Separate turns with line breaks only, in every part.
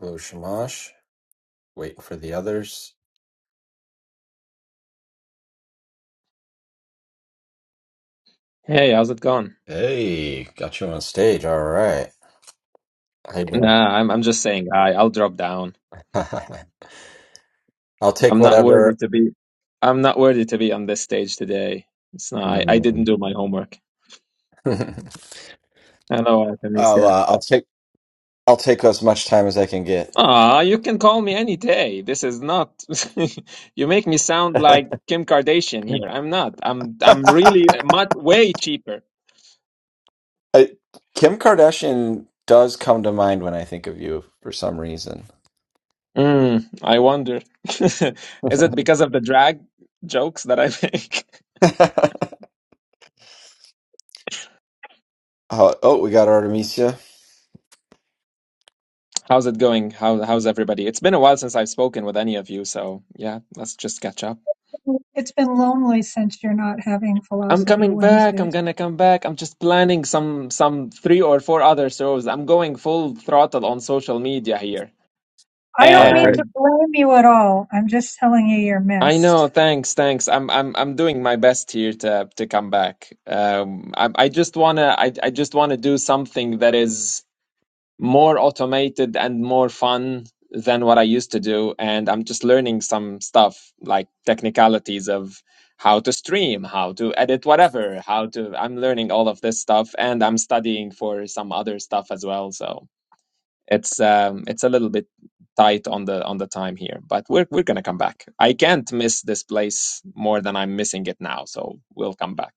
Hello, Shamash. Waiting for the others.
Hey, how's it going?
Hey, got you on stage. All right. How you doing?
Nah, I'm I'm just saying hi. I'll drop down.
I'll take
I'm not worthy
whatever.
to be I'm not worthy to be on this stage today. It's not I, I didn't
Mm.
do my homework. Hello,
I'll
Artemisia.
uh, I'll take I'll take as much time as I can get.
Ah, you can call me any day. This is not you make me sound like Kim Kardashian here. I'm not. I'm I'm
I,
really much way cheaper.
Kim Kardashian does come to mind when I think of you for some reason.
Mm, I wonder. Is it because of the drag jokes that I make?
oh, oh, we got Artemisia.
How's it going? How how's everybody? It's been a while since I've spoken with any of you, so yeah, let's just catch up.
It's been lonely since you're not having
I'm
Philosophy
coming back. I'm
Wednesdays.
gonna come back. I'm just planning some some three or four other shows. I'm going full throttle on social media here.
I don't
Oh,
mean
great.
to
And
blame you at all. I'm just telling you you're
I
missed.
know, thanks, thanks. I'm I'm I'm doing my best here to to come back. Um, I I just wanna I I just wanna do something that is more automated and more fun than what I used to do. And I'm just learning some stuff like technicalities of how to stream, how to edit whatever, how to. I'm learning all of this stuff and I'm studying for some other stuff as well. So it's um, it's a little bit tight on the on the time here but we're we're going to come back i can't miss this place more than i'm missing it now so we'll come back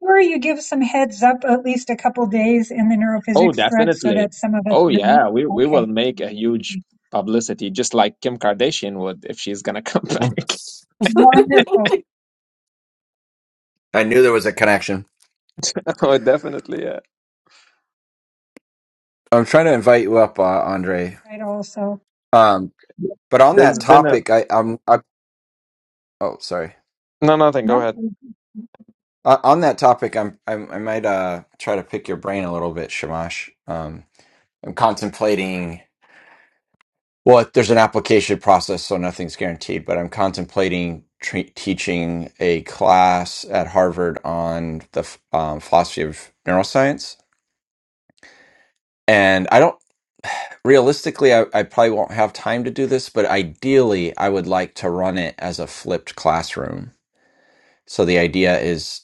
Sure, you give some heads up at least a couple days in the
Oh,
neurophysics thread so
definitely.
that some of us
Oh,
know.
yeah. We we will
Okay.
make a huge publicity, just like Kim Kardashian would if she's gonna come back.
Wonderful.
I knew there was a connection.
Oh, definitely, yeah.
I'm trying to invite you up, uh, Andre.
Right, also.
Um, but on that
There's been a
topic, I, I'm. I, oh, sorry.
No, nothing. Go
No?
ahead.
Uh, on that topic, I'm, i I might uh try to pick your brain a little bit, Shamash. Um, I'm contemplating. Well, there's an application process, so nothing's guaranteed. But I'm contemplating tre teaching a class at Harvard on the f- um, philosophy of neuroscience. And I don't realistically, I, I probably won't have time to do this, but ideally, I would like to run it as a flipped classroom. So the idea is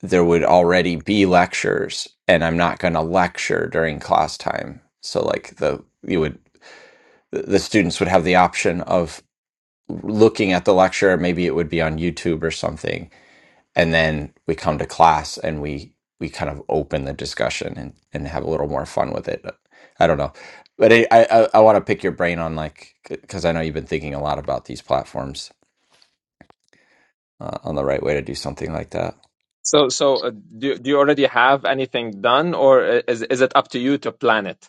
there would already be lectures and i'm not going to lecture during class time so like the you would the students would have the option of looking at the lecture maybe it would be on youtube or something and then we come to class and we we kind of open the discussion and and have a little more fun with it i don't know but i i, I want to pick your brain on like because i know you've been thinking a lot about these platforms uh, on the right way to do something like that
so so. Uh, do do you already have anything done, or i- is is it up to you to plan it?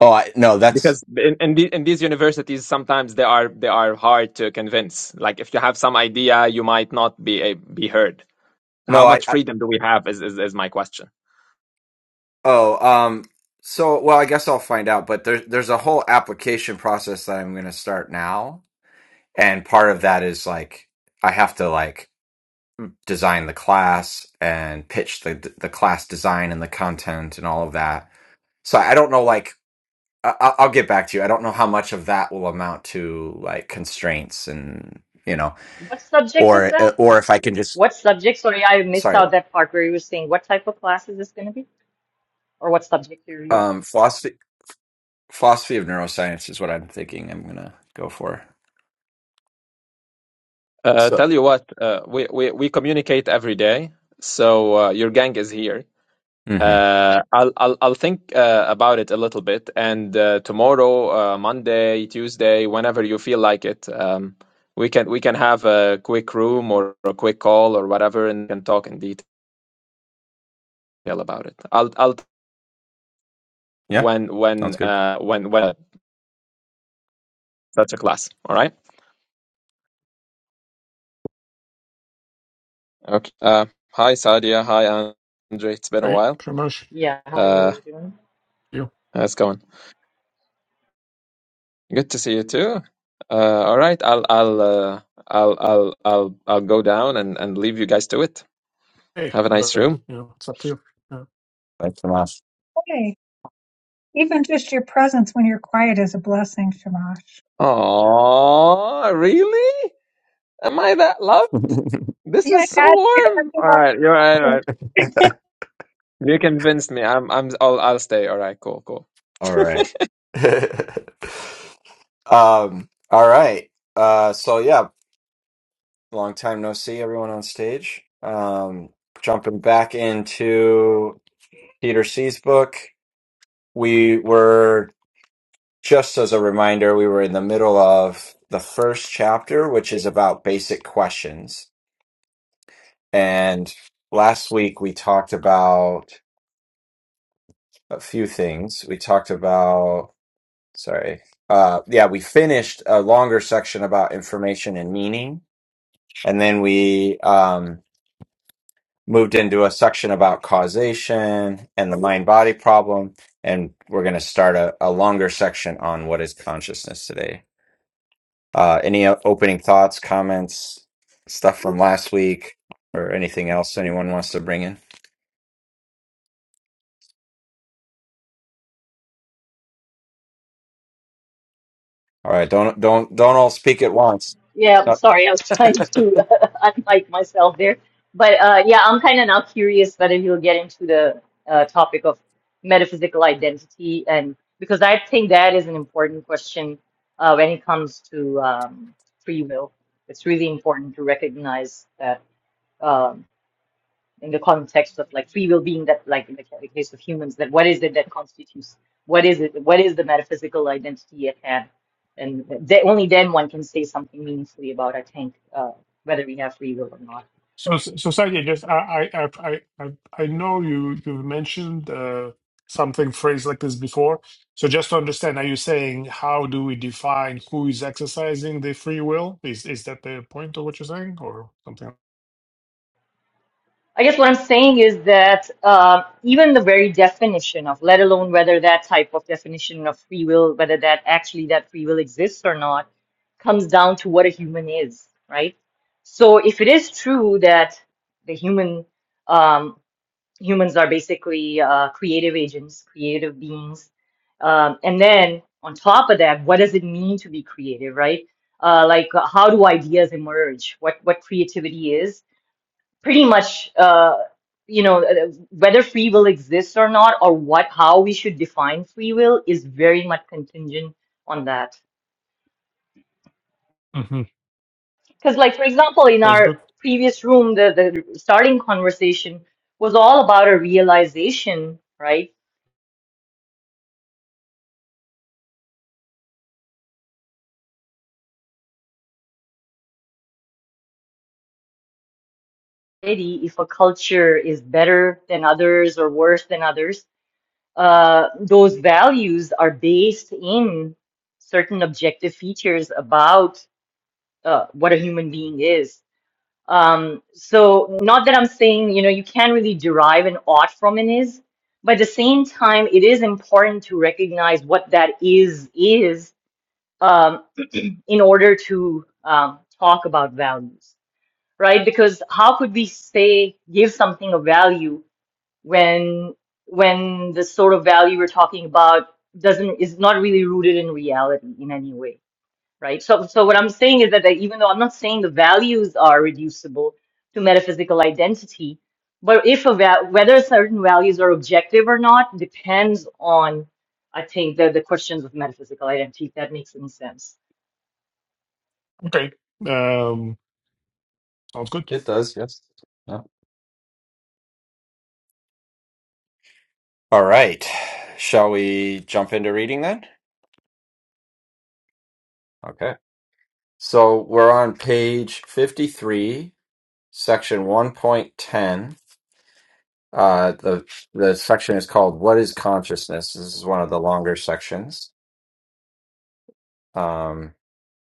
oh I, no that's
Because in in, the, in these universities, sometimes they are they are hard to convince. Like if you have some idea, you might not be a, be heard. How
no I.
much freedom do we have? Is is, is my question.
Oh, um, so well, I guess I'll find out, but there's there's a whole application process that I'm going to start now, and part of that is like I have to like design the class and pitch the the class design and the content and all of that. So I don't know, like I, I- I'll get back to you. I don't know how much of that will amount to like constraints and you know,
What subject is
or
that?
or if I can just
What subject? Sorry, I missed
sorry,
out that part where you were saying what type of class is this going to be, or what subject area?
um, philosophy philosophy of neuroscience is what I'm thinking. I'm gonna go for.
Uh,
So,
tell you what, uh, we, we we communicate every day, so uh, your gang is here.
hmm
Uh, I'll I'll I'll think uh, about it a little bit, and uh, tomorrow, uh, Monday, Tuesday, whenever you feel like it, um, we can we can have a quick room or a quick call or whatever, and can talk in detail about it. I'll I'll
yeah.
when
Sounds
when
good.
uh when when that's a class. All right. Okay. Uh, hi Sadia. Hi Andre. It's been a
Hey,
while.
Primosh,
Yeah, how are
Uh,
you doing?
you.
how's it going? Good to see you too. Uh, all right, I'll I'll uh, I'll I'll I'll I'll go down and and leave you guys to it.
Hey,
Have a nice
but
room.
you know, it's up to you. Yeah.
Thanks so much.
Okay. Even just your presence when you're quiet is a blessing, Shamash.
Oh, really? Am I that loved? This
Yeah,
is so
God, you're gonna
warm. All right, you're right,
do
all
lots
right. You convinced me. I'm I'm I'll I'll stay. All right, cool, cool.
All right. um, all right. Uh, so yeah, long time no see, everyone on stage. Um, jumping back into Peter C's book, we were just as a reminder, we were in the middle of the first chapter, which is about basic questions. And last week we talked about a few things. We talked about sorry. Uh, yeah, we finished a longer section about information and meaning, and then we um, moved into a section about causation and the mind body problem, and we're going to start a, a longer section on what is consciousness today. Uh, any o- opening thoughts, comments, stuff from last week, or anything else anyone wants to bring in? All right, don't don't don't all speak at once.
Yeah, I'm
Not-
sorry, I was trying to unmic myself there, but uh, yeah, I'm kind of now curious whether he will get into the uh, topic of metaphysical identity, and because I think that is an important question uh, when it comes to um, free will. It's really important to recognize that. Um in the context of like free will being that like in the ca- case of humans that what is it that constitutes what is it what is the metaphysical identity at hand and th only then one can say something meaningfully about I think uh, whether we have free will or not.
So, so Sadia, just I, I, I, I, I know you. You've mentioned uh, something phrase like this before. So, just to understand, are you saying how do we define who is exercising the free will? Is is that the point of what you're saying, or something?
I guess what I'm saying is that um even the very definition of let alone whether that type of definition of free will whether that actually that free will exists or not comes down to what a human is right. So if it is true that the human um, humans are basically uh, creative agents, creative beings. Um, and then on top of that, what does it mean to be creative, right? Uh, like uh, how do ideas emerge? What what creativity is? Pretty much, uh, you know, uh, whether free will exists or not, or what how we should define free will is very much contingent on that.
hmm
Because, like for example, in
Sounds good.
our previous room, the the starting conversation was all about a realization, right? society, if a culture is better than others or worse than others, uh, those values are based in certain objective features about uh, what a human being is. Um, so, not that I'm saying you know you can't really derive an ought from an is, but at the same time, it is important to recognize what that is is um, in order to um, talk about values right? Because how could we say give something a value when when the sort of value we're talking about doesn't is not really rooted in reality in any way, right? So so what I'm saying is that that even though I'm not saying the values are reducible to metaphysical identity, but if a va- whether certain values are objective or not depends on I think the the questions of metaphysical identity, if that makes any sense.
Okay. Um, sounds good.
It does, yes. Yeah. All right, shall we jump into reading then? Okay. So we're on page 53, section 1.10. Uh, the the section is called "What is Consciousness." This is one of the longer sections. Um,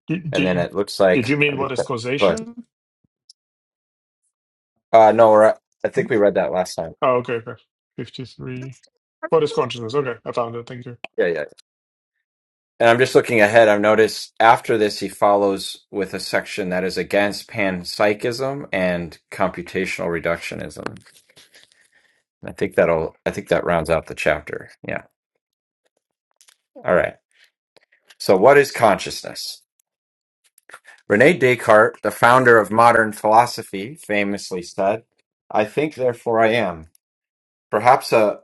Did,
and then
did,
it looks
did
like,
you mean what is
but
causation?
uh, no, we're, at- I think we read that last time.
Oh, okay, okay. Fifty-three. What is consciousness? Okay, I found it. Thank you.
Yeah, yeah. And I'm just looking ahead. I've noticed after this, he follows with a section that is against panpsychism and computational reductionism. And I think that'll, I think that rounds out the chapter. Yeah. All right. So, what is consciousness? Rene Descartes, the founder of modern philosophy, famously said, I think, therefore I am. Perhaps a.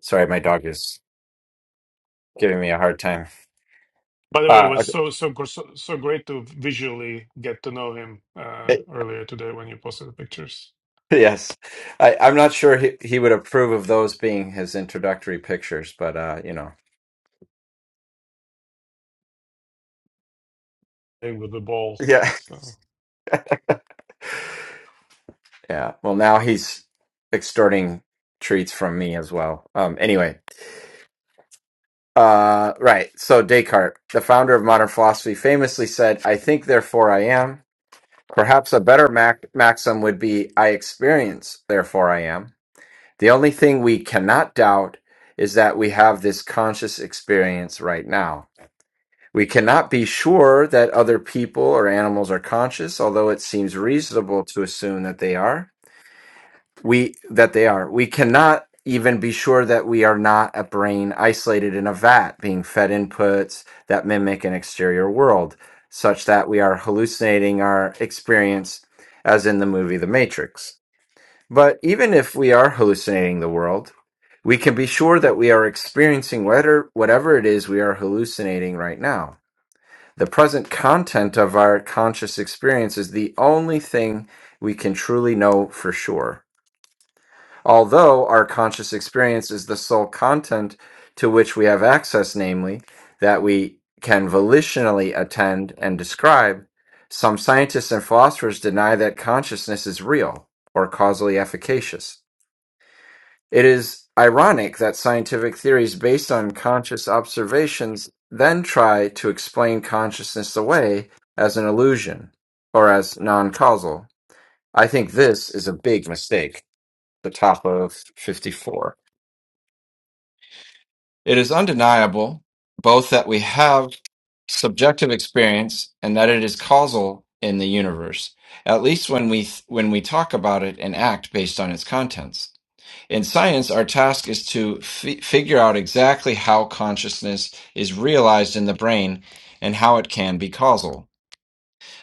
Sorry, my dog is giving me a hard time.
By the way, it
Uh,
was so so gr- so so great to visually get to know him uh,
it-
earlier today when you posted the pictures
yes. I, I'm not sure he, he would approve of those being his introductory pictures, but, uh, you know.
playing with the ball.
Yeah.
So,
Yeah. Well, now he's extorting treats from me as well. Um, anyway, uh, right. So Descartes, the founder of modern philosophy, famously said, I think, therefore I am. Perhaps a better mac- maxim would be I experience, therefore I am. The only thing we cannot doubt is that we have this conscious experience right now. We cannot be sure that other people or animals are conscious, although it seems reasonable to assume that they are we that they are we cannot even be sure that we are not a brain isolated in a vat being fed inputs that mimic an exterior world such that we are hallucinating our experience as in the movie the matrix but even if we are hallucinating the world we can be sure that we are experiencing whatever, whatever it is we are hallucinating right now the present content of our conscious experience is the only thing we can truly know for sure Although our conscious experience is the sole content to which we have access, namely, that we can volitionally attend and describe, some scientists and philosophers deny that consciousness is real or causally efficacious. It is ironic that scientific theories based on conscious observations then try to explain consciousness away as an illusion or as non causal. I think this is a big mistake. The top of 54. It is undeniable both that we have subjective experience and that it is causal in the universe, at least when we when we talk about it and act based on its contents. In science, our task is to fi- figure out exactly how consciousness is realized in the brain and how it can be causal.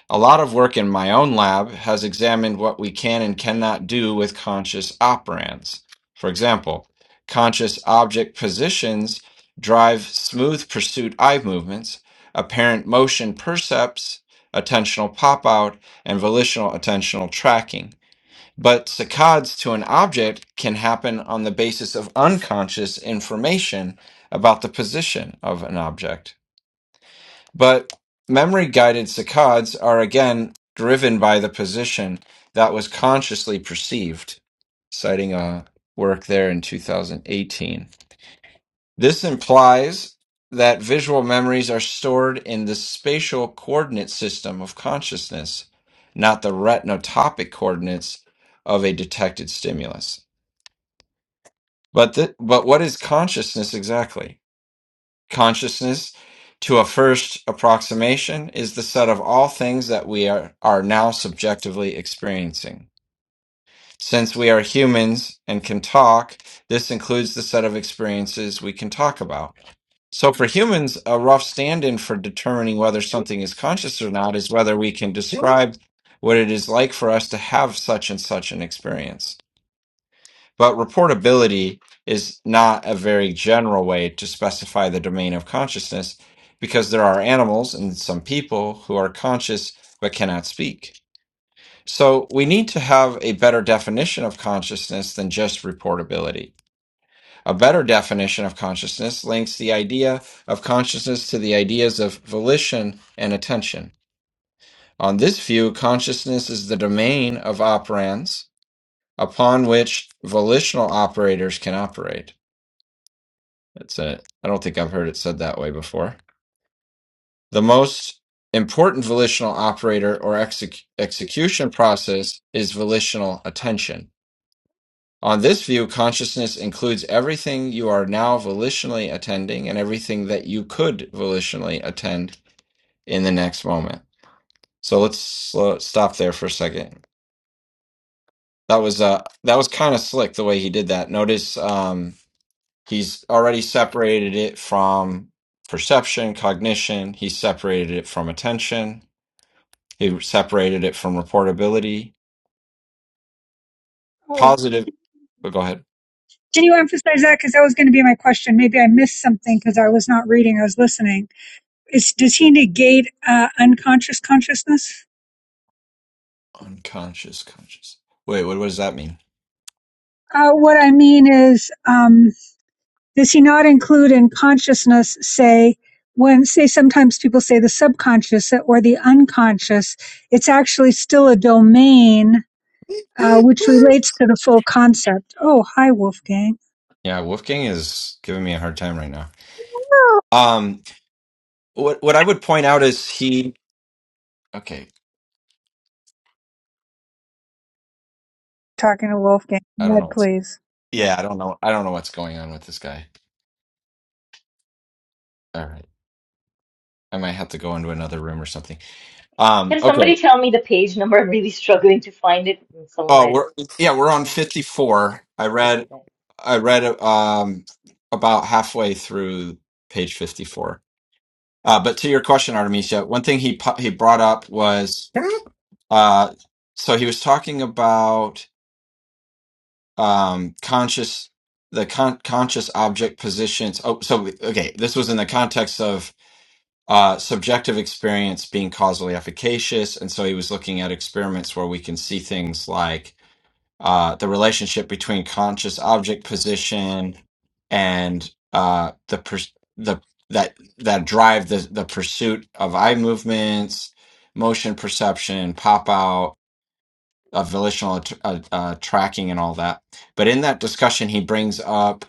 A lot of work in my own lab has examined what we can and cannot do with conscious operands. For example, conscious object positions drive smooth pursuit eye movements, apparent motion percepts, attentional pop out, and volitional attentional tracking. But saccades to an object can happen on the basis of unconscious information about the position of an object. But memory guided saccades are again driven by the position that was consciously perceived, citing a work there in 2018. This implies that visual memories are stored in the spatial coordinate system of consciousness, not the retinotopic coordinates of a detected stimulus. But, th- but what is consciousness exactly? consciousness to a first approximation is the set of all things that we are, are now subjectively experiencing. Since we are humans and can talk, this includes the set of experiences we can talk about. So, for humans, a rough stand in for determining whether something is conscious or not is whether we can describe what it is like for us to have such and such an experience. But reportability is not a very general way to specify the domain of consciousness because there are animals and some people who are conscious but cannot speak. So we need to have a better definition of consciousness than just reportability. A better definition of consciousness links the idea of consciousness to the ideas of volition and attention. On this view, consciousness is the domain of operands upon which volitional operators can operate. That's it. I don't think I've heard it said that way before. The most important volitional operator or exec- execution process is volitional attention. On this view, consciousness includes everything you are now volitionally attending and everything that you could volitionally attend in the next moment. So let's slow, stop there for a second. That was uh that was kind of slick the way he did that. Notice um He's already separated it from perception, cognition. He separated it from attention. He separated it from reportability. Positive, but go ahead.
Can you emphasize that? Because that was going to be my question. Maybe I missed something because I was not reading. I was listening. Is does he negate uh, unconscious consciousness?
Unconscious, conscious. Wait, what, what does that mean?
Uh, what I mean is, um, does he not include in consciousness, say, when say sometimes people say the subconscious or the unconscious, it's actually still a domain uh, which relates to the full concept. Oh, hi, Wolfgang.
Yeah, Wolfgang is giving me a hard time right now.
No,
Um, what what I would point out is he. Okay,
talking to Wolfgang.
I don't
Ned,
know. What's,
please.
yeah, I don't know. I don't know what's going on with this guy. All right, I might have to go into another room or something. Um,
Can
okay.
somebody tell me the page number? I'm really struggling to find it in some of
Oh,
my.
we're yeah, we're on 54. I
Okay,
read
thanks.
I read um about halfway through page 54. Uh, but to your question, Artemisia, one thing he pu- he brought up was uh so he was talking about um conscious the con- conscious object positions. Oh, so okay, this was in the context of uh subjective experience being causally efficacious, and so he was looking at experiments where we can see things like uh, the relationship between conscious object position and uh, the pers- the that that drive the the pursuit of eye movements, motion perception, pop out, uh, volitional att- uh, uh, tracking, and all that. But in that discussion, he brings up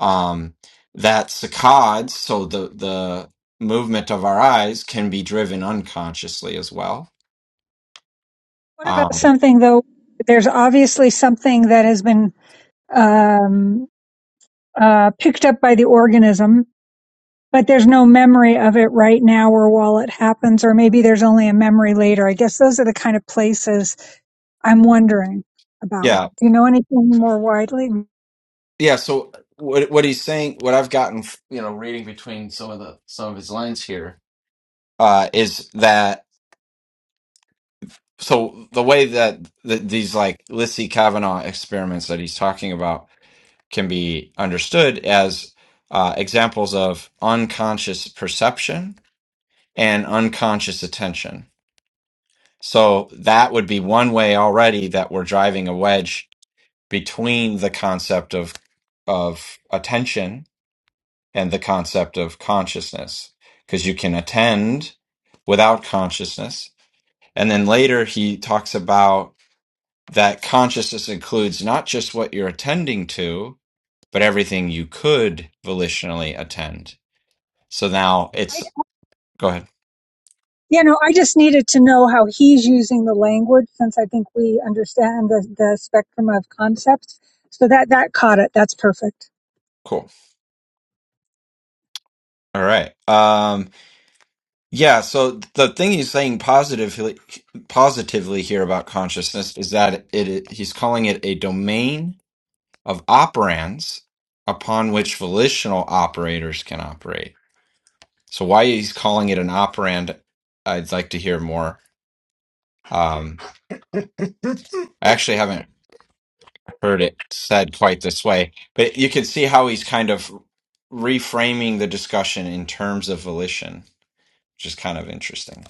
um, that saccades, so the the movement of our eyes, can be driven unconsciously as well.
What about
Um,
something though? There's obviously something that has been um, uh, picked up by the organism, but there's no memory of it right now or while it happens, or maybe there's only a memory later. I guess those are the kind of places I'm wondering about.
yeah,
Do you know anything more widely?
Yeah, so what what he's saying, what I've gotten, you know, reading between some of the some of his lines here, uh, is that so the way that th these like Lissy Kavanaugh experiments that he's talking about can be understood as uh, examples of unconscious perception and unconscious attention. So that would be one way already that we're driving a wedge between the concept of of attention and the concept of consciousness because you can attend without consciousness. And then later he talks about that consciousness includes not just what you're attending to, but everything you could volitionally attend. So now
I,
it's go ahead.
you know, I just needed to know how he's using the language since I think we understand the, the spectrum of concepts. So that, that caught it. That's perfect.
Cool. All right. Um yeah, so the thing he's saying positively positively here about consciousness is that it, he's calling it a domain of operands upon which volitional operators can operate. So why he's calling it an operand, I'd like to hear more. Um, I actually haven't heard it said quite this way, but you can see how he's kind of reframing the discussion in terms of volition, which is kind of interesting.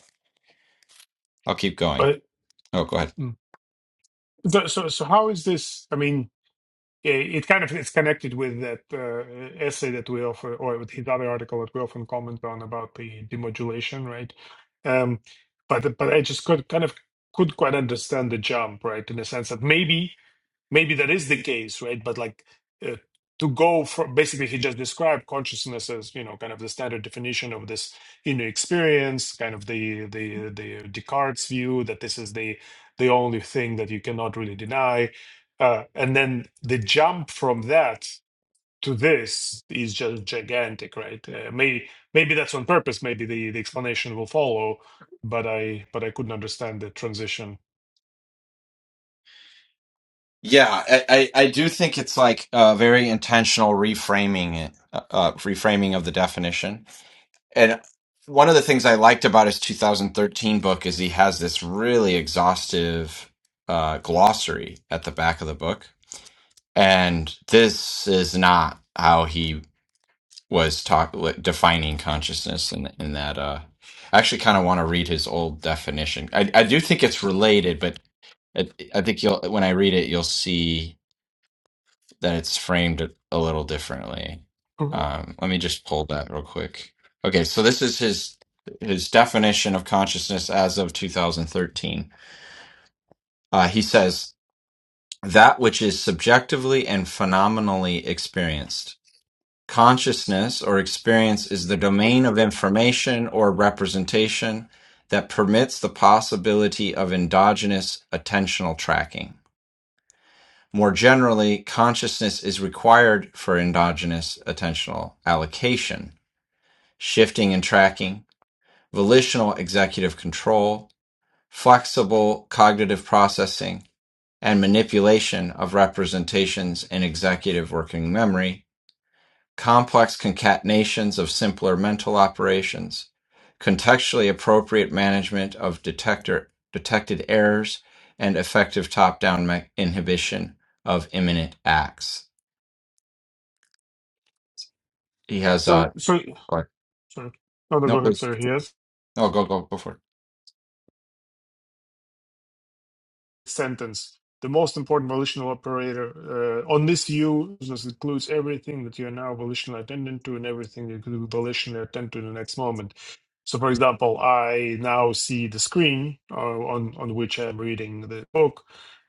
I'll keep going.
but
Oh, go ahead.
mm. so so so how is this? I mean, it, it kind of it's connected with that uh, essay that we offer, or with his other article that we often comment on about the demodulation, right? Um, but but I just could kind of could quite understand the jump, right? In the sense that maybe maybe that is the case, right? But like uh, to go for basically, he just described consciousness as you know kind of the standard definition of this inner experience, kind of the the the Descartes view that this is the the only thing that you cannot really deny, uh, and then the jump from that to this is just gigantic, right? Uh, may, maybe that's on purpose. Maybe the the explanation will follow, but I but I couldn't understand the transition.
Yeah, I, I, I do think it's like a very intentional reframing, it, uh, uh, reframing of the definition And one of the things I liked about his 2013 book is he has this really exhaustive uh, glossary at the back of the book. And this is not how he was talk li- defining consciousness in in that uh I actually kind of want to read his old definition. I I do think it's related, but I, I think you'll when I read it you'll see that it's framed a little differently.
Mhm.
Um, let me just pull that real quick. Okay, so this is his his definition of consciousness as of 2013. Uh, he says that which is subjectively and phenomenally experienced. Consciousness or experience is the domain of information or representation that permits the possibility of endogenous attentional tracking. More generally, consciousness is required for endogenous attentional allocation, shifting and tracking, volitional executive control, flexible cognitive processing, and manipulation of representations in executive working memory, complex concatenations of simpler mental operations, contextually appropriate management of detector, detected errors, and effective top down inhibition of imminent acts. he has uh
So, so
go ahead.
Sorry. Oh, no, go
no
ahead.
please
Sorry. Yes.
no go go go for
sentence. The most important volitional operator uh, on this view includes everything that you are now volitionally attendant to and everything that you could volitionally attend to in the next moment. So, for example, I now see the screen uh, on on which I'm reading the book.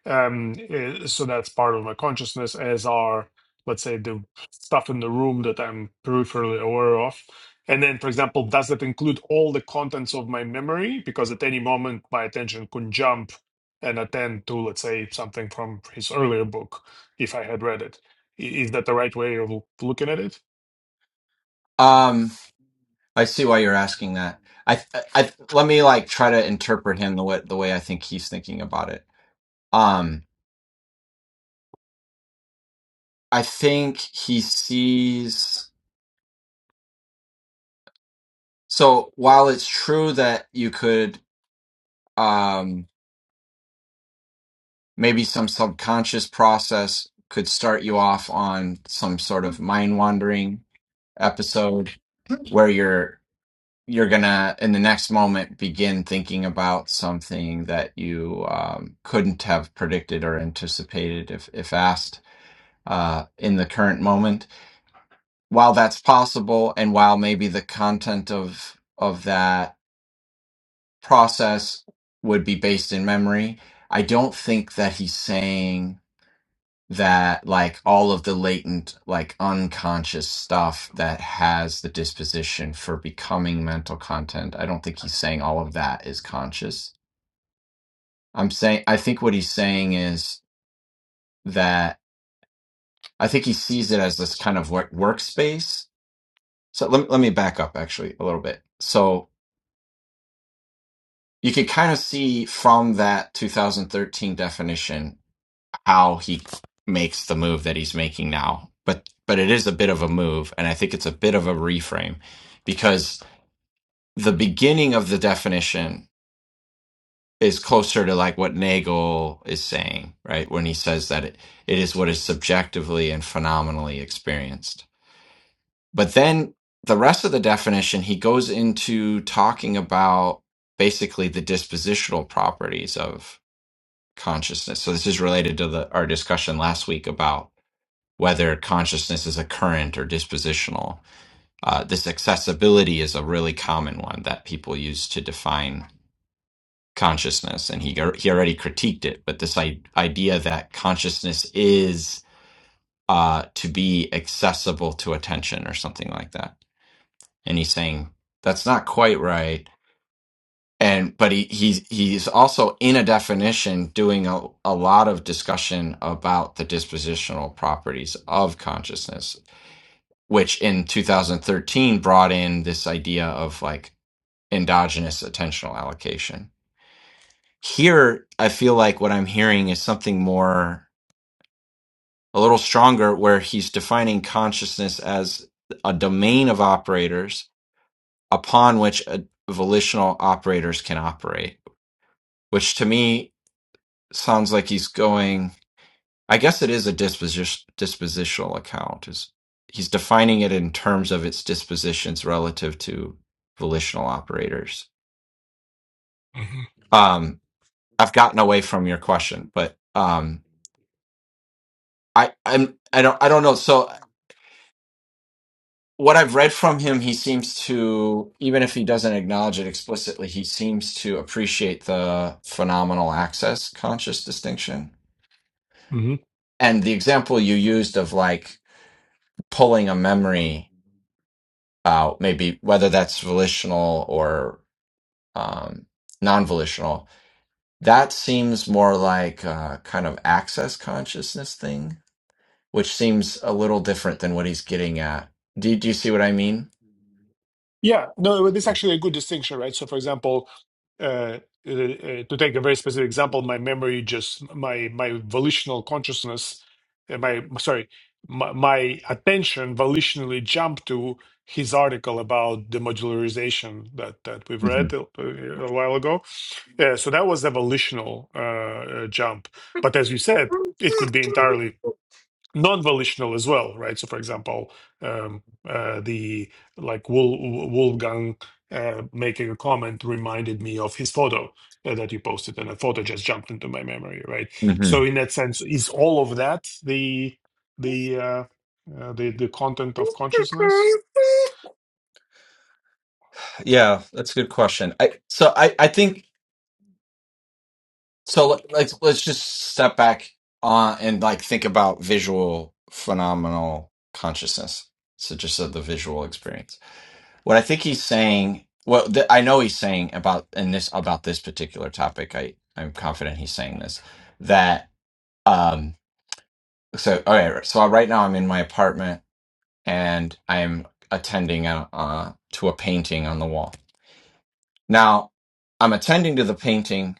Um, eh, so that's part of my consciousness, as are let's say the stuff in the room that I'm peripherally aware of. And then, for example, does that include all the contents of my memory? Because at any moment, my attention could jump and attend to, let's say, something from his earlier book, if I had read it. I- Is that the right way of looking at it?
it um i see why you're asking that i i, I let me like try to interpret him the way the way i think he's thinking about it um i think he sees so while it's true that you could um maybe some subconscious process could start you off on some sort of mind wandering episode where you're. you're gonna in the next moment begin thinking about something that you um, couldn't have predicted or anticipated if if asked uh, in the current moment. While that's possible, and while maybe the content of of that process would be based in memory, I don't think that he's saying that like all of the latent like unconscious stuff that has the disposition for becoming mental content i don't think he's saying all of that is conscious i'm saying i think what he's saying is that i think he sees it as this kind of work, workspace so let me, let me back up actually a little bit so you can kind of see from that 2013 definition how he makes the move that he's making now. But but it is a bit of a move, and I think it's a bit of a reframe because the beginning of the definition is closer to like what Nagel is saying, right? When he says that it, it is what is subjectively and phenomenally experienced. But then the rest of the definition, he goes into talking about basically the dispositional properties of consciousness. So this is related to the, our discussion last week about whether consciousness is a current or dispositional. Uh, this accessibility is a really common one that people use to define consciousness, and he he already critiqued it. But this I- idea that consciousness is uh, to be accessible to attention or something like that, and he's saying that's not quite right. And but he he's he's also in a definition doing a, a lot of discussion about the dispositional properties of consciousness. which in 2013 brought in this idea of like endogenous attentional allocation. Here, I feel like what I'm hearing is something more, a little stronger, where he's defining consciousness as a domain of operators upon which uh volitional operators can operate, which to me sounds like he's going I guess it is a disposition dispositional account. Is he's defining it in terms of its dispositions relative to volitional operators.
hmm
Um, I've gotten away from your question, but um, I I'm I don't I don't know. So what I've read from him, he seems to even if he doesn't acknowledge it explicitly, he seems to appreciate the phenomenal access conscious distinction
hmm
and the example you used of like pulling a memory. uh, maybe whether that's volitional or um, non-volitional that seems more like a kind of access consciousness thing which seems a little different than what he's getting at do, do you see what i mean
Yeah, no, well, this is actually a good distinction, right? So, for example, uh, uh, uh, to take a very specific example, my memory just my my volitional consciousness, uh, my sorry, my, my attention volitionally jumped to his article about the modularization that that we've
hmm
read a, a while ago. Yeah, so that was a volitional uh, uh, jump, but as you said, it could be entirely non-volitional as well, right? So, for example, um, uh, the like Wol- Wolfgang uh, making a comment reminded me of his photo uh, that you posted, and a photo just jumped into my memory, right?
hmm
So, in that sense, is all of that the the uh, uh, the the content of consciousness?
yeah that's a good question i so i i think So let- let's let's just step back on and like think about visual phenomenal consciousness. So just of the visual experience. What I think he's saying, well, th- I know he's saying about in this about this particular topic. I I'm confident he's saying this that um. So all right. So right now I'm in my apartment and I'm attending a, uh, to a painting on the wall. Now I'm attending to the painting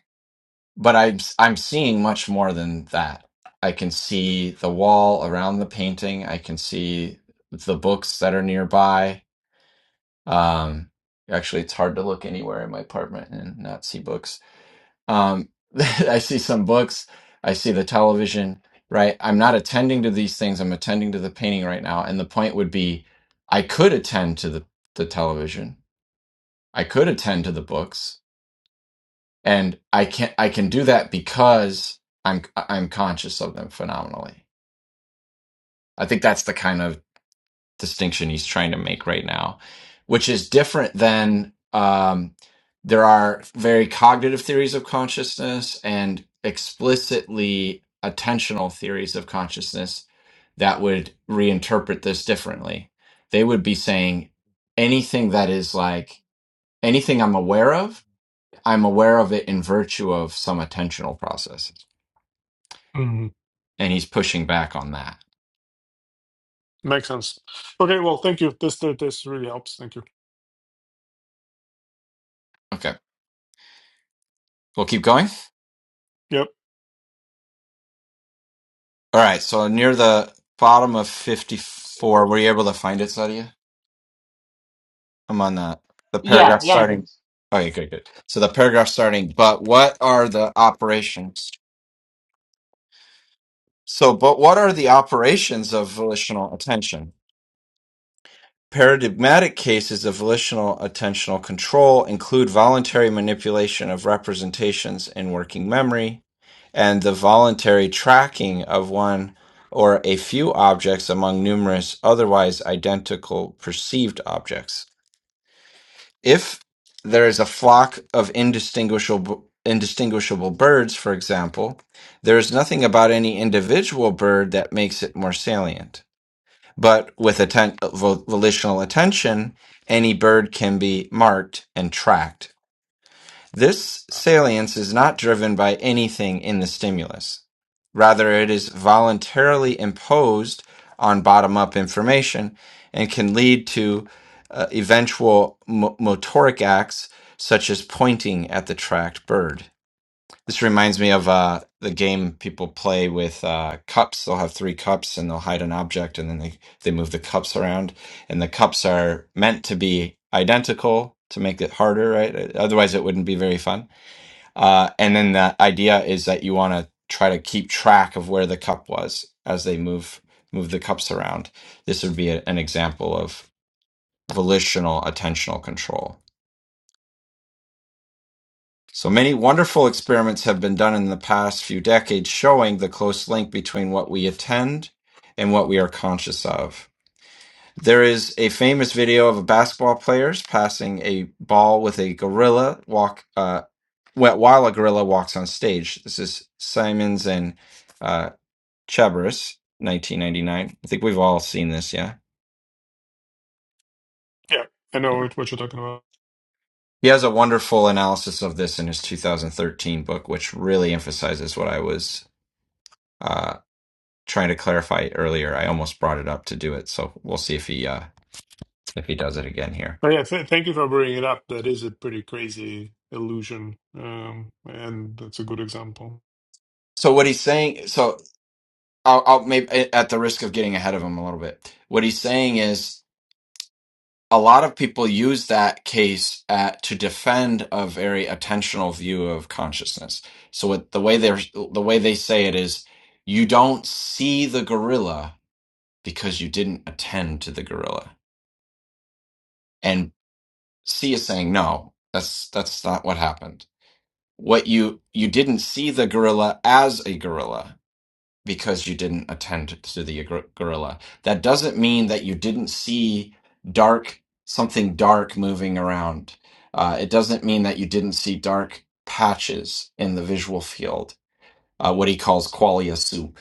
but I'm I'm seeing much more than that. I can see the wall around the painting. I can see the books that are nearby. Um, actually, it's hard to look anywhere in my apartment and not see books. Um, I see some books. I see the television. Right. I'm not attending to these things. I'm attending to the painting right now. And the point would be, I could attend to the the television. I could attend to the books. and I can I can do that because I'm I'm conscious of them phenomenally. I think that's the kind of distinction he's trying to make right now, which is different than um, there are very cognitive theories of consciousness and explicitly attentional theories of consciousness that would reinterpret this differently. They would be saying anything that is like anything I'm aware of I'm aware of it in virtue of some attentional processes.
Mm-hmm.
And he's pushing back on that.
Makes sense. Okay, well, thank you. This this this really helps. Thank you.
Okay. We'll keep going.
Yep.
All right. So near the bottom of 54, were you able to find it, Sadia? I'm on that. The
Yeah,
paragraph
yeah,
starting.
James.
Okay, good, good. So the paragraph starting, but what are the operations? So, but what are the operations of volitional attention? Paradigmatic cases of volitional attentional control include voluntary manipulation of representations in working memory, and the voluntary tracking of one or a few objects among numerous otherwise identical perceived objects. If there is a flock of indistinguishable indistinguishable birds, for example, there is nothing about any individual bird that makes it more salient. But with atten- vo- volitional attention, any bird can be marked and tracked. This salience is not driven by anything in the stimulus. Rather, it is voluntarily imposed on bottom up information and can lead to uh, eventual mo- motoric acts such as pointing at the tracked bird. This reminds me of uh, the game people play with uh, cups. They'll have three cups and they'll hide an object and then they, they move the cups around. And the cups are meant to be identical to make it harder, right? Otherwise, it wouldn't be very fun. Uh, and then the idea is that you want to try to keep track of where the cup was as they move move the cups around. This would be a- an example of volitional attentional control. So many wonderful experiments have been done in the past few decades showing the close link between what we attend and what we are conscious of. There is a famous video of a basketball players passing a ball with a gorilla walk uh, wh- while a gorilla walks on stage. This is Simons and uh, Chebris, 1999. I think we've all seen this, yeah.
Yeah, I know what what you're talking about.
He has a wonderful analysis of this in his 2013 book, which really emphasizes what I was uh, trying to clarify earlier. I almost brought it up to do it, so we'll see if he uh, if he does it again here.
But yeah, th thank you for bringing it up. That is a pretty crazy illusion, um, and that's a good example.
So what he's saying, so I'll, I'll maybe at the risk of getting ahead of him a little bit, what he's saying is a lot of people use that case at, to defend a very attentional view of consciousness. So what the way they're the way they say it is, you don't see the gorilla because you didn't attend to the gorilla, and C is saying no. That's that's not what happened what you you didn't see the gorilla as a gorilla because you didn't attend to the gor- gorilla that doesn't mean that you didn't see dark something dark moving around uh, it doesn't mean that you didn't see dark patches in the visual field uh, what he calls qualia soup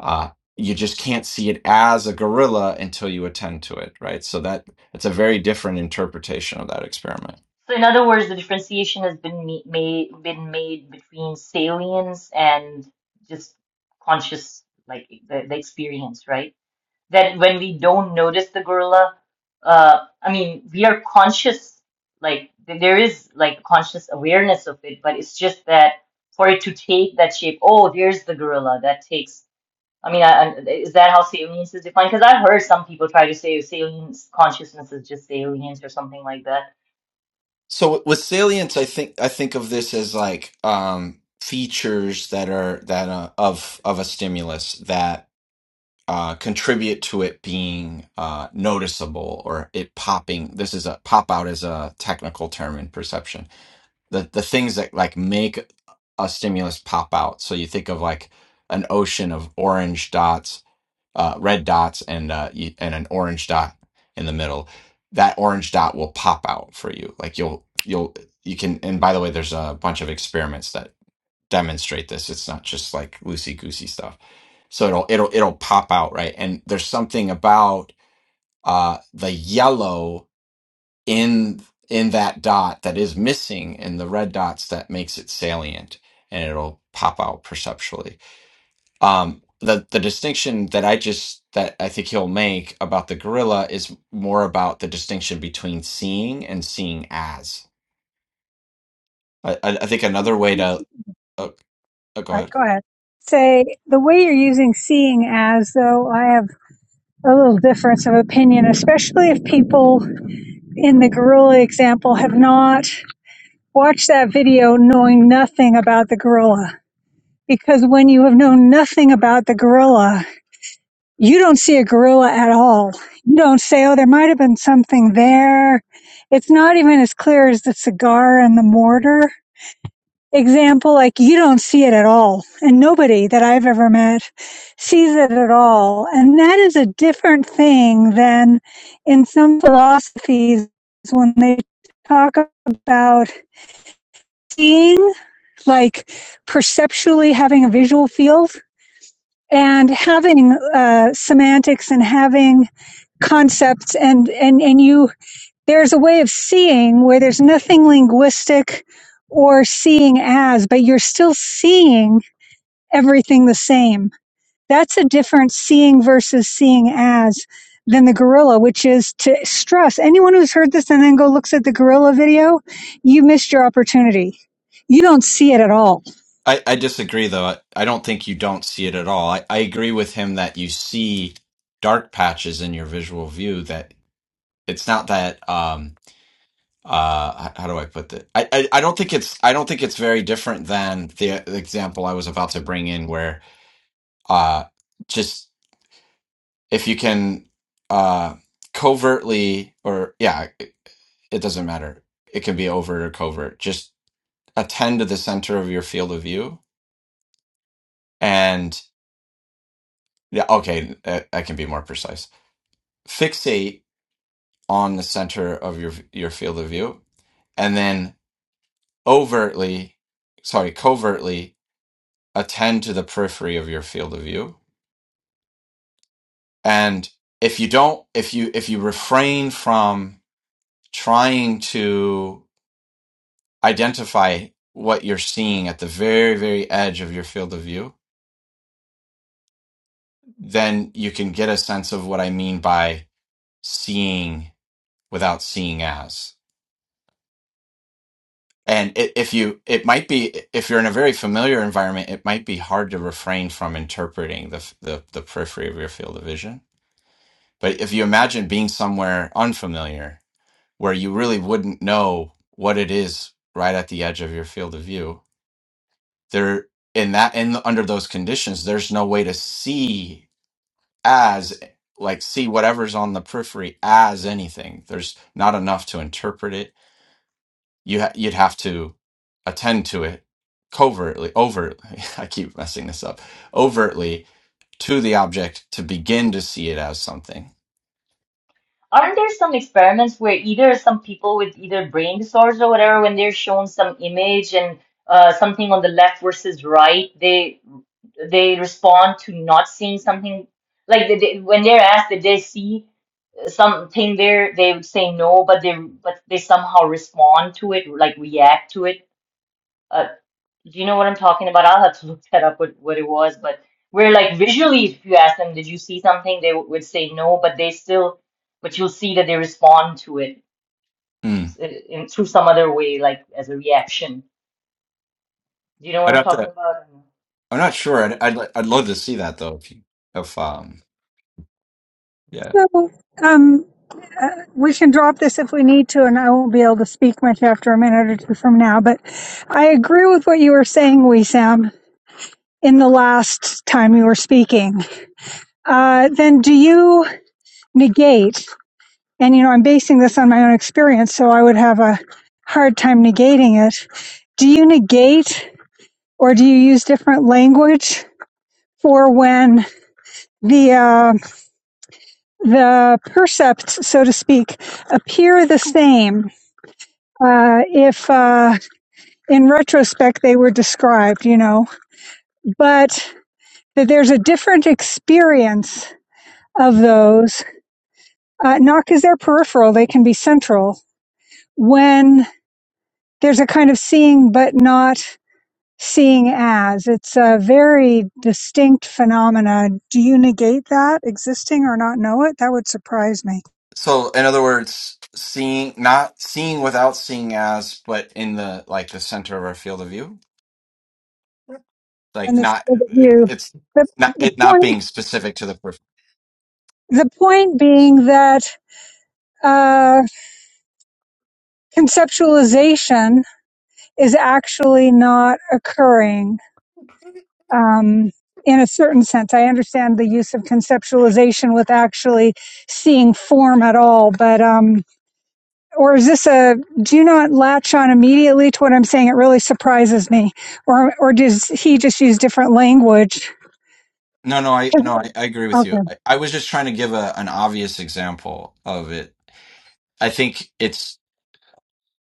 uh, you just can't see it as a gorilla until you attend to it right so that it's a very different interpretation of that experiment
So in other words, the differentiation has been ma- made been made between salience and just conscious, like the, the experience, right? That when we don't notice the gorilla, uh, I mean, we are conscious, like th- there is like conscious awareness of it, but it's just that for it to take that shape, oh, there's the gorilla, that takes I mean, I, I, is that how salience is defined? Because I've heard some people try to say salience consciousness is just salience or something like that.
So with salience, I think I think of this as like um, features that are that uh, of of a stimulus that uh, contribute to it being uh, noticeable or it popping. This is a pop out is a technical term in perception. The the things that like make a stimulus pop out. So you think of like an ocean of orange dots uh, red dots and uh, y- and an orange dot in the middle. That orange dot will pop out for you. Like you'll you'll you can. And by the way, there's a bunch of experiments that demonstrate this. It's not just like loosey goosey stuff. So it'll it'll it'll pop out right. And there's something about uh, the yellow in in that dot that is missing, and the red dots that makes it salient, and it'll pop out perceptually um, the the distinction that I just that I think he'll make about the gorilla is more about the distinction between seeing and seeing as. I I, I think another way to oh, oh, go
Right,
ahead.
go ahead. Say the way you're using seeing as though I have a little difference of opinion, especially if people in the gorilla example have not watched that video knowing nothing about the gorilla. Because when you have known nothing about the gorilla, you don't see a gorilla at all. You don't say, oh, there might have been something there. It's not even as clear as the cigar and the mortar. example, like you don't see it at all. And nobody that I've ever met sees it at all. And that is a different thing than in some philosophies when they talk about seeing, like perceptually having a visual field and having uh, semantics and having concepts and, and, and you, there's a way of seeing where there's nothing linguistic or seeing as, but you're still seeing everything the same. That's a different seeing versus seeing as than the gorilla, which is to stress anyone who's heard this and then go looks at the gorilla video, you missed your opportunity. You don't see it at all.
I, I disagree though. I, I don't think you don't see it at all. I, I agree with him that you see dark patches in your visual view that it's not that um uh h- how do I put that? I, I, I don't think it's I don't think it's very different than the example I was about to bring in where uh just if you can uh covertly or yeah it doesn't matter it can be overt or covert just attend to the center of your field of view and yeah okay i, I can be more precise fixate on the center of your your field of view and then overtly sorry covertly attend to the periphery of your field of view and if you don't if you if you refrain from trying to identify what you're seeing at the very, very edge of your field of view, then you can get a sense of what I mean by seeing without seeing as. And i- if you, it might be, if you're in a very familiar environment, it might be hard to refrain from interpreting the, f- the, the periphery of your field of vision. But if you imagine being somewhere unfamiliar where you really wouldn't know what it is right at the edge of your field of view, there in that in under those conditions there's no way to see as like see whatever's on the periphery as anything there's not enough to interpret it you ha- you'd have to attend to it covertly overtly i keep messing this up overtly to the object to begin to see it as something
Aren't there some experiments where either some people with either brain disorders or whatever, when they're shown some image and uh, something on the left versus right, they they respond to not seeing something like they, they, when they're asked did they see something there, they would say no, but they but they somehow respond to it, like react to it. Uh, Do you know what I'm talking about? I'll have to look that up what, what it was, but where like visually, if you ask them, did you see something, they would say no, but they still, but you'll see that they respond to it
Hmm.
in, in through some other way, like as a reaction. Do you know what
i'd
I'm
have
talking
to
about?
i'm not sure i'd i'd, li- I'd love to see that though if you if um yeah.
So, um, uh, we can drop this if we need to, and I won't be able to speak much after a minute or two from now. But I agree with what you were saying, we Sam, in the last time you were speaking. Uh, then do you negate And, you know, I'm basing this on my own experience, so I would have a hard time negating it. Do you negate or do you use different language for when the, uh, the percepts, so to speak, appear the same? Uh, if, uh, in retrospect they were described, you know, but that there's a different experience of those, uh, not because they're peripheral, they can be central when there's a kind of seeing but not seeing as. It's a very distinct phenomena. Do you negate that existing or not know it? That would surprise me.
so in other words seeing not seeing without seeing as but in the like the center of our field of view
And
like
the
not
field of
it-
view.
it's
The,
not
the
it not
point,
being specific to the person
the point being that uh, conceptualization is actually not occurring um, in a certain sense. I understand the use of conceptualization with actually seeing form at all, but um, or is this a do not latch on immediately to what I'm saying? It really surprises me. Or or does he just use different language?
no, no, I no, I, I agree with you.
Okay.
I, I was just trying to give a an obvious example of it. I think it's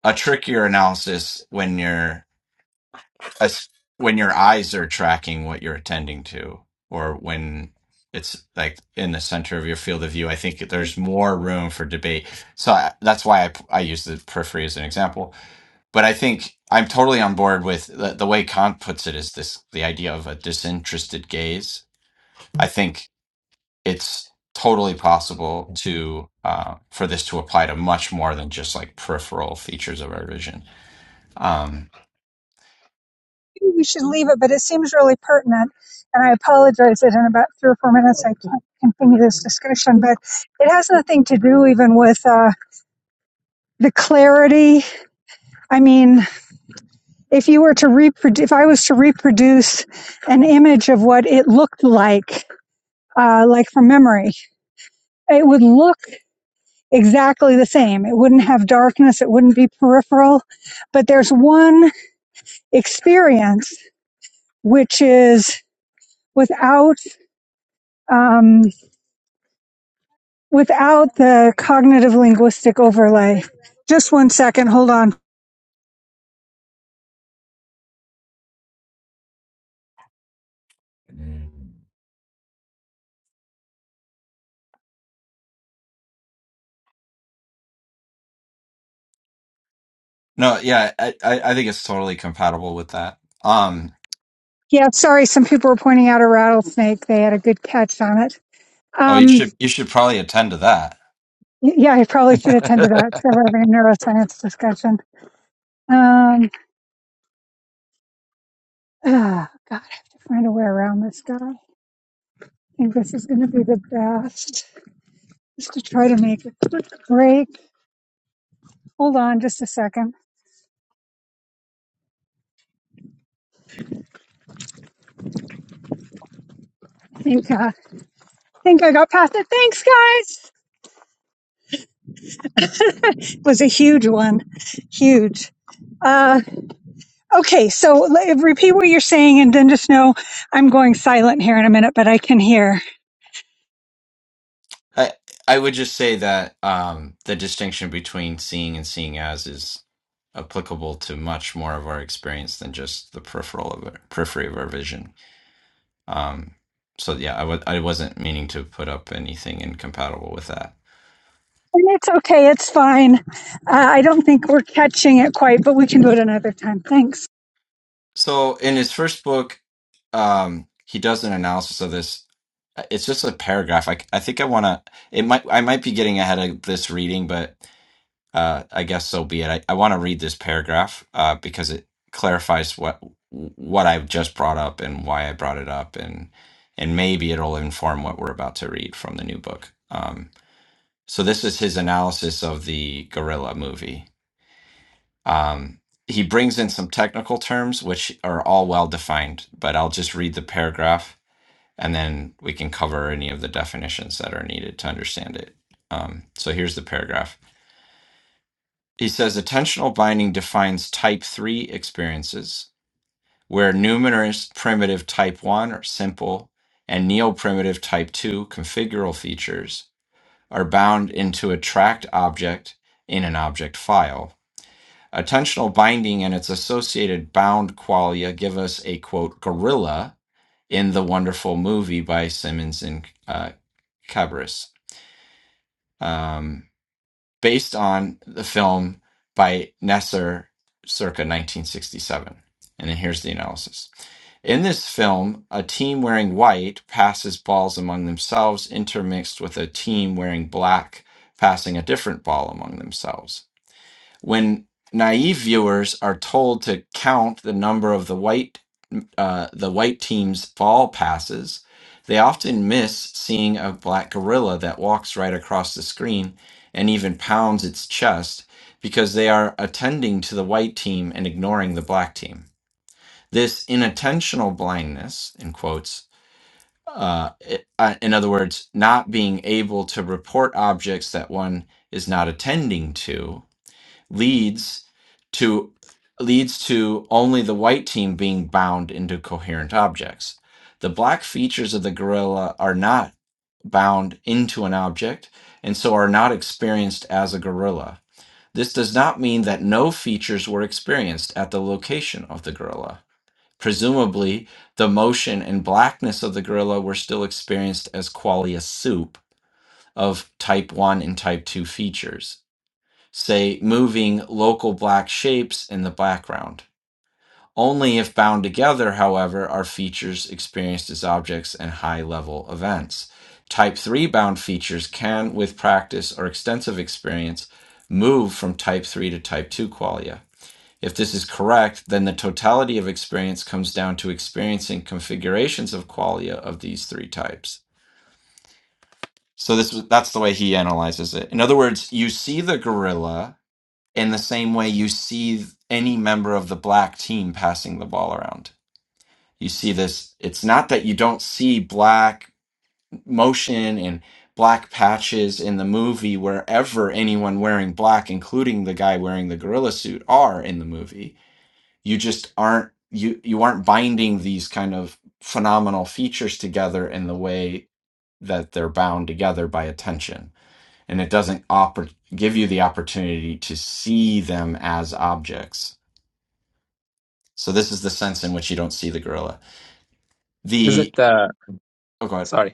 a trickier analysis when you're as when your eyes are tracking what you're attending to or when it's like in the center of your field of view i think there's more room for debate so I, that's why I, I use the periphery as an example but i think i'm totally on board with the, the way kant puts it is this the idea of a disinterested gaze i think it's totally possible to uh, for this to apply to much more than just like peripheral features of our vision Um,
Maybe we should leave it, but it seems really pertinent. And I apologize that in about three or four minutes I can't continue this discussion, but it has nothing to do even with uh, the clarity. I mean, if you were to reproduce, if I was to reproduce an image of what it looked like, uh, like from memory, it would look exactly the same. It wouldn't have darkness, it wouldn't be peripheral. But there's one experience which is without um, without the cognitive linguistic overlay. Just one second, hold on.
No, yeah, I, I I think it's totally compatible with that. Um,
Yeah, sorry, some people were pointing out a rattlesnake. They had a good catch on it.
oh, you
Um,
should you should probably attend to that.
yeah, I probably should have attended that. So we're having a neuroscience discussion. Um, ah, God, I have to find a way around this guy. I think this is going to be the best Just to try to make it. Great. Hold on just a second. I think, uh, I think I got past it. Thanks, guys. It was a huge one. Huge. Uh, okay, so l- repeat what you're saying and then just know I'm going silent here in a minute, but I can hear.
I I would just say that um, the distinction between seeing and seeing as is applicable to much more of our experience than just the peripheral of our, periphery of our vision. Um, so yeah, I w I wasn't meaning to put up anything incompatible with that.
And it's okay. It's fine. Uh, I don't think we're catching it quite, but we can do it another time. Thanks.
So in his first book, um, he does an analysis of this. Uh, It's just a paragraph. I, I think I want to. It might. I might be getting ahead of this reading, but uh, I guess so be it. I, I want to read this paragraph uh, because it clarifies what what I've just brought up and why I brought it up, and and maybe it'll inform what we're about to read from the new book. Um, so this is his analysis of the Gorilla movie um, he brings in some technical terms, which are all well defined, but I'll just read the paragraph and then we can cover any of the definitions that are needed to understand it. Um, so here's the paragraph. He says attentional binding defines type 3 experiences, where numerous primitive type 1 or simple and neoprimitive type 2 configural features are bound into a tracked object in an object file Attentional binding and its associated bound qualia give us a quote gorilla in the wonderful movie by Simmons and uh, Cabris, um, based on the film by Nesser circa 1967. And then here's the analysis. In this film, a team wearing white passes balls among themselves, intermixed with a team wearing black passing a different ball among themselves when naive viewers are told to count the number of the white uh, the white team's ball passes, they often miss seeing a black gorilla that walks right across the screen and even pounds its chest because they are attending to the white team and ignoring the black team. This inattentional blindness, in quotes, uh, i- uh, in other words, not being able to report objects that one is not attending to, leads to leads to only the white team being bound into coherent objects. The black features of the gorilla are not bound into an object and so are not experienced as a gorilla. This does not mean that no features were experienced at the location of the gorilla. Presumably, the motion and blackness of the gorilla were still experienced as qualia soup of type 1 and type 2 features say, moving local black shapes in the background. Only if bound together, however, are features experienced as objects and high level events. Type 3 bound features can, with practice or extensive experience, move from type 3 to type 2 qualia. If this is correct, then the totality of experience comes down to experiencing configurations of qualia of these three types. So this that's the way he analyzes it. In other words, you see the gorilla in the same way you see any member of the black team passing the ball around. You see this, it's not that you don't see black motion and black patches in the movie wherever anyone wearing black, including the guy wearing the gorilla suit, are in the movie. You just aren't you you aren't binding these kind of phenomenal features together in the way that they're bound together by attention. And it doesn't oppor- give you the opportunity to see them as objects So this is the sense in which you don't see the gorilla.
Is
The
it uh
oh god,
sorry.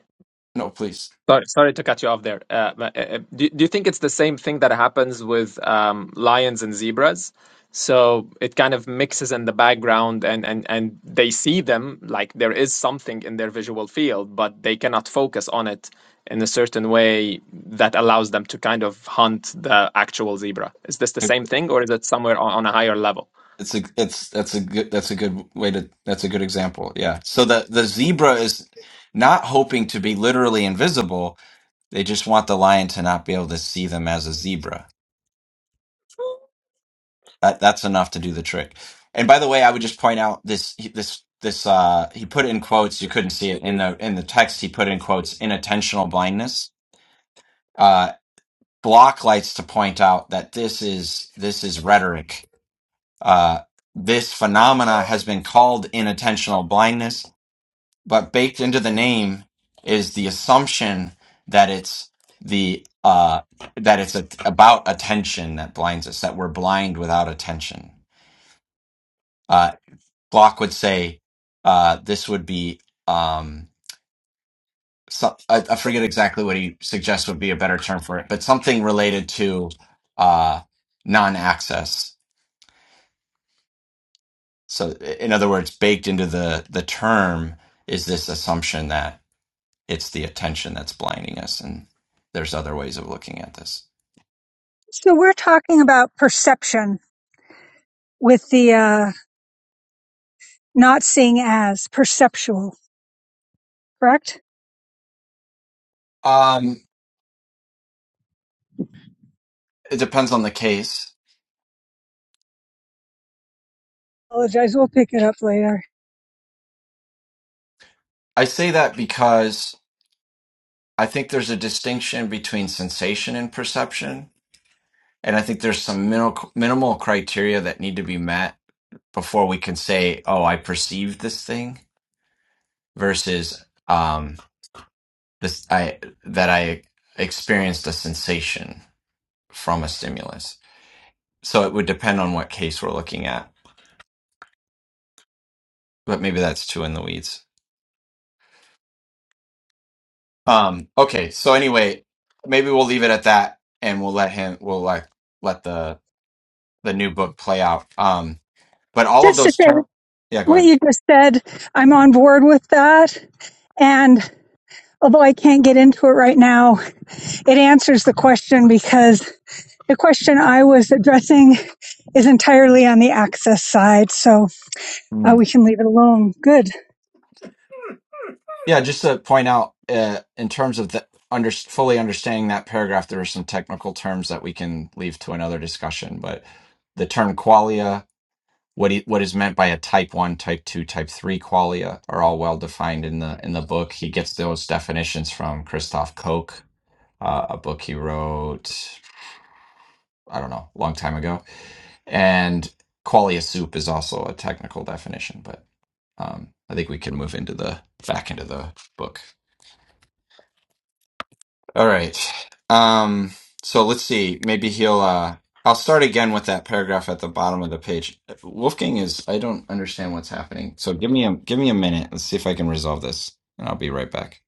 no, please.
Sorry, sorry to cut you off there. Uh, but, uh, uh, do, do you think it's the same thing that happens with um, lions and zebras? So it kind of mixes in the background, and, and, and they see them like there is something in their visual field, but they cannot focus on it in a certain way that allows them to kind of hunt the actual zebra. Is this the same thing, or is it somewhere on, on a higher level?
It's a it's that's a good that's a good way to that's a good example. Yeah. So the the zebra is not hoping to be literally invisible. They just want the lion to not be able to see them as a zebra. That that's enough to do the trick. And by the way, I would just point out this this this uh he put it in quotes. You couldn't see it in the in the text. He put in quotes inattentional blindness. Uh, Block likes to point out that this is this is rhetoric. Uh, this phenomena has been called inattentional blindness, but baked into the name is the assumption that it's the uh, that it's a, about attention that blinds us, that we're blind without attention. Uh, Block would say uh, this would be um, so, I, I forget exactly what he suggests would be a better term for it, but something related to uh, non-access So, in other words, baked into the the term is this assumption that it's the attention that's blinding us, and there's other ways of looking at this.
So we're talking about perception with the uh, not seeing as perceptual, correct?
Um, it depends on the case.
Apologize. We'll pick it up later.
I say that because I think there's a distinction between sensation and perception, and I think there's some minimal, minimal criteria that need to be met before we can say, "Oh, I perceived this thing," versus um, this I that I experienced a sensation from a stimulus. So it would depend on what case we're looking at, but maybe that's too in the weeds. Um, okay, so anyway, maybe we'll leave it at that, and we'll let him. We'll like let the the new book play out. Um, but all of
Just to
those
say.
terms. Yeah, go
what
ahead.
you just said, I'm on board with that. And although I can't get into it right now, it answers the question because the question I was addressing is entirely on the access side. So
Hmm.
uh, we can leave it alone. Good.
Yeah, just to point out, uh, in terms of the under, fully understanding that paragraph, there are some technical terms that we can leave to another discussion. But the term qualia, what he, what is meant by a type one, type two, type three qualia, are all well defined in the in the book. He gets those definitions from Christoph Koch, uh, a book he wrote, I don't know, a long time ago. And qualia soup is also a technical definition, but um, I think we can move into the back into the book. All right. Um, so let's see. Maybe he'll. Uh, I'll start again with that paragraph at the bottom of the page. Wolfgang is. I don't understand what's happening. So give me a give me a minute. Let's see if I can resolve this, and I'll be right back.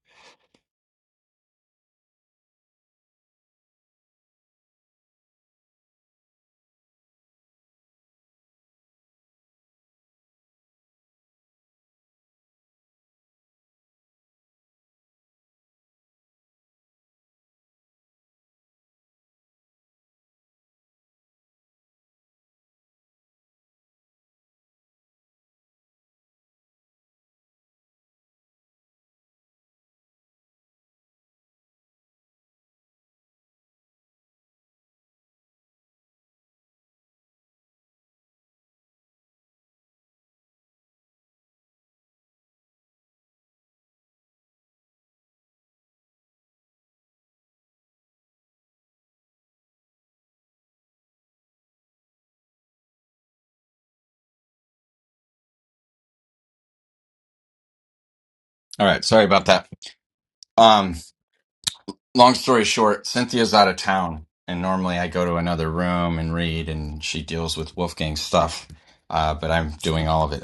All right. Sorry about that. Um, long story short, Cynthia's out of town, and normally I go to another room and read, and she deals with Wolfgang's stuff. Uh, but I'm doing all of it.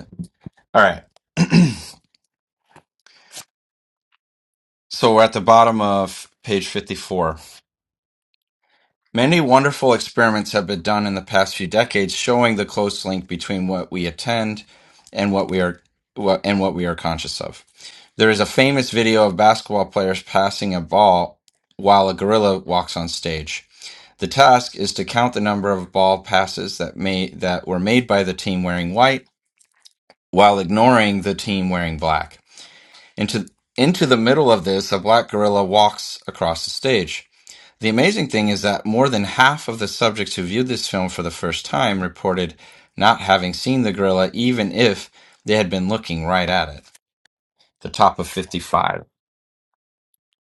All right. so we're at the bottom of page 54 Many wonderful experiments have been done in the past few decades showing the close link between what we attend and what we are what, and what we are conscious of. There is a famous video of basketball players passing a ball while a gorilla walks on stage. The task is to count the number of ball passes that may that were made by the team wearing white while ignoring the team wearing black. Into into the middle of this, a black gorilla walks across the stage. The amazing thing is that more than half of the subjects who viewed this film for the first time reported not having seen the gorilla, even if they had been looking right at it. The top of 55.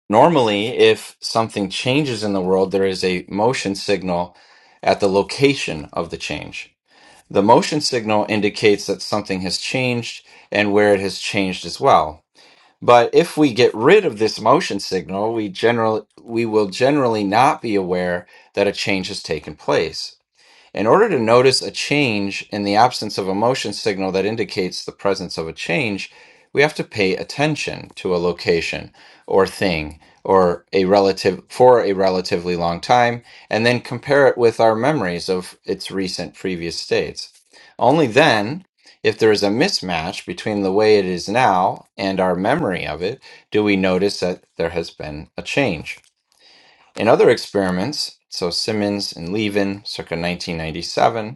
Normally, if something changes in the world, there is a motion signal at the location of the change. The motion signal indicates that something has changed and where it has changed as well. But if we get rid of this motion signal, we generally we will generally not be aware that a change has taken place. In order to notice a change in the absence of a motion signal that indicates the presence of a change, we have to pay attention to a location or thing or a relative for a relatively long time and then compare it with our memories of its recent previous states. Only then, if there is a mismatch between the way it is now and our memory of it, do we notice that there has been a change. In other experiments, so Simmons and Levin, circa 1997,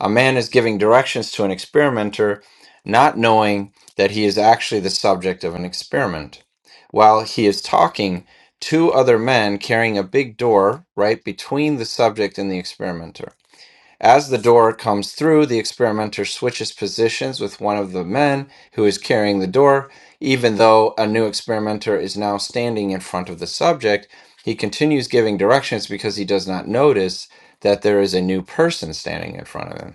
a man is giving directions to an experimenter, not knowing that he is actually the subject of an experiment. While he is talking, two other men carrying a big door right between the subject and the experimenter. As the door comes through, the experimenter switches positions with one of the men who is carrying the door. Even though a new experimenter is now standing in front of the subject, he continues giving directions because he does not notice that there is a new person standing in front of him.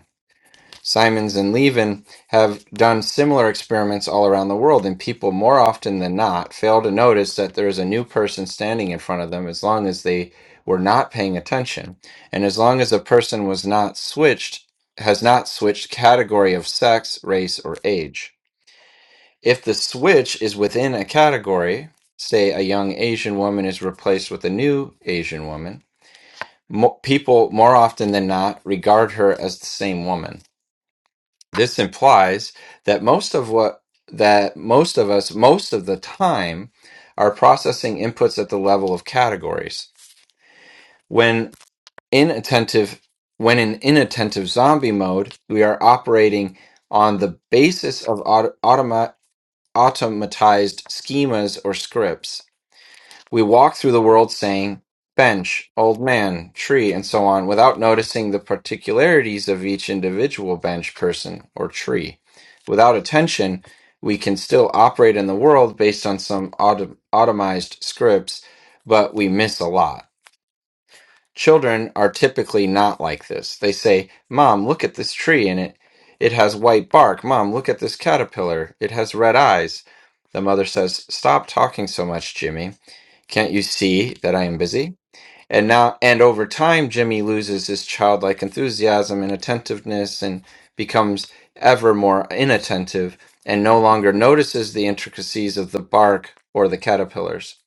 Simons and Levin have done similar experiments all around the world, and people more often than not fail to notice that there is a new person standing in front of them as long as they were not paying attention. And as long as a person was not switched, has not switched category of sex, race, or age. If the switch is within a category, say a young Asian woman is replaced with a new Asian woman, mo- people more often than not regard her as the same woman this implies that most of what that most of us most of the time are processing inputs at the level of categories. When inattentive when in inattentive zombie mode, we are operating on the basis of auto, automa- automatized schemas or scripts. We walk through the world saying bench, old man, tree, and so on without noticing the particularities of each individual bench, person, or tree. Without attention, we can still operate in the world based on some autom- automized scripts, but we miss a lot. Children are typically not like this. They say, Mom, look at this tree and it. It has white bark. Mom, look at this caterpillar. It has red eyes. The mother says, Stop talking so much, Jimmy. Can't you see that I am busy? And now, and over time, Jimmy loses his childlike enthusiasm and attentiveness and becomes ever more inattentive and no longer notices the intricacies of the bark or the caterpillars.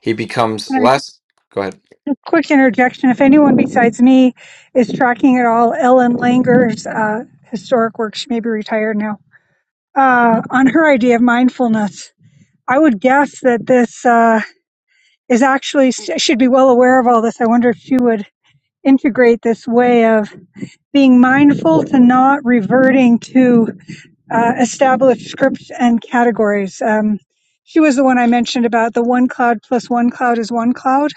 He becomes
And
less. Go ahead.
Just quick interjection. If anyone besides me is tracking at all, Ellen Langer's uh, historic work, she may be retired now, uh, on her idea of mindfulness, I would guess that this. Uh, is actually should be well aware of all this. I wonder if she would integrate this way of being mindful to not reverting to uh, established scripts and categories. Um, she was the one I mentioned about the one cloud plus one cloud is one cloud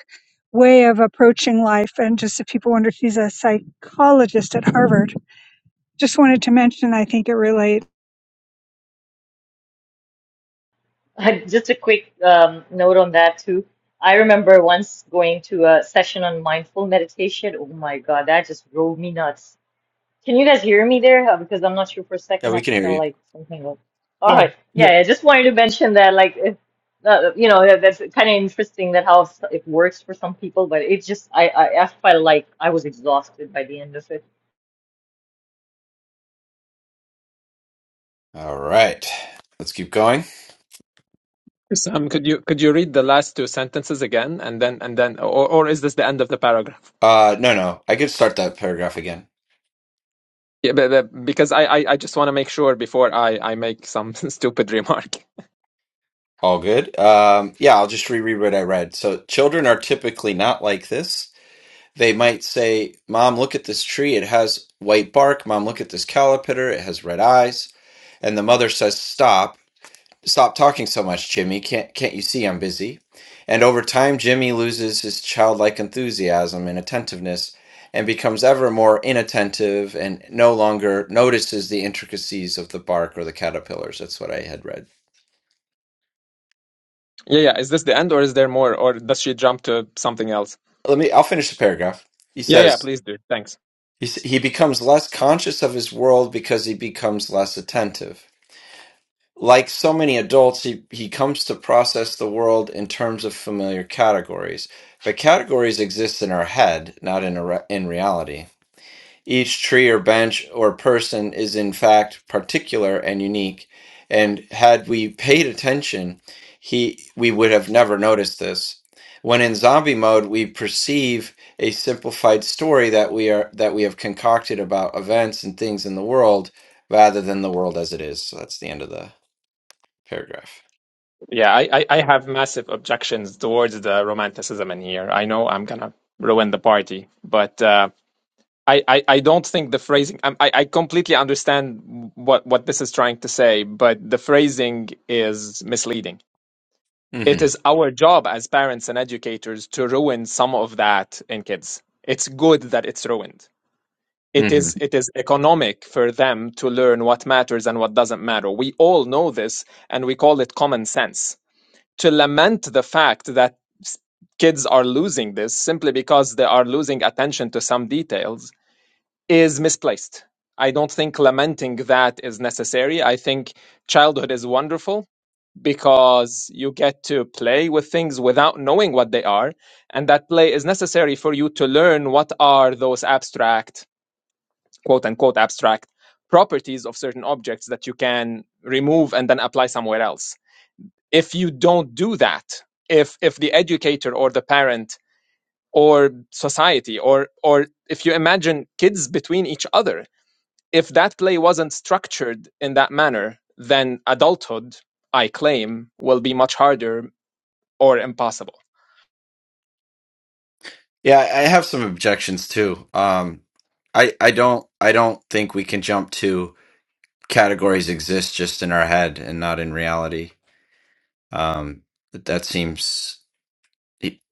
way of approaching life. And just if people wonder, she's a psychologist at Harvard. Just wanted to mention, I think it relates.
Uh, Just a quick um, note on that too. I remember once going to a session on mindful meditation. Oh my God, that just drove me nuts Can you guys hear me there? Uh, Because I'm not sure for a
Yeah,
second
we
I
can hear
felt
you.
like something was. All
Yeah,
right.
yeah.
Yeah, I just wanted to mention that, like, if, uh, you know, that, that's kind of interesting that how s- it works for some people, but it just, I, I, I felt like I was exhausted by the end of it.
All right. Let's keep going.
Sam, could you could you read the last two sentences again, and then and then, or, or is this the end of the paragraph?
Uh, no, no. I could start that paragraph again.
Yeah, but, but because I, I, I just want to make sure before I, I make some stupid remark.
All good. Um, yeah, I'll just reread what I read. So, children are typically not like this. They might say, Mom, look at this tree. It has white bark. Mom, look at this caterpillar; It has red eyes. And the mother says, Stop. Stop talking so much, Jimmy. Can't, can't you see I'm busy? And over time, Jimmy loses his childlike enthusiasm and attentiveness and becomes ever more inattentive and no longer notices the intricacies of the bark or the caterpillars. That's what I had read.
Yeah, yeah. Is this the end or is there more or does she jump to something else?
Let me, I'll finish the paragraph. He
Yeah, yeah,
says,
please do. Thanks.
he, s- he becomes less conscious of his world because he becomes less attentive. Like so many adults, he, he comes to process the world in terms of familiar categories. But categories exist in our head, not in, a re- in reality. Each tree or bench or person is, in fact, particular and unique. And had we paid attention, he, we would have never noticed this. When in zombie mode, we perceive a simplified story that we are that we have concocted about events and things in the world, rather than the world as it is. So that's the end of the paragraph.
Yeah, I, I, I have massive objections towards the romanticism in here. I know I'm going to ruin the party, but uh, I, I, I don't think the phrasing, I, I I completely understand what, what this is trying to say, but the phrasing is misleading. it
hmm
is our job as parents and educators to ruin some of that in kids. It's good that it's ruined. It
hmm
is it is economic for them to learn what matters and what doesn't matter. We all know this and we call it common sense. To lament the fact that s- kids are losing this simply because they are losing attention to some details is misplaced. I don't think lamenting that is necessary. I think childhood is wonderful because you get to play with things without knowing what they are. And that play is necessary for you to learn what are those abstract, quote unquote, abstract properties of certain objects that you can remove and then apply somewhere else. If you don't do that, if, if the educator or the parent or society or or if you imagine kids between each other if that play wasn't structured in that manner then adulthood I claim will be much harder or impossible
Yeah, I I have some objections too. Um, I I don't I don't think we can jump to categories exist just in our head and not in reality. Um, that that seems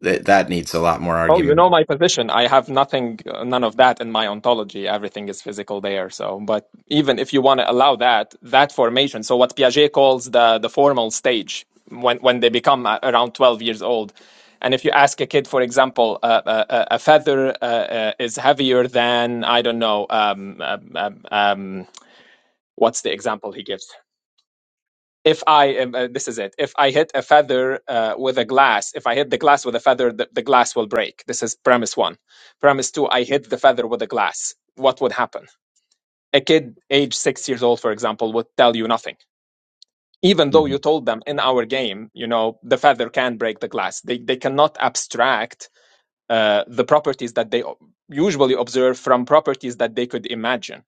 that that needs a lot more
Oh, you know
argument.
my position. I have nothing, uh, none of that in my ontology. Everything is physical there. So, but even if you want to allow that, that formation, so what Piaget calls the the formal stage, when when they become uh, around twelve years old, and if you ask a kid, for example, uh, uh, uh, a feather uh, uh, is heavier than I don't know, um, um, um, um, what's the example he gives? if I am, uh, this is it. If I hit a feather uh, with a glass, if I hit the glass with a feather, the, the glass will break. This is premise one. Premise two, I hit the feather with a glass. What would happen? A kid age six years old, for example, would tell you nothing. Even though
Mhm.
you told them in our game, you know, the feather can break the glass. They, they cannot abstract uh, the properties that they usually observe from properties that they could imagine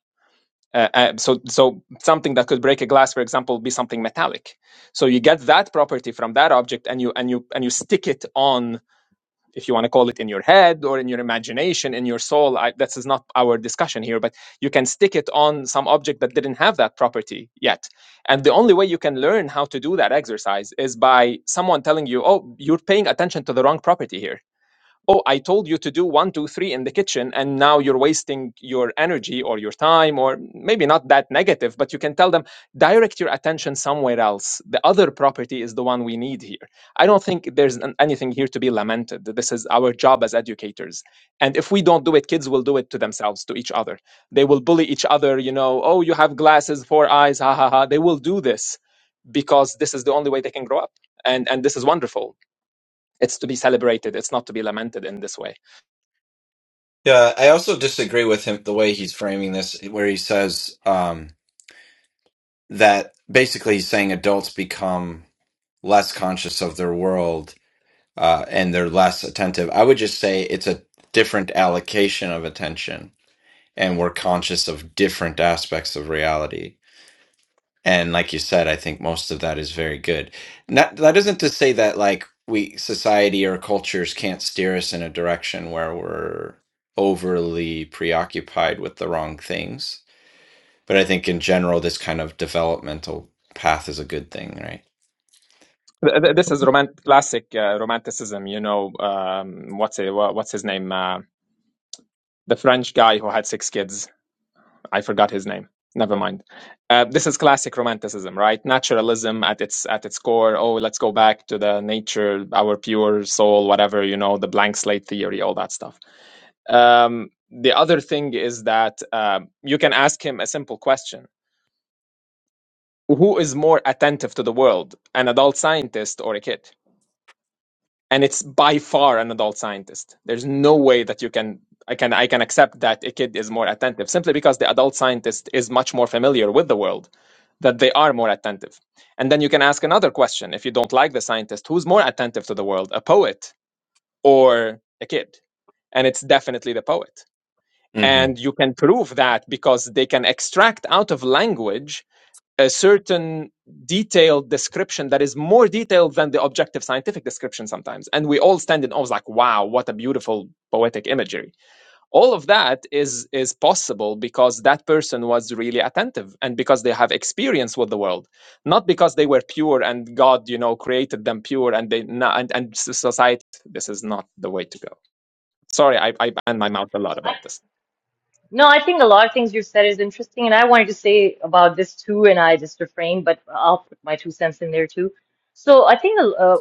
uh, uh, so, so something that could break a glass, for example, be something metallic. So you get that property from that object, and you and you and you stick it on, if you want to call it, in your head or in your imagination, in your soul. I, this is not our discussion here, but you can stick it on some object that didn't have that property yet. And the only way you can learn how to do that exercise is by someone telling you, "Oh, you're paying attention to the wrong property here." oh, I told you to do one, two, three in the kitchen, and now you're wasting your energy or your time, or maybe not that negative, but you can tell them, direct your attention somewhere else. The other property is the one we need here. I don't think there's an- anything here to be lamented. This is our job as educators. And if we don't do it, kids will do it to themselves, to each other. They will bully each other, you know, oh, you have glasses, four eyes, ha ha ha. They will do this because this is the only way they can grow up. And, and this is wonderful. It's to be celebrated. It's not to be lamented in this way.
Yeah, I also disagree with him the way he's framing this, where he says um, that basically he's saying adults become. less conscious of their world uh, and they're less attentive. I would just say it's a different allocation of attention, and we're conscious of different aspects of reality. And like you said, I think most of that is very good. Not, that isn't to say that like we society or cultures can't steer us in a direction where we're overly preoccupied with the wrong things. But I think in general, this kind of developmental path is a good thing, right?
Th- th- This is romantic, classic uh, romanticism, you know. Um, what's it, wha- what's his name? Uh, the French guy who had six kids. I forgot his name. Never mind. Uh, this is classic romanticism, right? Naturalism at its at its core. Oh, let's go back to the nature, our pure soul, whatever you know, the blank slate theory, all that stuff. Um, the other thing is that uh, you can ask him a simple question: Who is more attentive to the world, an adult scientist or a kid? and it's by far an adult scientist. There's no way that you can I can I can accept that a kid is more attentive simply because the adult scientist is much more familiar with the world that they are more attentive. And then you can ask another question if you don't like the scientist who's more attentive to the world, a poet or a kid? And it's definitely the poet.
hmm
And you can prove that because they can extract out of language a certain detailed description that is more detailed than the objective scientific description sometimes and we all stand in awe like wow what a beautiful poetic imagery all of that is is possible because that person was really attentive and because they have experience with the world not because they were pure and god you know created them pure and they and, and society this is not the way to go sorry i i and my mouth a lot about this
No, I think a lot of things you've said is interesting, and I wanted to say about this too, and I just refrained, but I'll put my two cents in there too. So I think uh,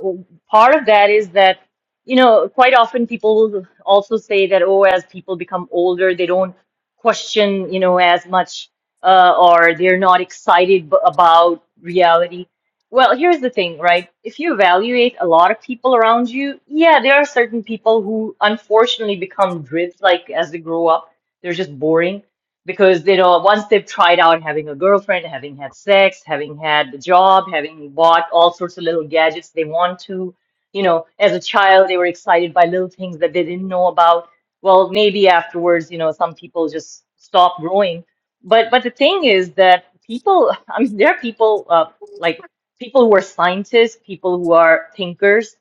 part of that is that, you know, quite often people will also say that, oh, as people become older, they don't question, you know, as much, uh, or they're not excited b- about reality. Well, here's the thing, right? If you evaluate a lot of people around you, yeah, there are certain people who unfortunately become drift, like as they grow up they're just boring because you know once they've tried out having a girlfriend, having had sex, having had the job, having bought all sorts of little gadgets they want to, you know, as a child they were excited by little things that they didn't know about. Well, maybe afterwards, you know, some people just stop growing. But but the thing is that people, I mean, there are people uh, like people who are scientists, people who are thinkers.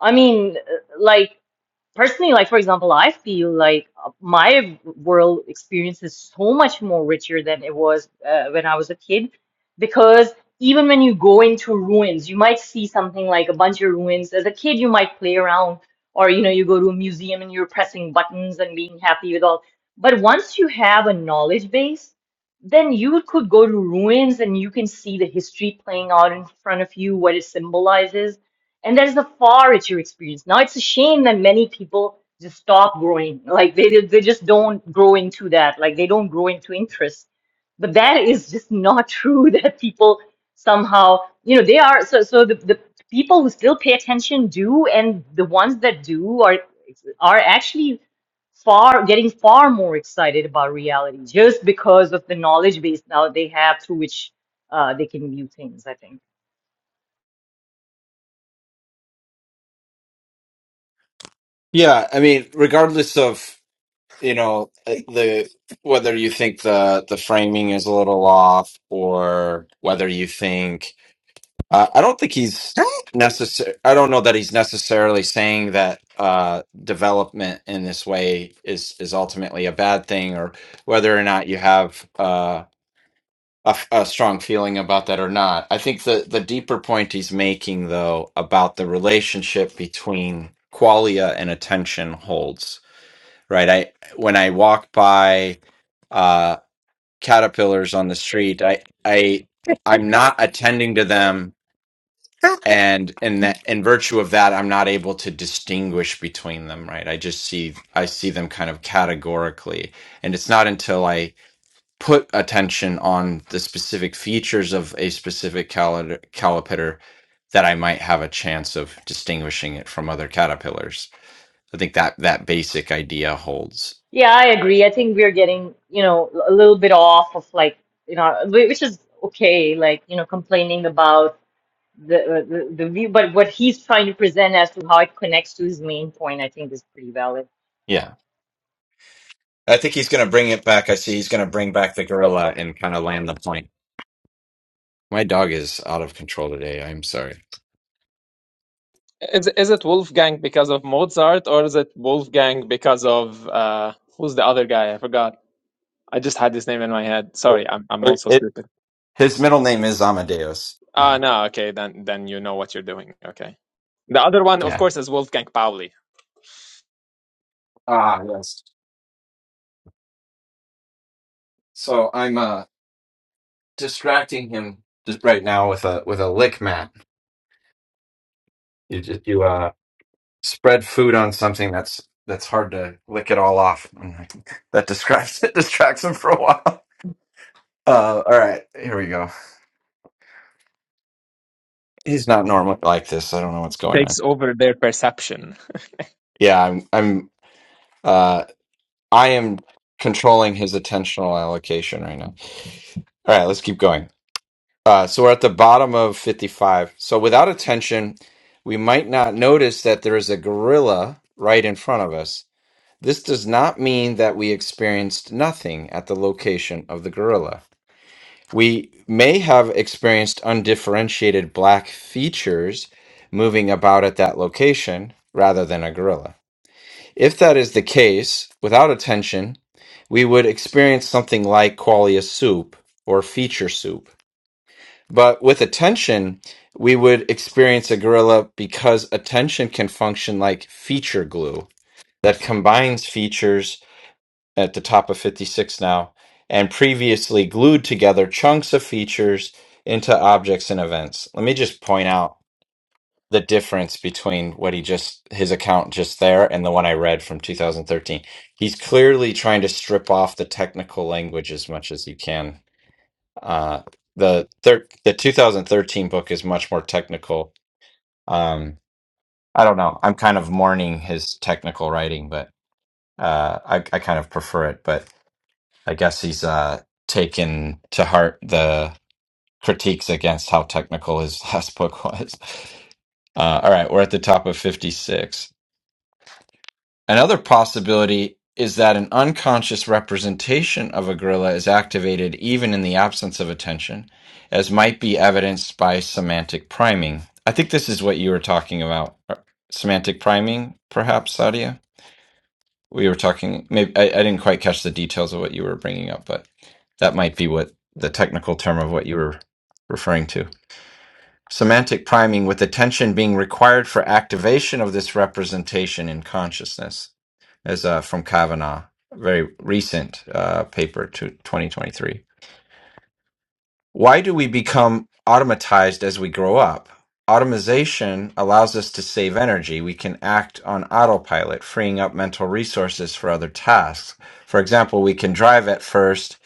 I mean, uh, like personally like for example i feel like uh, my world experience is so much more richer than it was uh, when i was a kid because even when you go into ruins you might see something like a bunch of ruins as a kid you might play around or you know you go to a museum and you're pressing buttons and being happy with all but once you have a knowledge base then you could go to ruins and you can see the history playing out in front of you what it symbolizes and that is a far richer experience. Now it's a shame that many people just stop growing, like they they just don't grow into that, like they don't grow into interest. But that is just not true. That people somehow, you know, they are so so the, the people who still pay attention do, and the ones that do are are actually far getting far more excited about reality just because of the knowledge base now they have through which uh, they can view things. I think.
Yeah, I mean, regardless of you know uh, the whether you think the the framing is a little off or whether you think uh, i don't think he's necessary i don't know that he's necessarily saying that uh development in this way is is ultimately a bad thing or whether or not you have uh a, f- a strong feeling about that or not. I think the, the deeper point he's making, though, about the relationship between qualia and attention holds right? I when I walk by uh, caterpillars on the street, I I I'm not attending to them, and in that in virtue of that, I'm not able to distinguish between them, right? I just see I see them kind of categorically, and it's not until I put attention on the specific features of a specific cali- caliper that I might have a chance of distinguishing it from other caterpillars. I think that that basic idea holds.
Yeah, I agree. I think we're getting, you know, a little bit off of like, you know, whi- which is okay, like, you know, complaining about the, uh, the the view, but what he's trying to present as to how it connects to his main point, I think is pretty valid.
Yeah. I think he's going to bring it back. I see he's going to bring back the gorilla and kind of land the plane. My dog is out of control today. I'm sorry.
Is is it Wolfgang because of Mozart, or is it Wolfgang because of uh who's the other guy? I forgot. I just had his name in my head. Sorry, I'm I'm also
It,
stupid.
his middle name is Amadeus. Yeah.
Ah, no, okay, then then you know what you're doing. Okay. The other one, of
Yeah.
course, is Wolfgang Pauli.
Ah, yes. So I'm uh distracting him just right now with a with a lick mat. You just you uh spread food on something that's that's hard to lick it all off. And That describes it distracts him for a while. Uh all right, here we go. He's not normally like this. I don't know what's going
Takes
on.
over their perception.
Yeah, I'm I'm uh I am controlling his attentional allocation right now. All right, let's keep going. Uh so we're at the bottom of 55. So without attention, we might not notice that there is a gorilla right in front of us This does not mean that we experienced nothing at the location of the gorilla. We may have experienced undifferentiated black features moving about at that location rather than a gorilla. If that is the case, without attention, we would experience something like qualia soup or feature soup. But with attention, we would experience a gorilla because attention can function like feature glue that combines features at the top of 56 now, and previously glued together chunks of features into objects and events. Let me just point out the difference between what he just, his account just there and the one I read from 2013. He's clearly trying to strip off the technical language as much as you can. Uh, the thir- the 2013 book is much more technical. Um, I don't know. I'm kind of mourning his technical writing, but uh, I, I kind of prefer it. But I guess he's uh, taken to heart the critiques against how technical his last book was. Uh, all right, we're at the top of 56. Another possibility is that an unconscious representation of a gorilla is activated even in the absence of attention, as might be evidenced by semantic priming. I think this is what you were talking about. uh, Semantic priming, perhaps, Sadia? we were talking maybe I, I didn't quite catch the details of what you were bringing up but that might be what the technical term of what you were referring to semantic priming with attention being required for activation of this representation in consciousness as uh, from kavanaugh a very recent uh, paper to 2023 why do we become automatized as we grow up? Automation allows us to save energy. We can act on autopilot, freeing up mental resources for other tasks. For example, we can drive at first.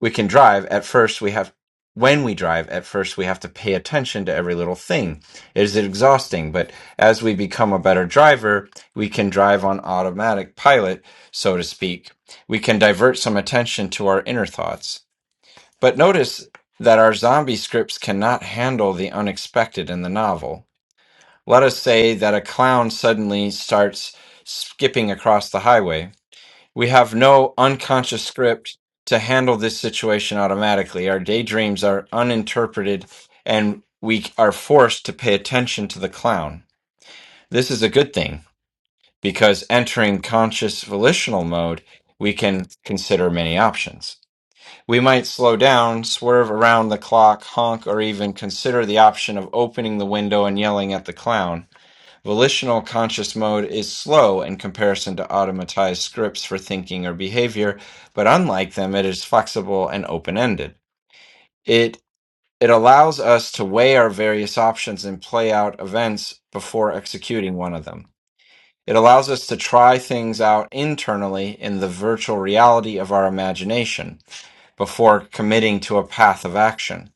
We can drive at first. We have, when we drive at first, we have to pay attention to every little thing. It is exhausting, but as we become a better driver, we can drive on automatic pilot, so to speak. We can divert some attention to our inner thoughts. But notice that our zombie scripts cannot handle the unexpected in the novel. Let us say that a clown suddenly starts skipping across the highway. We have no unconscious script to handle this situation automatically. Our daydreams are uninterpreted and we are forced to pay attention to the clown. This is a good thing because entering conscious volitional mode, we can consider many options. We might slow down, swerve around the clock, honk, or even consider the option of opening the window and yelling at the clown. Volitional conscious mode is slow in comparison to automatized scripts for thinking or behavior, but unlike them, it is flexible and open ended. It it allows us to weigh our various options and play out events before executing one of them. It allows us to try things out internally in the virtual reality of our imagination before committing to a path of action.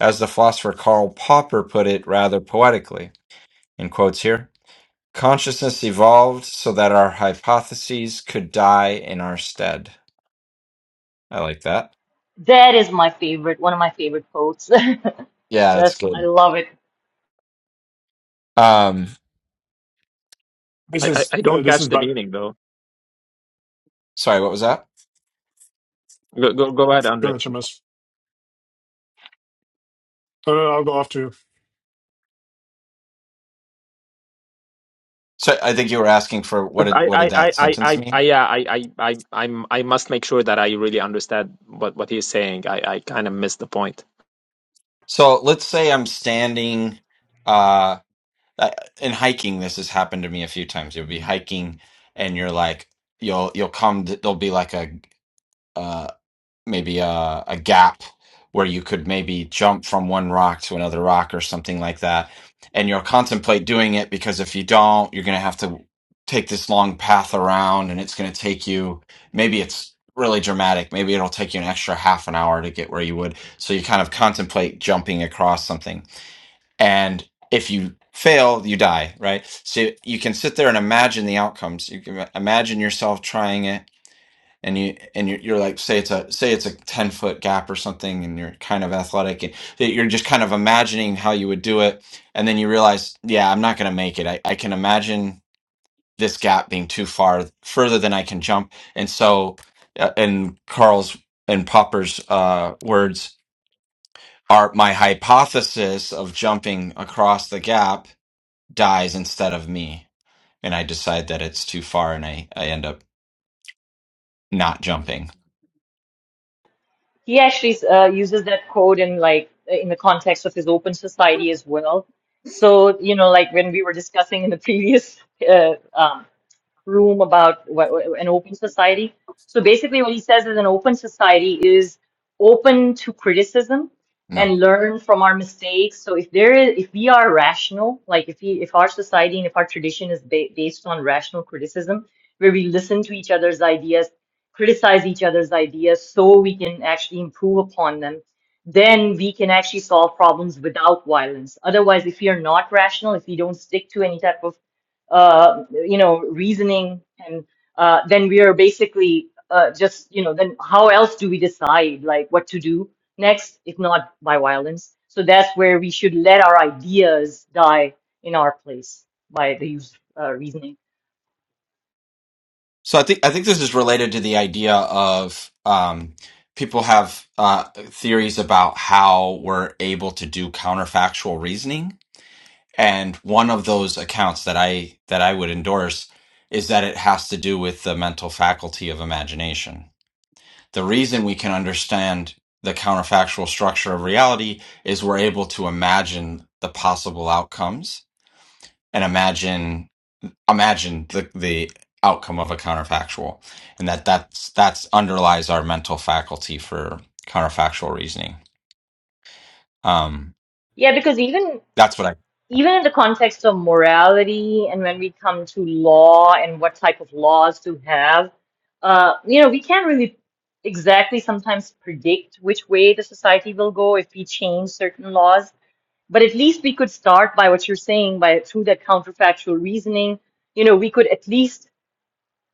As the philosopher Karl Popper put it rather poetically, in quotes here, consciousness evolved so that our hypotheses could die in our stead. I like that.
That is my favorite, one of my favorite quotes.
Yeah, that's
That's, I
good.
love it.
Um,
I
This
I,
is
I
uh,
don't
this
catch
is
the
bad.
meaning though.
sorry, what was that?
Go go go ahead,
Go
Andre.
ahead, Shamas. No, no, no, I'll go after you.
So I think you were asking for what did
I,
what did
I, I,
that
I,
sentence
I, I-
mean?
yeah, I, I, I, I'm, I must make sure that I really understand what, what he's saying. I, I kind of missed the point.
So let's say I'm standing uh I- in hiking this has happened to me a few times. You'll be hiking and you're like you'll you'll come to, there'll be like a uh, maybe a, a gap where you could maybe jump from one rock to another rock or something like that. And you'll contemplate doing it because if you don't, you're going to have to take this long path around and it's going to take you, maybe it's really dramatic. Maybe it'll take you an extra half an hour to get where you would. So you kind of contemplate jumping across something. And if you fail, you die, right? So you can sit there and imagine the outcomes. You can imagine yourself trying it and you and you're, you're like say it's a say it's a 10 foot gap or something and you're kind of athletic and that you're just kind of imagining how you would do it and then you realize yeah i'm not going to make it I, I can imagine this gap being too far further than i can jump and so uh, in carl's and popper's uh, words are my hypothesis of jumping across the gap dies instead of me and i decide that it's too far and i, I end up not jumping
He actually uh, uses that quote in like in the context of his open society as well. So, you know, like when we were discussing in the previous uh, um, room about wh- wh- an open society. So basically, what he says is an open society is open to criticism
no
and learn from our mistakes. So if there is, if we are rational, like if we, if our society and if our tradition is ba- based on rational criticism, where we listen to each other's ideas, criticize each other's ideas, so we can actually improve upon them. Then we can actually solve problems without violence. Otherwise, if we are not rational, if we don't stick to any type of uh, you know, reasoning, and uh, then we are basically uh, just, you know, then how else do we decide like what to do next if not by violence? So that's where we should let our ideas die in our place by the use of uh, reasoning.
So I think I think this is related to the idea of um, people have uh, theories about how we're able to do counterfactual reasoning, and one of those accounts that I that I would endorse is that it has to do with the mental faculty of imagination. The reason we can understand the counterfactual structure of reality is we're able to imagine the possible outcomes and imagine imagine the the outcome of a counterfactual and that that's that's underlies our mental faculty for counterfactual reasoning um
Yeah, because even
that's what i
even in the context of morality and when we come to law and what type of laws to have, uh, you know, we can't really exactly sometimes predict which way the society will go if we change certain laws. But at least we could start by what you're saying, by through that counterfactual reasoning, you know, we could at least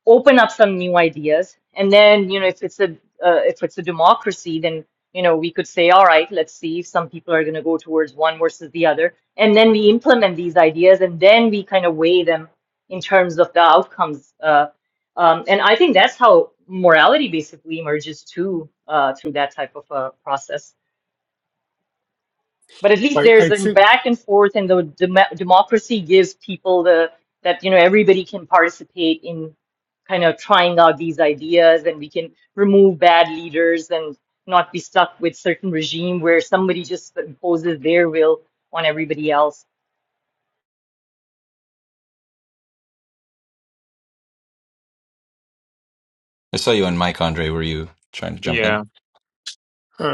open up some new ideas and then you know if it's a uh, if it's a democracy then you know we could say all right let's see if some people are going to go towards one versus the other and then we implement these ideas and then we kind of weigh them in terms of the outcomes uh, um, and i think that's how morality basically emerges too uh, through that type of uh, process but at least
I
there's
I
a
think.
back and forth and the dem- democracy gives people the that you know everybody can participate in kind of trying out these ideas and we can remove bad leaders and not be stuck with certain regime where somebody just imposes their will on everybody else
i saw you and mike andre were you trying to jump in
Yeah.
uh,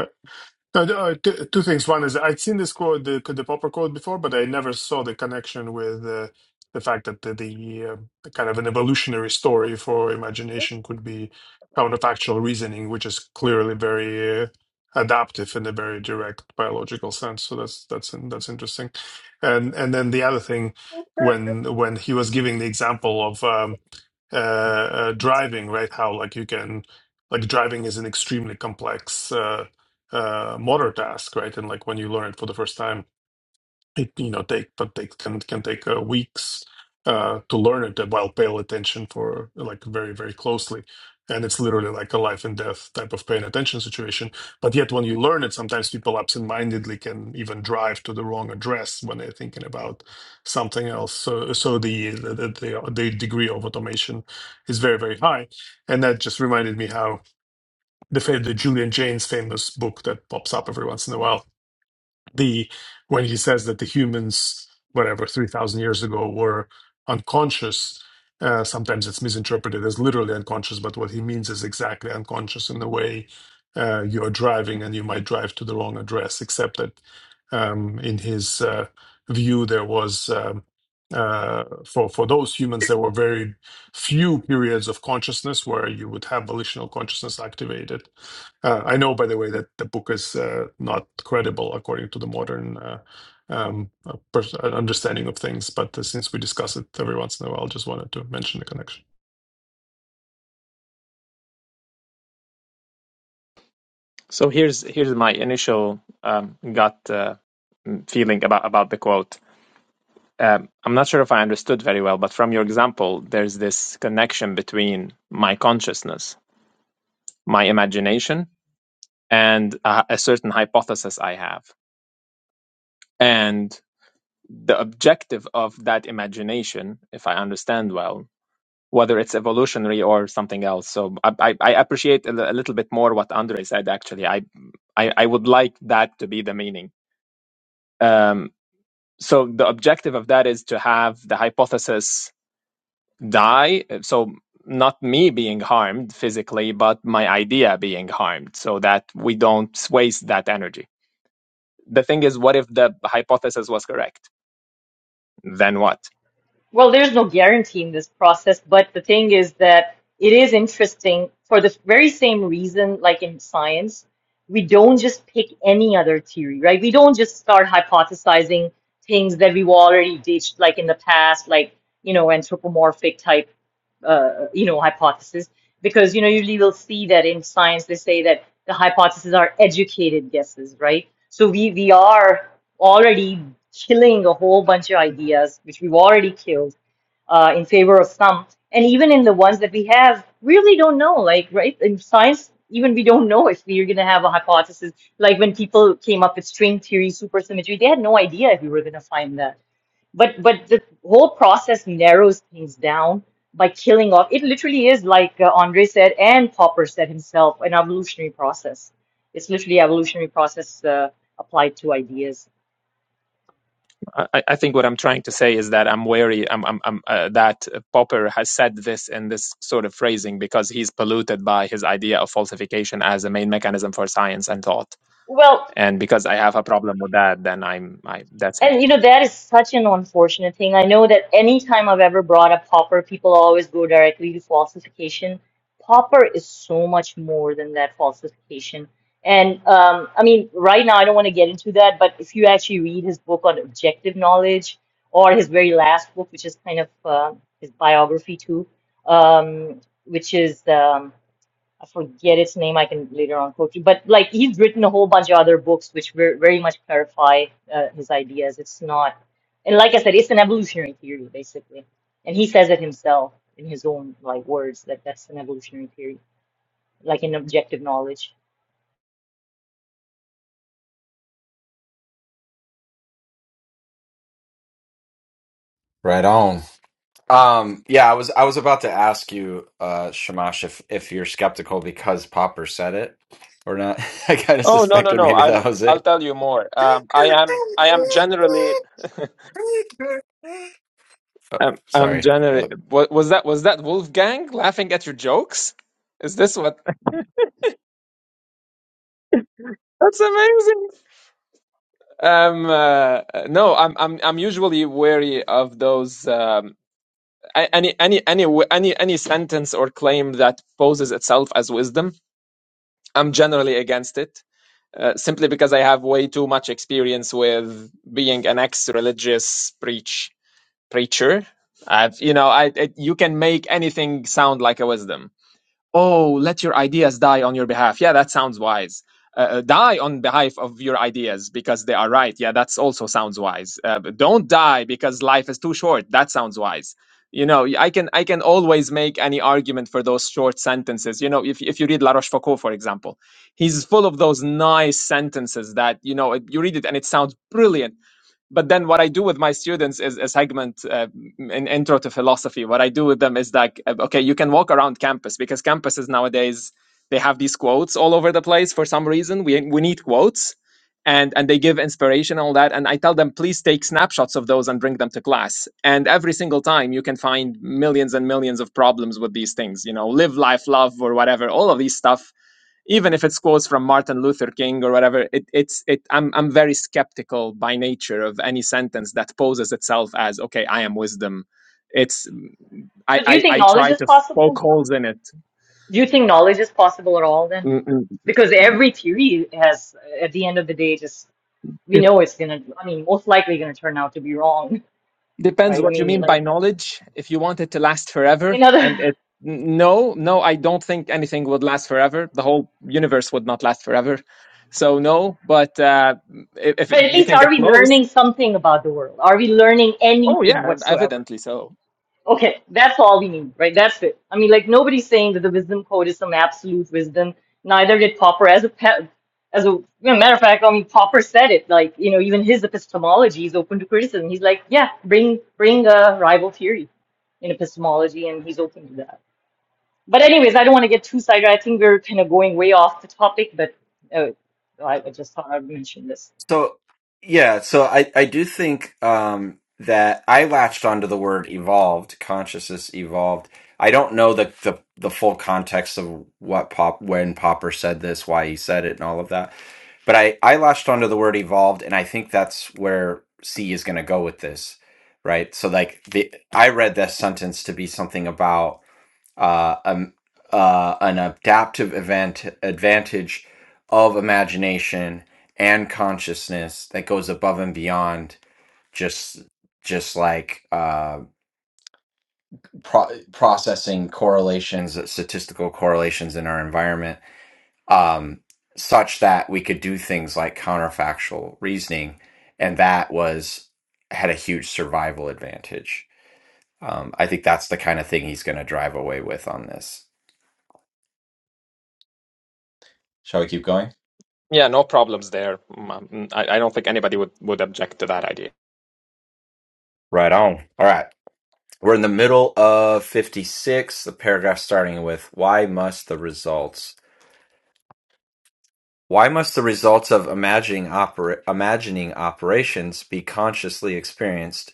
No, th- uh, two, two things. One is I'd seen this quote, the, the Popper quote before, but I never saw the connection with uh, the fact that the, the, uh, the kind of an evolutionary story for imagination could be counterfactual reasoning, which is clearly very uh, adaptive in a very direct biological sense. So that's that's that's interesting. And and then the other thing, when when he was giving the example of um, uh, uh, driving, right? How like you can like driving is an extremely complex. uh, uh, modern task, right? And like when you learn it for the first time, it you know take but take can can take uh, weeks uh, to learn it uh, while paying attention for like very very closely, and it's literally like a life and death type of paying attention situation. But yet when you learn it, sometimes people absentmindedly can even drive to the wrong address when they're thinking about something else. So so the the the, the degree of automation is very very high, and that just reminded me how the fa- the Julian Jaynes famous book that pops up every once in a while. The when he says that the humans, whatever three thousand years ago, were unconscious. Uh, sometimes it's misinterpreted as literally unconscious, but what he means is exactly unconscious in the way uh, you are driving, and you might drive to the wrong address. Except that um, in his uh, view, there was. Um, uh, for for those humans, there were very few periods of consciousness where you would have volitional consciousness activated uh, I know, by the way, that the book is uh, not credible according to the modern uh, um, uh, pers- uh, understanding of things, but uh, since we discuss it every once in a while, just wanted to mention the connection.
So here's, here's my initial um, gut uh, feeling about, about the quote. Um, I'm not sure if I understood very well, but from your example, there's this connection between my consciousness, my imagination, and a, a certain hypothesis I have. And the objective of that imagination, if I understand well, whether it's evolutionary or something else. So I, I, I appreciate a, li- a little bit more what Andre said. Actually, I, I I would like that to be the meaning. Um, so the objective of that is to have the hypothesis die. So not me being harmed physically, but my idea being harmed, so that we don't waste that energy. The thing is, what if the hypothesis was correct? Then what?
Well, there's no guarantee in this process, but the thing is that it is interesting for the very same reason, like in science, we don't just pick any other theory, right? We don't just start hypothesizing things that we've already ditched, like in the past, like, you know, anthropomorphic type, uh, you know, hypothesis, because, you know, usually we'll see that in science, they say that the hypotheses are educated guesses, right? So we, we are already killing a whole bunch of ideas, which we've already killed, uh, in favor of some. And even in the ones that we have, we really don't know. Like, right? In science, even we don't know if we're going to have a hypothesis. Like when people came up with string theory, supersymmetry, they had no idea if we were going to find that. But but the whole process narrows things down by killing off. It literally is like uh, Andre said and Popper said himself, an evolutionary process. It's literally evolutionary process uh, applied to ideas.
I, I think what I'm trying to say is that I'm wary. I'm, I'm, I'm uh, that Popper has said this in this sort of phrasing because he's polluted by his idea of falsification as a main mechanism for science and thought.
Well,
And because I have a problem with that, then I'm. I that's it.
and you know, that is such an unfortunate thing. I know that anytime I've ever brought up Popper, people always go directly to falsification. Popper is so much more than that falsification. And um, I mean, right now, I don't want to get into that, but if you actually read his book on objective knowledge or his very last book, which is kind of uh, his biography too, um, which is um, I forget its name. I can later on quote you, but like he's written a whole bunch of other books which ver very much clarify uh, his ideas. It's not, and like I said, it's an evolutionary theory basically, and he says it himself in his own like words that that's an evolutionary theory, like an objective knowledge.
right on Um, yeah, I was I was about to ask you, uh, Shamash, if if you're skeptical because Popper said it or not. I kind of
Oh no no
suspected
no!
maybe
I'll
that was
I'll
it.
tell you more. Um, I am I am generally
Oh,
I'm, I'm
sorry.
generally. What was that? Was that Wolfgang laughing at your jokes? Is this what? That's amazing. Um, uh, no, I'm I'm I'm usually wary of those um, a- any any any w- any any sentence or claim that poses itself as wisdom. I'm generally against it, uh, simply because I have way too much experience with being an ex-religious preach preacher. I've you know I it, you can make anything sound like a wisdom Oh, let your ideas die on your behalf. Yeah, that sounds wise. Uh, uh, die on behalf of your ideas because they are right. Yeah, that's also sounds wise. Uh, but don't die because life is too short. That sounds wise. You know, I can I can always make any argument for those short sentences. You know, if if you read La Rochefoucauld, for example, he's full of those nice sentences that you know you read it and it sounds brilliant but then what I do with my students is a segment uh, in intro to philosophy. What I do with them is like, uh, okay, you can walk around campus because campuses nowadays they have these quotes all over the place for some reason. We we need quotes, and and they give inspiration all that. And I tell them, please take snapshots of those and bring them to class. And every single time you can find millions and millions of problems with these things. You know, live life, love, or whatever. All of these stuff even if it's quotes from Martin Luther King or whatever, it, it's it. I'm I'm very skeptical by nature of any sentence that poses itself as okay, I am wisdom. It's I
So do you
I,
think
I
knowledge
try
is
to poke
possible?
holes in it.
Do you think knowledge is possible at all then?
Mm-mm.
Because every theory has, uh, at the end of the day, just we
It
know it's gonna. I mean, most likely gonna turn out to be wrong,
depends
right? I
what you
mean,
mean by
like
knowledge. If you want it to last forever, and
another.
it n- no no, I don't think anything would last forever. The whole universe would not last forever. So no, but uh, if, if
But at
you
least
can
are
get
we
close,
learning something about the world? Are we learning
oh
anything
yeah,
whatsoever?
evidently so.
Okay, that's all we need, right? That's it. I mean, like nobody's saying that the wisdom code is some absolute wisdom. Neither did Popper. As a pe- as a you know, matter of fact, I mean, Popper said it. Like you know, even his epistemology is open to criticism. He's like, yeah, bring bring a rival theory in epistemology, and he's open to that. But anyways, I don't want to get too sidetracked. I think we're kind of going way off the topic, but uh, I, I just thought I'd mention this.
So yeah, so I I do think um that I latched onto the word evolved, consciousness evolved. I don't know the the the full context of what Pop when Popper said this, why he said it and all of that. But I I latched onto the word evolved and I think that's where C is going to go with this, right? So like the I read this sentence to be something about uh, um, uh, an adaptive event advantage of imagination and consciousness that goes above and beyond just just like uh, pro- processing correlations, statistical correlations in our environment, um, such that we could do things like counterfactual reasoning, and that was had a huge survival advantage. Um, I think that's the kind of thing he's going to drive away with on this. Shall we keep going?
Yeah, no problems there. Mm, um, mm, I, I don't think anybody would, would object to that idea.
Right on. All right. We're in the middle of 56, the paragraph starting with why must the results why must the results of imagining opera, imagining operations be consciously experienced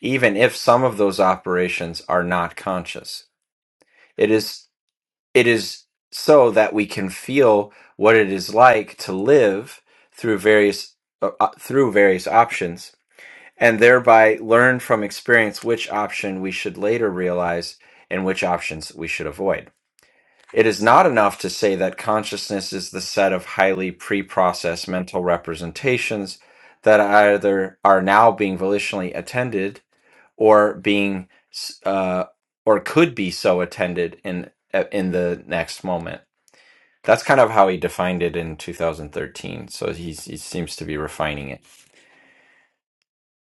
even if some of those operations are not conscious? It is it is so that we can feel what it is like to live through various uh, uh, through various options and thereby learn from experience which option we should later realize and which options we should avoid. It is not enough to say that consciousness is the set of highly pre processed mental representations that either are now being volitionally attended or being uh, or could be so attended in uh, in the next moment. That's kind of how he defined it in 2013. So he's, he seems to be refining it.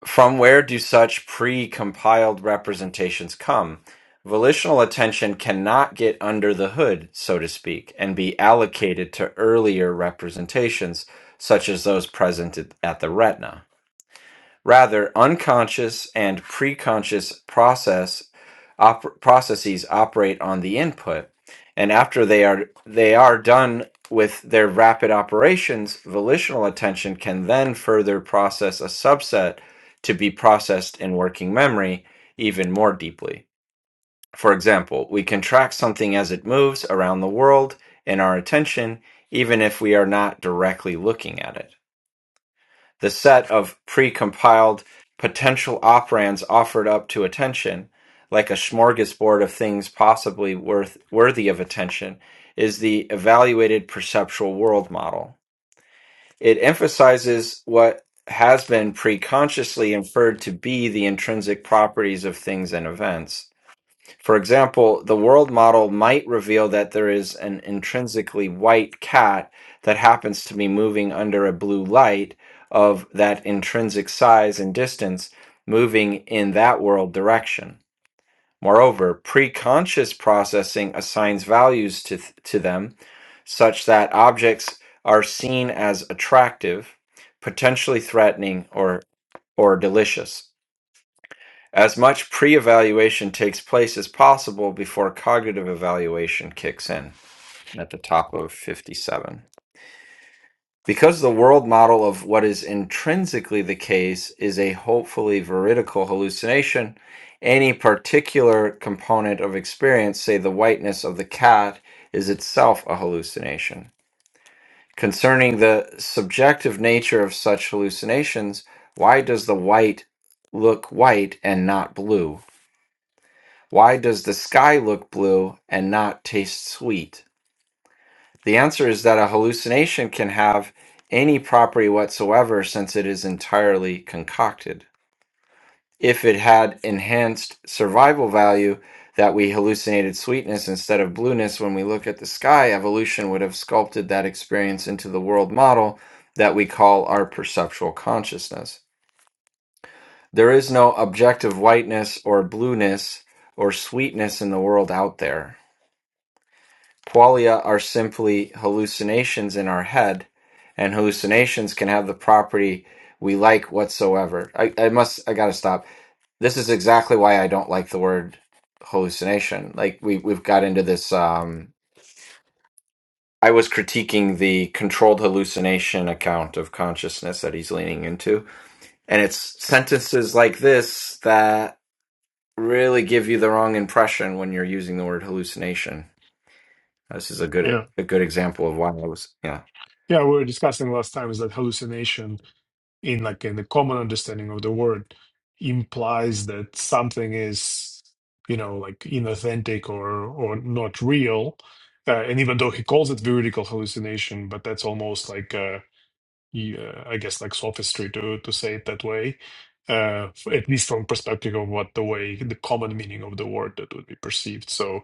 From where do such pre-compiled representations come? Volitional attention cannot get under the hood, so to speak, and be allocated to earlier representations, such as those present at at the retina. Rather, unconscious and preconscious process op- processes operate on the input, and after they are they are done with their rapid operations, volitional attention can then further process a subset to be processed in working memory even more deeply. For example, we can track something as it moves around the world in our attention, even if we are not directly looking at it. The set of precompiled potential operands offered up to attention, like a smorgasbord of things possibly worth worthy of attention, is the evaluated perceptual world model. It emphasizes what has been preconsciously inferred to be the intrinsic properties of things and events for example, the world model might reveal that there is an intrinsically white cat that happens to be moving under a blue light of that intrinsic size and distance, moving in that world direction. Moreover, preconscious processing assigns values to, th- to them such that objects are seen as attractive, potentially threatening, or, or delicious. As much pre evaluation takes place as possible before cognitive evaluation kicks in at the top of 57. Because the world model of what is intrinsically the case is a hopefully veridical hallucination, any particular component of experience, say the whiteness of the cat, is itself a hallucination. Concerning the subjective nature of such hallucinations, why does the white look white and not blue? Why does the sky look blue and not taste sweet? The answer is that a hallucination can have any property whatsoever since it is entirely concocted. If it had enhanced survival value, that we hallucinated sweetness instead of blueness when we look at the sky, evolution would have sculpted that experience into the world model that we call our perceptual consciousness. There is no objective whiteness or blueness or sweetness in the world out there Qualia are simply hallucinations in our head, and hallucinations can have the property we like whatsoever. I, I must, I gotta stop. This is exactly why I don't like the word hallucination. Like we we've got into this. Um, I was critiquing the controlled hallucination account of consciousness that he's leaning into, and it's sentences like this that really give you the wrong impression when you're using the word hallucination. This is a good
Yeah,
a good example of why I was yeah.
yeah, we were discussing last time is that hallucination, in like in the common understanding of the word, implies that something is, you know, like inauthentic or or not real. Uh, and even though he calls it veridical hallucination, but that's almost like yeah, I guess like sophistry to to say it that way, uh, f- at least from perspective of what the way the common meaning of the word that would be perceived. So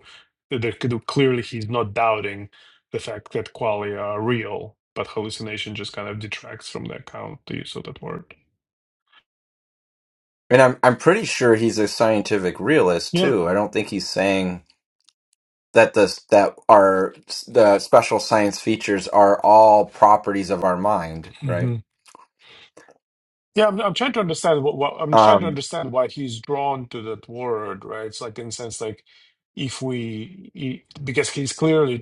th- there could clearly he's not doubting the fact that qualia are real, but hallucination just kind of detracts from the account the use of that word.
And I'm I'm pretty sure he's a scientific realist
Yeah.
too. I don't think he's saying that the that our the special science features are all properties of our mind, right?
hmm Yeah, I'm, I'm trying to understand what, what I'm trying to
Um
understand why he's drawn to that word, right? It's like in the sense like if we, he- because he's clearly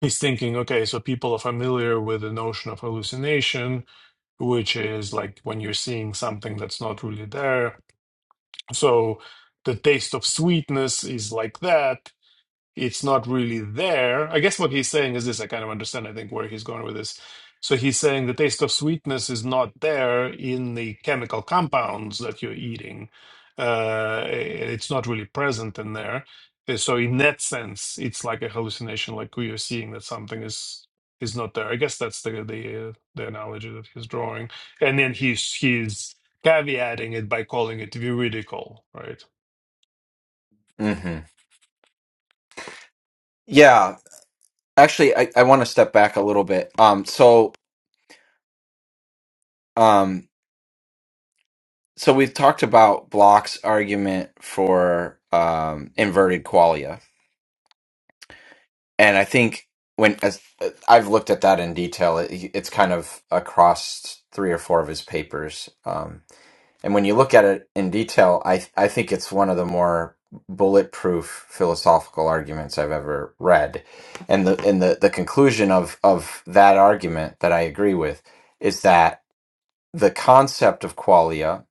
he's thinking, okay, so people are familiar with the notion of hallucination, which is like when you're seeing something that's not really there. So the taste of sweetness is like that it's not really there. I guess what he's saying is this, I kind of understand, I think, where he's going with this. So he's saying the taste of sweetness is not there in the chemical compounds that you're eating. Uh, it's not really present in there. Uh, So in that sense, it's like a hallucination, like we are seeing that something is is not there. I guess that's the the uh, the analogy that he's drawing. And then he's he's caveating it by calling it veridical, right?
hmm Yeah, actually I I want to step back a little bit. Um so um so we've talked about Bloch's argument for um inverted qualia. And I think when as I've looked at that in detail, it, it's kind of across three or four of his papers. Um And when you look at it in detail, I I think it's one of the more bulletproof philosophical arguments I've ever read. And the and the, the conclusion of, of that argument that I agree with is that the concept of qualia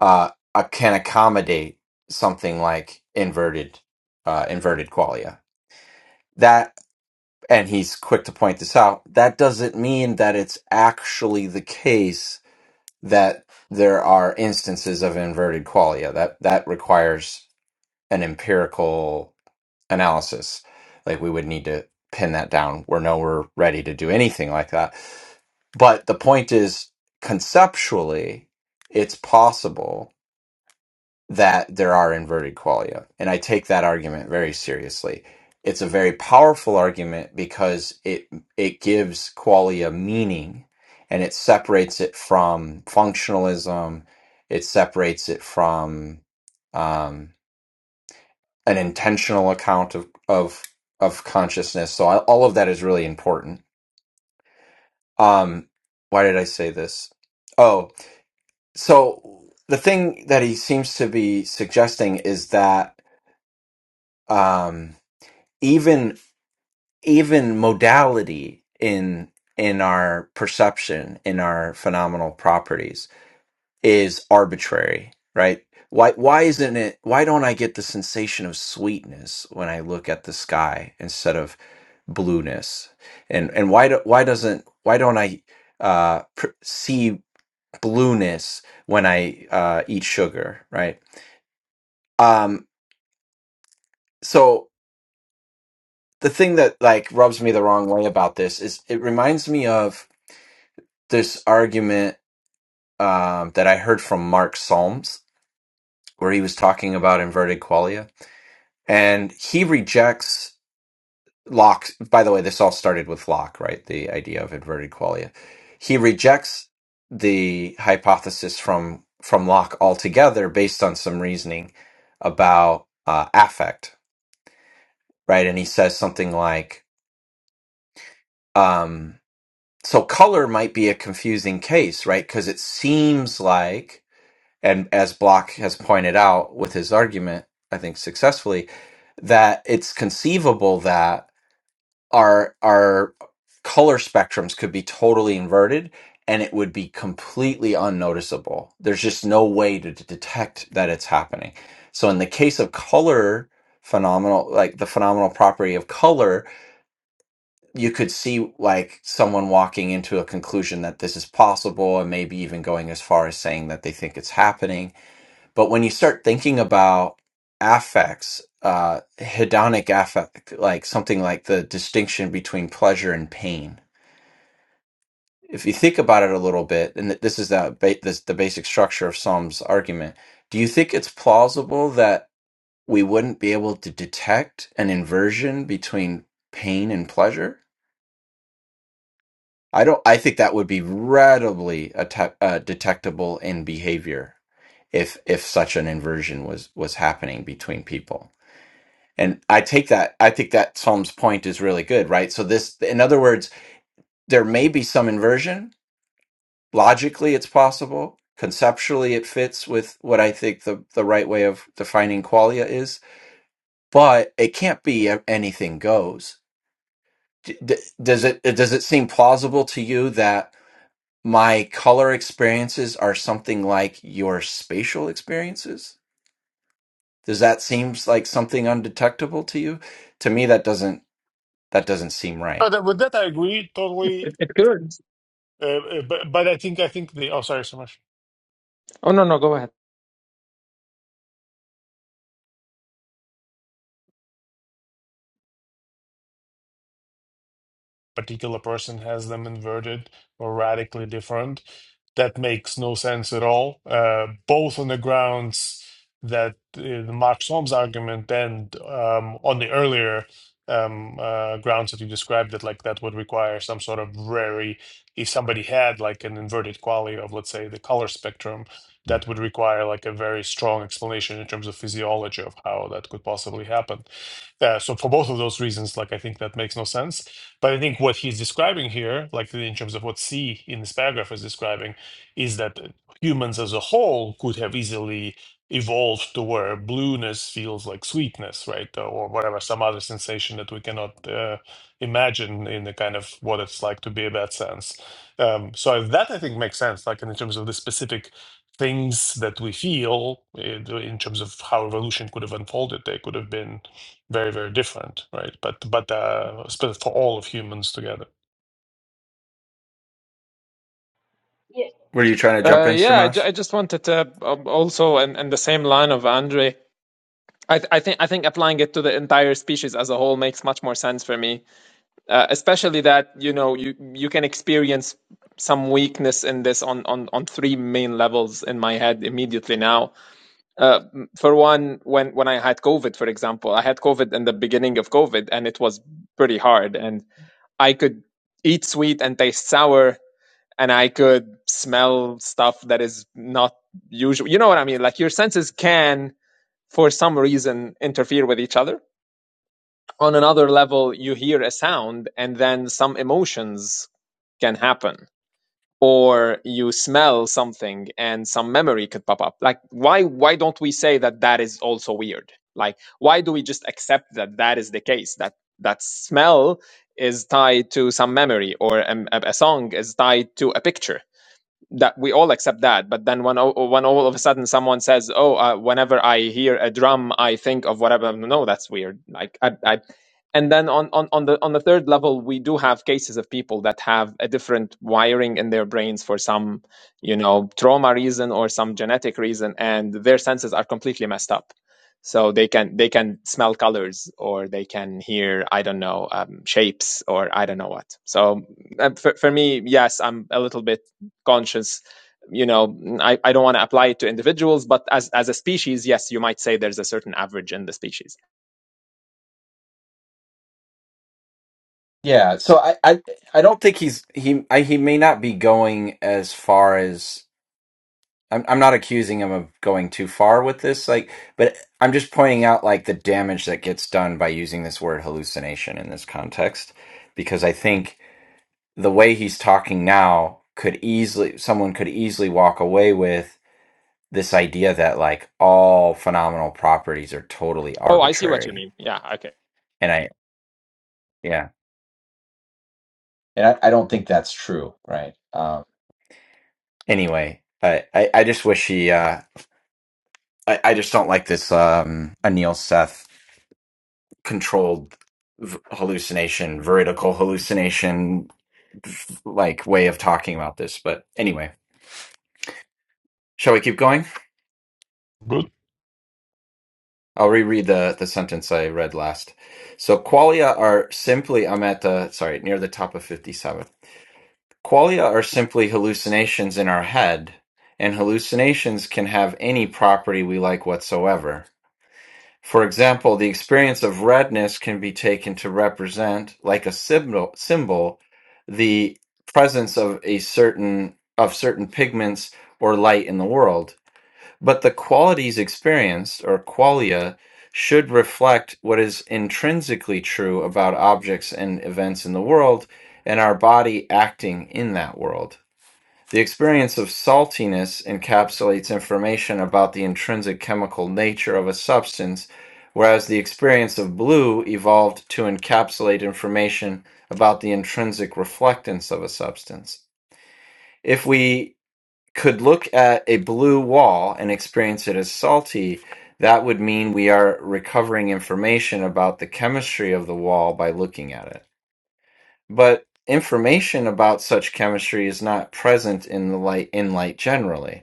uh, uh, can accommodate something like inverted uh, inverted qualia. That and he's quick to point this out, that doesn't mean that it's actually the case that there are instances of inverted qualia. That that requires an empirical analysis. Like we would need to pin that down. We're nowhere ready to do anything like that. But the point is, conceptually, it's possible that there are inverted qualia. And I take that argument very seriously. It's a very powerful argument because it it gives qualia meaning and it separates it from functionalism. It separates it from um, an intentional account of of of consciousness. So I, all of that is really important. Um, why did I say this? Oh, so the thing that he seems to be suggesting is that um, even even modality in in our perception in our phenomenal properties is arbitrary right why why isn't it why don't i get the sensation of sweetness when i look at the sky instead of blueness and and why do, why doesn't why don't i uh pr- see blueness when i uh eat sugar right um so the thing that like rubs me the wrong way about this is it reminds me of this argument um, that I heard from Mark Solms, where he was talking about inverted qualia, and he rejects Locke. By the way, this all started with Locke, right? The idea of inverted qualia. He rejects the hypothesis from from Locke altogether, based on some reasoning about uh, affect, right? And he says something like, um, "So color might be a confusing case, right? Because it seems like." and as Block has pointed out with his argument, I think successfully, that it's conceivable that our our color spectrums could be totally inverted and it would be completely unnoticeable. There's just no way to d- detect that it's happening. So in the case of color phenomenal like the phenomenal property of color you could see like someone walking into a conclusion that this is possible and maybe even going as far as saying that they think it's happening but when you start thinking about affects, uh, hedonic affect, like something like the distinction between pleasure and pain, if you think about it a little bit, and th- this is that ba- this, the basic structure of Psalm's argument, do you think it's plausible that we wouldn't be able to detect an inversion between pain and pleasure? I don't. I think that would be readily atte- uh, detectable in behavior if if such an inversion was was happening between people. And I take that, I think that Psalm's point is really good, right? So, this, in other words, there may be some inversion. Logically, it's possible. Conceptually, it fits with what I think the, the right way of defining qualia is, but it can't be a- anything goes. D- d- does it, does it seem plausible to you that my color experiences are something like your spatial experiences? Does that seem like something undetectable to you? To me, that doesn't, that doesn't seem right.
Uh, that, with that, I agree totally.
It, it could.
Uh, uh, but but I think I think the oh sorry so much.
Oh, no, no, go ahead.
particular person has them inverted or radically different. That makes no sense at all, uh, both on the grounds that uh, the Marx Holmes argument and um, on the earlier um, uh, grounds that you described, that like that would require some sort of very, if somebody had like an inverted quality of, let's say, the color spectrum, that would require like a very strong explanation in terms of physiology of how that could possibly happen. Uh, so for both of those reasons, like I think that makes no sense but I think what he's describing here, like in terms of what C in this paragraph is describing, is that humans as a whole could have easily evolved to where blueness feels like sweetness, right? Or whatever, some other sensation that we cannot uh, imagine in the kind of what it's like to be a bad sense. Um, so that I think makes sense, like in terms of the specific things that we feel in in terms of how evolution could have unfolded, they could have been very very different right but but uh sp- for all of humans together
Were you trying to jump
Uh,
in,
yeah, I, ju-
Shamash?
I just wanted to uh, also, in, in the same line of Andre, I, th- I think I think applying it to the entire species as a whole makes much more sense for me, uh, especially that you know you you can experience some weakness in this on on on three main levels in my head immediately now. Uh, m- for one, when when I had COVID, for example, I had COVID in the beginning of COVID, and it was pretty hard, and I could eat sweet and taste sour, and I could smell stuff that is not usual. You know what I mean? Like your senses can, for some reason, interfere with each other. On another level, you hear a sound, and then some emotions can happen or you smell something and some memory could pop up like why why don't we say that that is also weird like why do we just accept that that is the case that that smell is tied to some memory or um, a, a song is tied to a picture that we all accept that but then when, when all of a sudden someone says oh uh, whenever i hear a drum i think of whatever no that's weird like i, I and then on, on, on the on the third level we do have cases of people that have a different wiring in their brains for some you know trauma reason or some genetic reason and their senses are completely messed up so they can they can smell colors or they can hear i don't know um, shapes or i don't know what so uh, for, for me yes i'm a little bit conscious you know i, I don't want to apply it to individuals but as as a species yes you might say there's a certain average in the species
Yeah, so I, I I don't think he's he I, he may not be going as far as I'm I'm not accusing him of going too far with this like but I'm just pointing out like the damage that gets done by using this word hallucination in this context because I think the way he's talking now could easily someone could easily walk away with this idea that like all phenomenal properties are totally
oh i see what you
arbitrary
mean yeah okay
and I yeah And I, I don't think that's true, right? Um, Anyway, I, I, I just wish he. Uh, I, I just don't like this um, Anil Seth controlled v- hallucination, veridical hallucination, f- like way of talking about this. But anyway, shall we keep going?
good
I'll reread the, the sentence I read last. So qualia are simply. I'm at the sorry near the top of fifty seven. Qualia are simply hallucinations in our head, and hallucinations can have any property we like whatsoever. For example, the experience of redness can be taken to represent, like a symbol, symbol the presence of a certain of certain pigments or light in the world. But the qualities experienced, or qualia, should reflect what is intrinsically true about objects and events in the world, and our body acting in that world. The experience of saltiness encapsulates information about the intrinsic chemical nature of a substance, whereas the experience of blue evolved to encapsulate information about the intrinsic reflectance of a substance. If we could look at a blue wall and experience it as salty, that would mean we are recovering information about the chemistry of the wall by looking at it. But information about such chemistry is not present in the light in light generally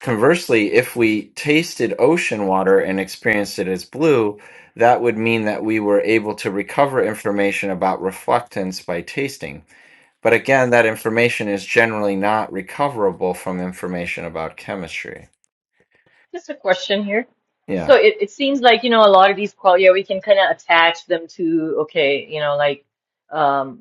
Conversely, if we tasted ocean water and experienced it as blue, that would mean that we were able to recover information about reflectance by tasting. But again, that information is generally not recoverable from information about chemistry.
Just a question here. So
Yeah.
it, it seems like, you know, a lot of these qual yeah, we can kind of attach them to, okay, you know, like um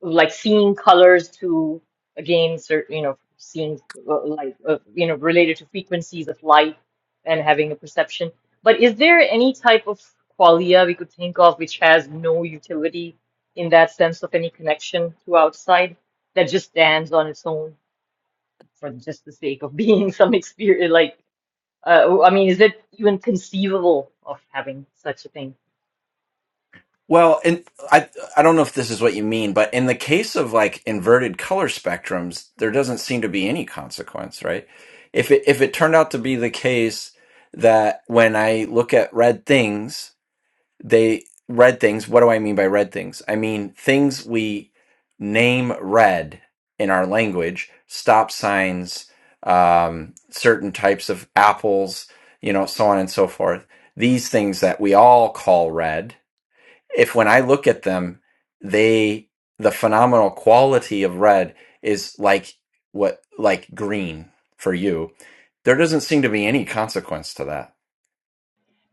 like seeing colors to again certain, you know, seeing uh, like uh, you know, related to frequencies of light and having a perception. But is there any type of qualia we could think of which has no utility in that sense of any connection to outside that just stands on its own for just the sake of being some experience like uh, I mean, is it even conceivable of having such a thing?
Well, and I I don't know if this is what you mean, but in the case of like inverted color spectrums, there doesn't seem to be any consequence, right? If it if it turned out to be the case that when I look at red things they red things what do i mean by red things i mean things we name red in our language stop signs um, certain types of apples you know so on and so forth these things that we all call red if when i look at them they the phenomenal quality of red is like what like green for you there doesn't seem to be any consequence to that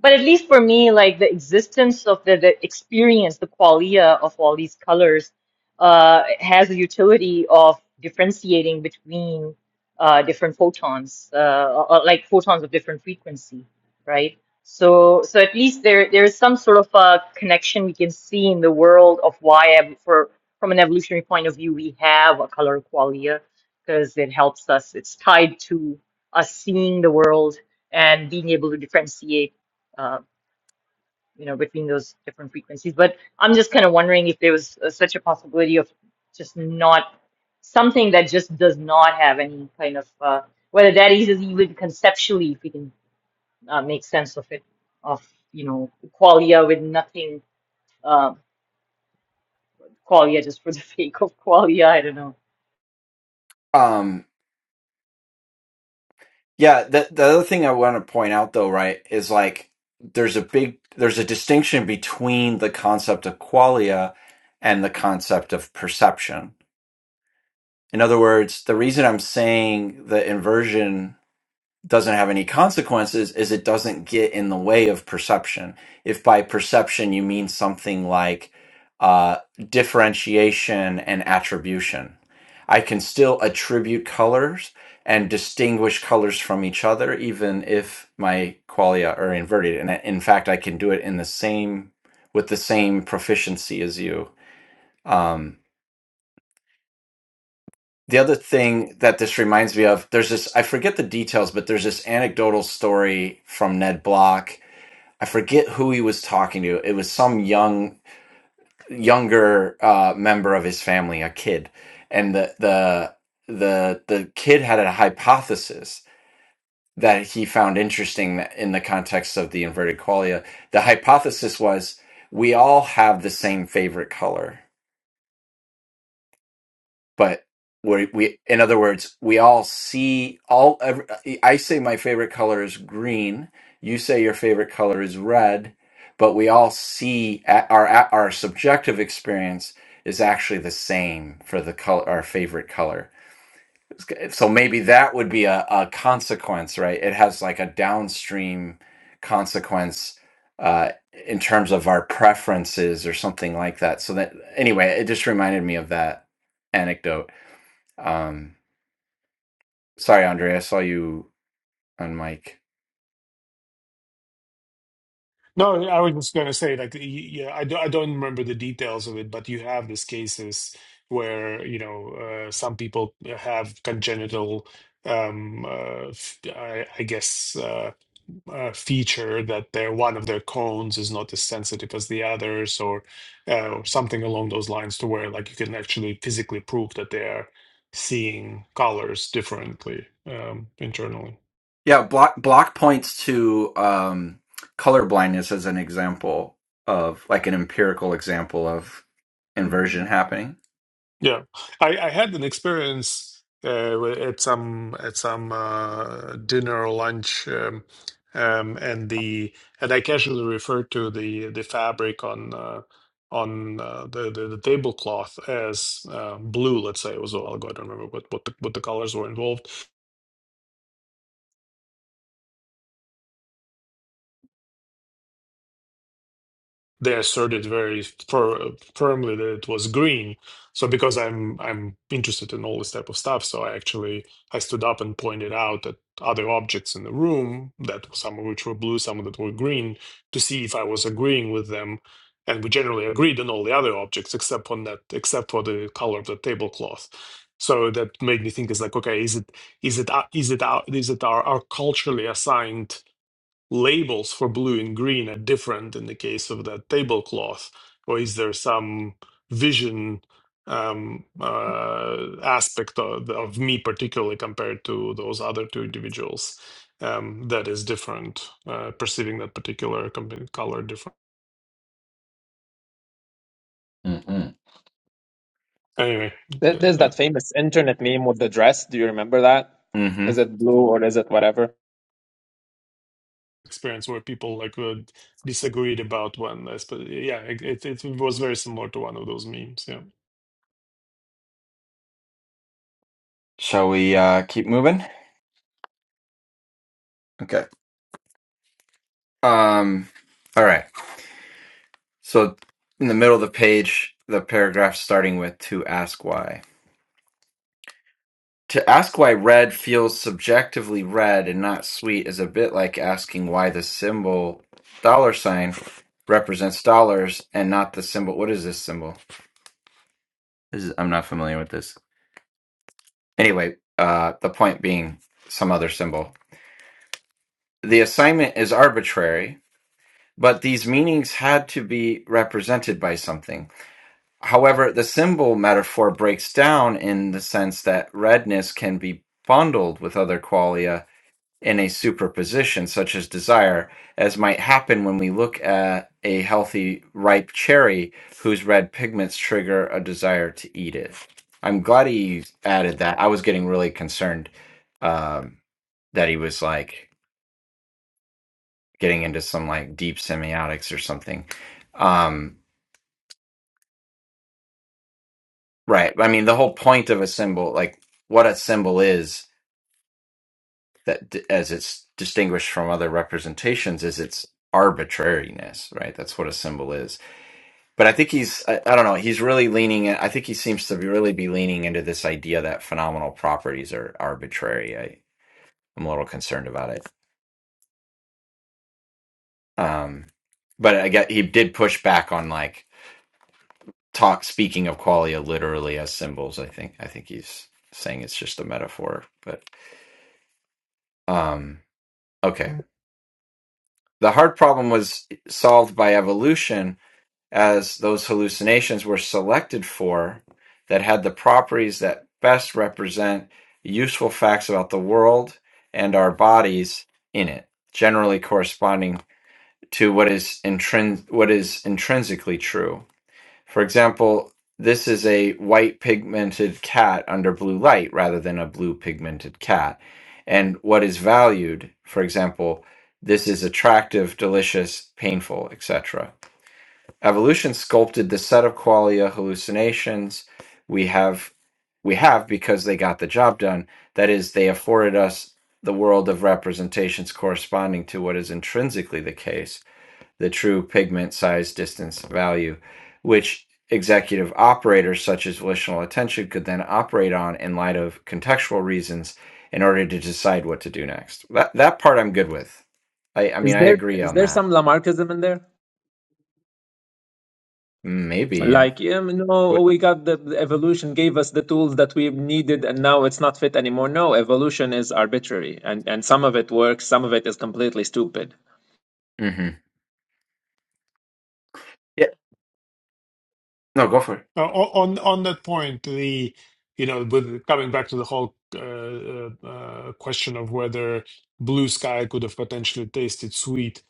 But at least for me, like the existence of the, the experience, the qualia of all these colors uh, has the utility of differentiating between uh, different photons, uh, or- or like photons of different frequency, right? So, so at least there there is some sort of a connection we can see in the world of why, ev- for from an evolutionary point of view, we have a color qualia because it helps us. It's tied to us seeing the world and being able to differentiate uh, you know, between those different frequencies. But I'm just kind of wondering if there was uh, such a possibility of just not something that just does not have any kind of uh, whether that is even conceptually, if we can uh, make sense of it, of you know, qualia with nothing, uh, qualia just for the sake of qualia. I don't know.
Um, Yeah, the the other thing I want to point out though, right, is like there's a big there's a distinction between the concept of qualia and the concept of perception. In other words, the reason I'm saying the inversion doesn't have any consequences is it doesn't get in the way of perception. If by perception you mean something like uh, differentiation and attribution, I can still attribute colors and distinguish colors from each other, even if my qualia are inverted. And in fact, I can do it in the same with the same proficiency as you. Um, the other thing that this reminds me of there's this i forget the details but there's this anecdotal story from ned block i forget who he was talking to it was some young younger uh, member of his family a kid and the the the the kid had a hypothesis that he found interesting in the context of the inverted qualia the hypothesis was we all have the same favorite color but we, we in other words we all see all every, i say my favorite color is green you say your favorite color is red but we all see a- our a- our subjective experience is actually the same for the color our favorite color so maybe that would be a, a consequence right it has like a downstream consequence uh, in terms of our preferences or something like that so that anyway it just reminded me of that anecdote um, sorry, Andre, I saw you on mic.
No, I was just going to say, like, y- yeah, I, do, I don't remember the details of it, but you have these cases where, you know, uh, some people have congenital, um, uh, f- I, I guess, uh, uh, feature that their one of their cones is not as sensitive as the others, or uh, or something along those lines, to where like you can actually physically prove that they are seeing colors differently um, internally.
Yeah, block block points to um, color blindness as an example of like an empirical example of inversion happening.
Yeah, I, I had an experience uh, where- at some at some uh, dinner or lunch, um, um, and the and I casually referred to the the fabric on uh, on uh, the, the the tablecloth as uh, blue. Let's say it was a while ago. I don't remember what what the, what the colors were involved. they asserted very fir- firmly that it was green. So because I'm I'm interested in all this type of stuff, so I actually I stood up and pointed out at other objects in the room that some of which were blue, some of that were green, to see if I was agreeing with them. And we generally agreed on all the other objects except on that except for the color of the tablecloth. So that made me think is like okay is it is it uh, is it our is it our, our culturally assigned labels for blue and green are different in the case of that tablecloth, or is there some vision um, uh, aspect of, of me particularly compared to those other two individuals um, that is different, uh, perceiving that particular compa- color different?
Mm-mm.
Anyway, uh,
There- there's
uh,
that famous internet meme with the dress do you remember that
hmm
is it blue or is it whatever
experience where people like would disagreed about one. I suppose- Yeah, it, it it was very similar to one of those memes. Yeah.
Shall we uh, keep moving? Okay. Um, all right. So in the middle of the page, the paragraph starting with to ask why. To ask why red feels subjectively red and not sweet is a bit like asking why the symbol dollar sign represents dollars and not the symbol. What is this symbol? This is, I'm not familiar with this. Anyway, uh, the point being some other symbol. The assignment is arbitrary, but these meanings had to be represented by something. However, the symbol metaphor breaks down in the sense that redness can be bundled with other qualia in a superposition such as desire, as might happen when we look at a healthy ripe cherry whose red pigments trigger a desire to eat it. I'm glad he added that. I was getting really concerned um, that he was like getting into some like deep semiotics or something. Um, right. I mean, the whole point of a symbol, like what a symbol is, that d- as it's distinguished from other representations, is its arbitrariness, right? That's what a symbol is but I think he's I, I don't know he's really leaning I think he seems to be really be leaning into this idea that phenomenal properties are arbitrary. I I'm a little concerned about it. Um but I get he did push back on like talk speaking of qualia literally as symbols. I think I think he's saying it's just a metaphor, but um okay. The hard problem was solved by evolution as those hallucinations were selected for that had the properties that best represent useful facts about the world and our bodies in it, generally corresponding to what is intrin- what is intrinsically true. For example, this is a white pigmented cat under blue light rather than a blue pigmented cat. And what is valued, for example, this is attractive, delicious, painful, etc Evolution sculpted the set of qualia hallucinations we have we have because they got the job done. That is, they afforded us the world of representations corresponding to what is intrinsically the case, the true pigment size distance value, which executive operators such as volitional attention could then operate on in light of contextual reasons in order to decide what to do next. That that part I'm good with. I, I
Is
mean I
there
agree
is
on
there
that.
some Lamarckism in there?
Maybe, yeah.
Like, um, no,
What
we got the, the evolution gave us the tools that we needed, and now it's not fit anymore. No, evolution is arbitrary, and and some of it works, some of it is completely stupid.
mhm. No, go for it.
Uh, o- on on that point, the you know, with coming back to the whole uh, uh, uh, question of whether Blue Sky could have potentially tasted sweet,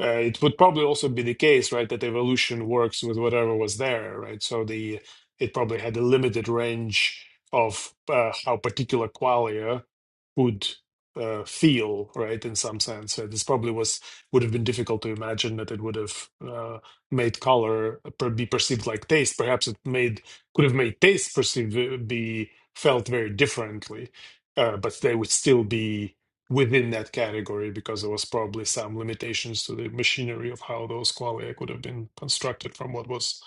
uh, it would probably also be the case, right, that evolution works with whatever was there, right? So the it probably had a limited range of uh, how particular qualia would uh, feel, right, in some sense. Right? This probably was would have been difficult to imagine that it would have. uh, made color per- be perceived like taste. Perhaps it made could have made taste perceived uh, be felt very differently, uh, but they would still be within that category because there was probably some limitations to the machinery of how those qualia could have been constructed from what was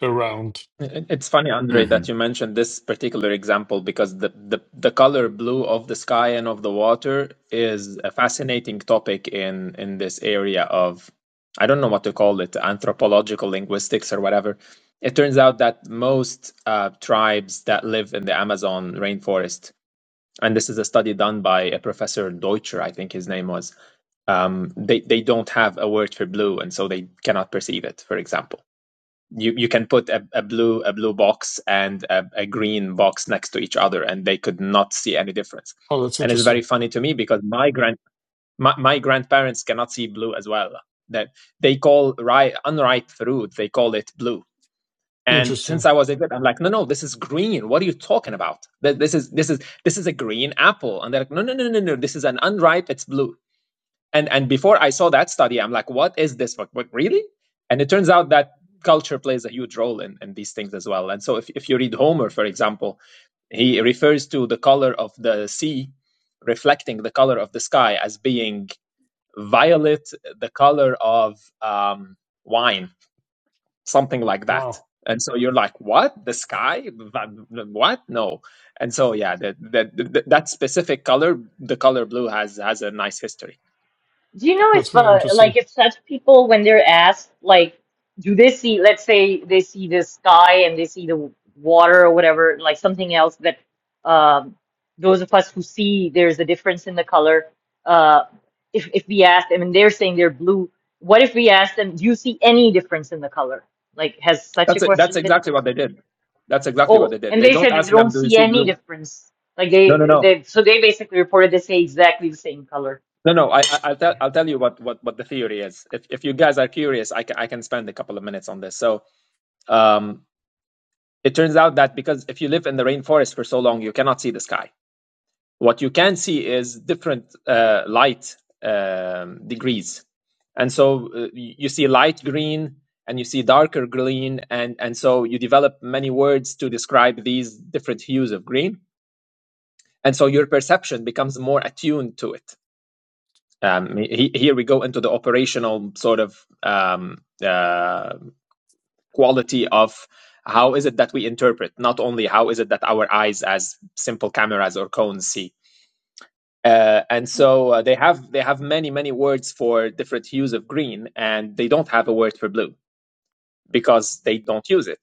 around.
It- It's funny, Andre,
hmm
that you mentioned this particular example because the, the, the color blue of the sky and of the water is a fascinating topic in, in this area of, I don't know what to call it, anthropological linguistics or whatever. It turns out that most uh, tribes that live in the Amazon rainforest, and this is a study done by a professor Deutscher, I think his name was, um, they, they don't have a word for blue, and so they cannot perceive it, for example you you can put a, a blue a blue box and a, a green box next to each other and they could not see any difference
Oh, that's
and it's very
interesting.
funny to me because my grand my, my grandparents cannot see blue as well that they call ripe unripe fruit they call it blue and since
Interesting.
i was a kid i'm like no no this is green what are you talking about Th- this is this is this is a green apple and they're like no no no no no this is an unripe it's blue and and before I saw that study, I'm like, what is this? What, what really? And it turns out that culture plays a huge role in, in these things as well. And so if, if you read Homer, for example, he refers to the color of the sea reflecting the color of the sky as being violet, the color of um, wine something like that.
Wow,
And so you're like, what? The sky? What? No. And so yeah, that that that that specific color, the color blue has has a nice history.
Do you know
that's
if,
really
uh,
interesting.
like, if such people, when they're asked, like, do they see, let's say they see the sky and they see the water or whatever, like something else that um, those of us who see there's a difference in the color, uh, if if we ask them and they're saying they're blue, what if we ask them, do you see any difference in the color? Like, has such a
That's it. That's
question been
exactly
posed?
what they did. That's exactly what they
Oh,
did.
and
They
they
don't
said that they
ask
don't
them, "Do you
see
see
any
blue?"
difference. Like
No, no,
they,
no,
they, so they basically reported they say exactly the same color.
no, no. I, I, I'll tell, I'll tell you what, what, what the theory is. If, if you guys are curious, I can, I can spend a couple of minutes on this. So, um, It turns out that because if you live in the rainforest for so long, you cannot see the sky. What you can see is different uh, light um, degrees. And so uh, you see light green and you see darker green. And, and so you develop many words to describe these different hues of green. And so your perception becomes more attuned to it. Um, he- here we go into the operational sort of um, uh, quality of how is it that we interpret, not only how is it that our eyes, as simple cameras or cones, see. Uh, and so uh, they have they have many many words for different hues of green, and they don't have a word for blue because they don't use it.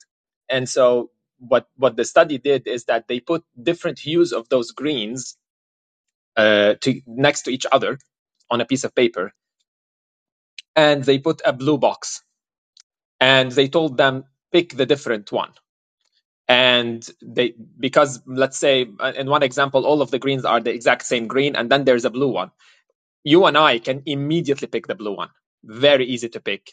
And so what what the study did is that they put different hues of those greens uh, to, next to each other on a piece of paper, and they put a blue box, and they told them pick the different one and they because let's say uh, in one example all of the greens are the exact same green and then there's a blue one you and i can immediately pick the blue one very easy to pick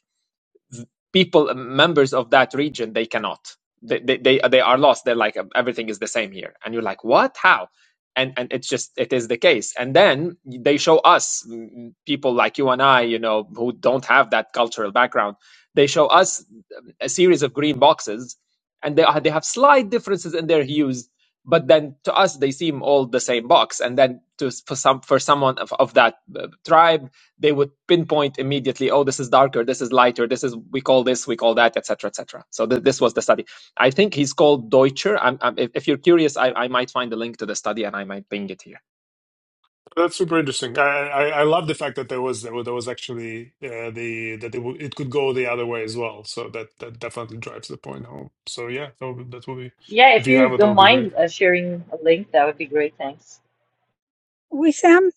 people members of that region they cannot they they they, they are lost they're like "Um, everything is the same here and you're like what how and and it's just it is the case and then they show us mm, mm, people like you and i you know who don't have that cultural background they show us a series of green boxes and they are they have slight differences in their hues but then to us they seem all the same box and then to for some for someone of, of that uh, tribe they would pinpoint immediately oh this is darker this is lighter this is we call this we call that etc etc so th- this was the study i think he's called deutscher I'm, I'm, if, if you're curious I, I might find the link to the study and i might ping it here
That's super interesting. I, I I love the fact that there was there was there was actually uh, the that it, w- it could go the other way as well. So that that definitely drives the point home. So yeah, that would that would be
Yeah,
if
if
you
you
have it, that
don't
would be great.
mind uh, sharing a link, that would be great. Thanks.
We, Sam,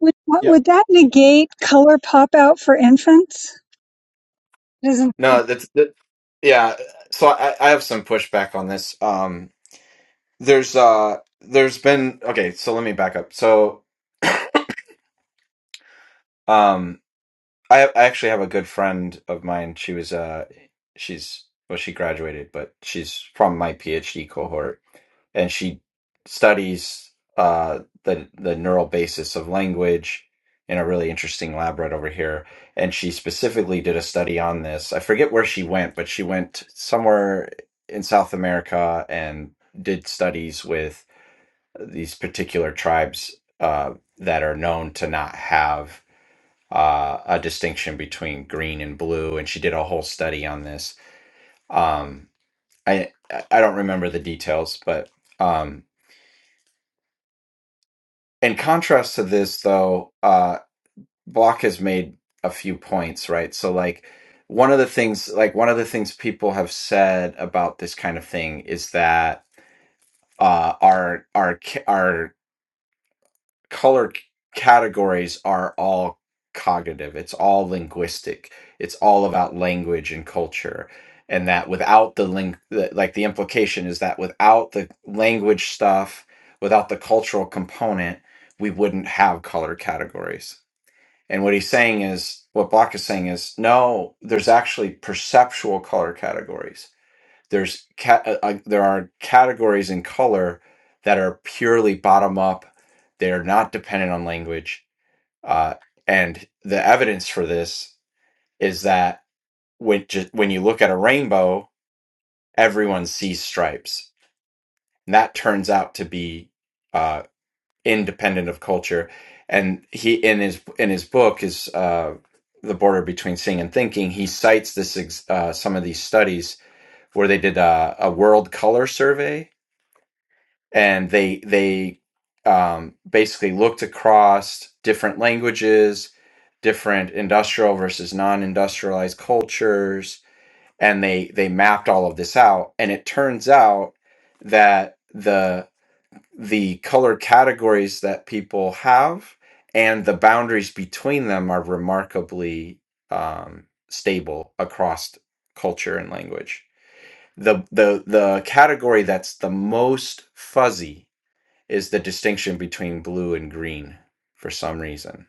would, what,
Yep.
would that negate color pop out for infants? It isn't.
No, that's that, yeah. So I, I have some pushback on this. Um, there's uh, there's been okay. So let me back up. So um, I I actually have a good friend of mine. She was uh, she's well, she graduated, but she's from my PhD cohort and she studies uh, the the neural basis of language in a really interesting lab right over here. And she specifically did a study on this. I forget where she went, but she went somewhere in South America and did studies with these particular tribes uh, that are known to not have uh, a distinction between green and blue. And she did a whole study on this. Um, I I don't remember the details, but. um, in contrast to this though uh block has made a few points right so like one of the things like one of the things people have said about this kind of thing is that uh our our our color c- categories are all cognitive it's all linguistic it's all about language and culture and that without the link like the implication is that without the language stuff without the cultural component we wouldn't have color categories and what he's saying is what block is saying is no there's actually perceptual color categories there's cat uh, uh, there are categories in color that are purely bottom up they are not dependent on language uh, and the evidence for this is that when ju- when you look at a rainbow everyone sees stripes and that turns out to be uh, independent of culture and he in his in his book is uh, the border between seeing and thinking he cites this ex- uh, some of these studies where they did a, a world color survey and they they um, basically looked across different languages, different industrial versus non-industrialized cultures, and they they mapped all of this out. And it turns out that the the color categories that people have and the boundaries between them are remarkably um, stable across culture and language. The the the category that's the most fuzzy is the distinction between blue and green for some reason.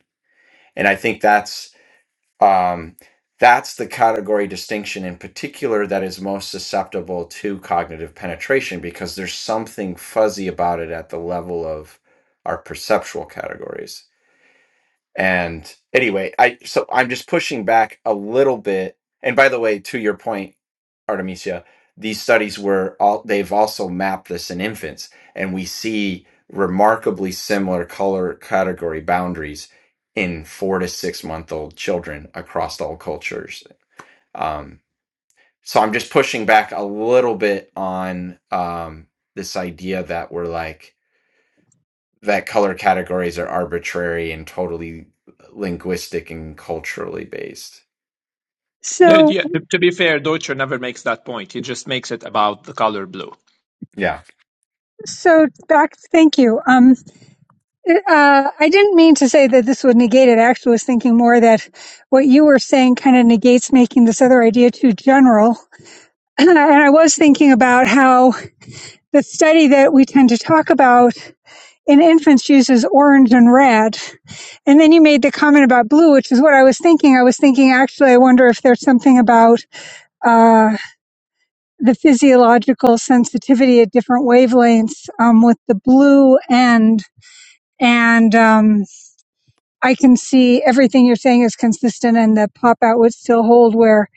And I think that's um, that's the category distinction in particular that is most susceptible to cognitive penetration because there's something fuzzy about it at the level of our perceptual categories. And anyway, I so I'm just pushing back a little bit. And by the way, to your point, Artemisia, these studies were all they've also mapped this in infants, and we see remarkably similar color category boundaries in four to six month old children across all cultures. Um, so I'm just pushing back a little bit on um, this idea that we're like that color categories are arbitrary and totally linguistic and culturally based.
Yeah,
So
yeah. To, to be fair, Deutscher never makes that point. He just makes it about the color blue.
Yeah.
So, Doc, thank you. Um, uh, I didn't mean to say that this would negate it. I actually was thinking more that what you were saying kind of negates making this other idea too general. And I was thinking about how the study that we tend to talk about in infants uses orange and red. And then you made the comment about blue, which is what I was thinking. I was thinking, actually, I wonder if there's something about uh, the physiological sensitivity at different wavelengths um, with the blue end and um, I can see everything you're saying is consistent and the pop out would still hold where,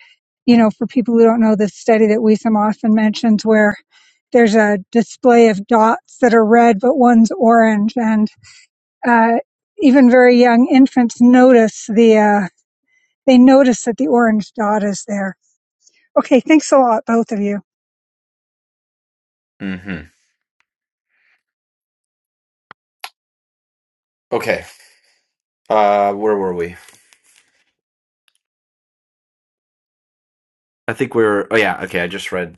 you know, for people who don't know the study that Wiesem often mentions where there's a display of dots that are red, but one's orange. And, uh, even very young infants notice the, uh, they notice that the orange dot is there. Okay. Thanks a lot, both of you.
hmm Okay. Uh, where were we? I think we were. Oh yeah. Okay. I just read.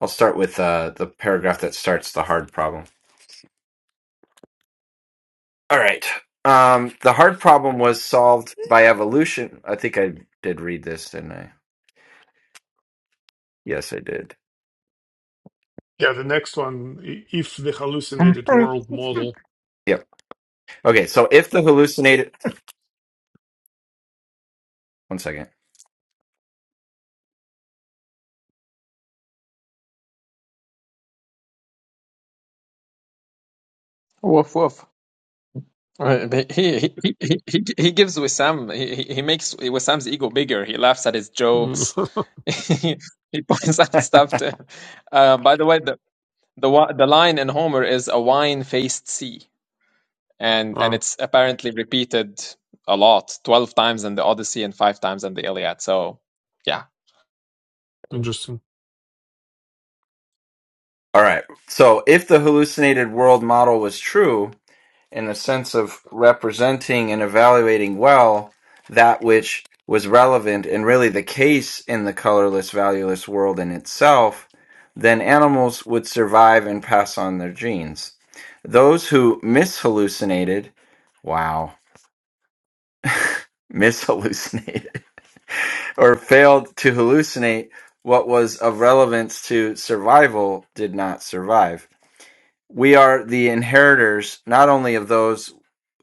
I'll start with uh, the paragraph that starts the hard problem. All right. Um, the hard problem was solved by evolution. I think I did read this, didn't I? Yes, I did.
Yeah, the next one, i- if the hallucinated world model.
Yep. Okay. So if the hallucinated. One second.
Woof woof. Uh, but He he he he he gives Wissam he he he makes Wissam's ego bigger. He laughs at his
Mm.
jokes. he points out stuff to him. Uh, by the way, The wi- the line in Homer is a wine-faced sea, and and
Wow,
it's apparently repeated a lot, twelve times in the Odyssey and five times in the Iliad. So, yeah.
interesting.
All right. So if the hallucinated world model was true, in a sense of representing and evaluating well that which was relevant and really the case in the colorless, valueless world in itself, then animals would survive and pass on their genes. Those who mishallucinated, wow, mishallucinated, or failed to hallucinate what was of relevance to survival did not survive. We are the inheritors not only of those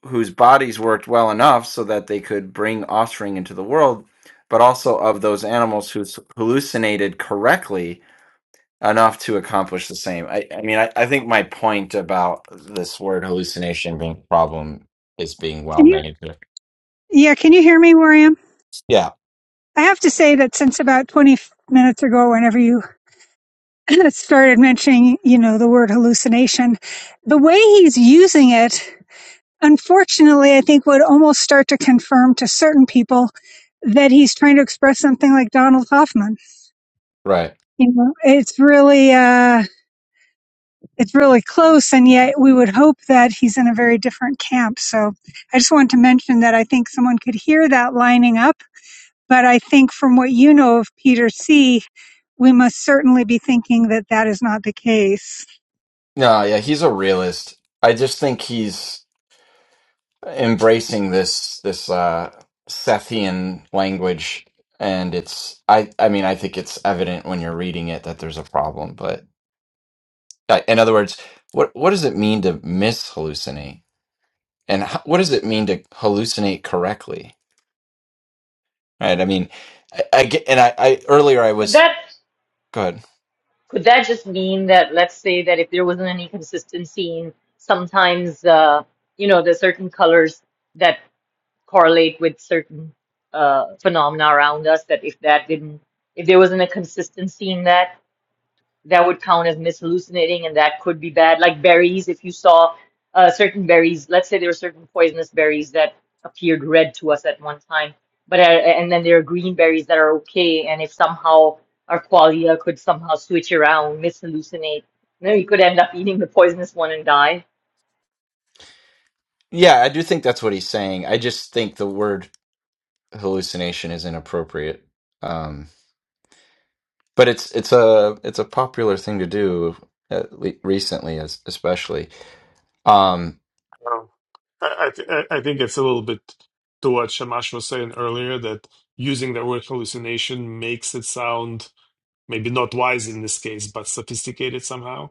whose bodies worked well enough so that they could bring offspring into the world, but also of those animals who s- hallucinated correctly enough to accomplish the same. I, I mean, I, I think my point about this word hallucination being a problem is being well
Can you,
made.
yeah, can you hear me, William?
Yeah,
I have to say that since about 20 minutes ago, whenever you started mentioning, you know, the word hallucination, the way he's using it, unfortunately, I think would almost start to confirm to certain people that he's trying to express something like Donald Hoffman.
right.
You know, it's really, uh, it's really close. And yet we would hope that he's in a very different camp. So I just wanted to mention that I think someone could hear that lining up. But I think from what you know of Peter C., we must certainly be thinking that that is not the case.
No, yeah, he's a realist. I just think he's embracing this this uh Sethian language and it's I I mean I think it's evident when you're reading it that there's a problem, but Uh, In other words, what what does it mean to mishallucinate, and ho- what does it mean to hallucinate correctly? Right? I mean, I, I get, and I, I earlier I
Could
was
that
go ahead.
could that just mean that let's say that if there wasn't any consistency in sometimes uh, you know there's certain colors that correlate with certain uh, phenomena around us that if that didn't if there wasn't a consistency in that that would count as mishallucinating and that could be bad. Like berries, if you saw uh, certain berries, let's say there were certain poisonous berries that appeared red to us at one time, but uh, and then there are green berries that are okay, and if somehow our qualia could somehow switch around, mishallucinate, you know, you could end up eating the poisonous one and die.
Yeah, I do think that's what he's saying. I just think the word hallucination is inappropriate. Um, but it's it's a it's a popular thing to do at le recently, as, especially. Um,
Wow. I I, th- I I think it's a little bit to what Shamash was saying earlier that using the word hallucination makes it sound maybe not wise in this case, but sophisticated somehow.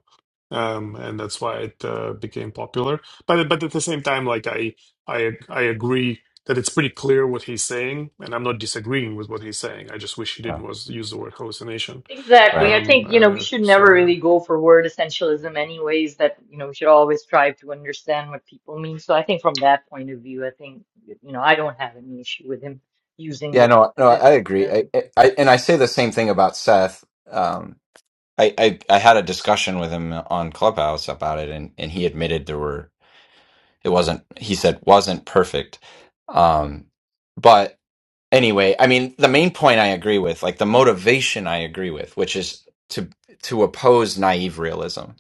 Um, and that's why it uh, became popular. But but at the same time, like I I I agree that it's pretty clear what he's saying, and I'm not disagreeing with what he's saying. I just wish he
Yeah.
didn't was use the word hallucination.
Exactly.
right.
I
Um,
think, you know, we
uh,
should never
so
really
yeah,
go for word essentialism anyways, that, you know, we should always strive to understand what people mean. So I think from that point of view, I think, you know, I don't have any issue with him using
Yeah.
it
No. No.
as a,
I agree.
as
I,
a,
I I- and I say the same thing about Seth. um, I, I I had a discussion with him on Clubhouse about it, and and he admitted there were it wasn't he said wasn't perfect, um, but anyway, I mean the main point I agree with, like the motivation I agree with, which is to to oppose naive realism,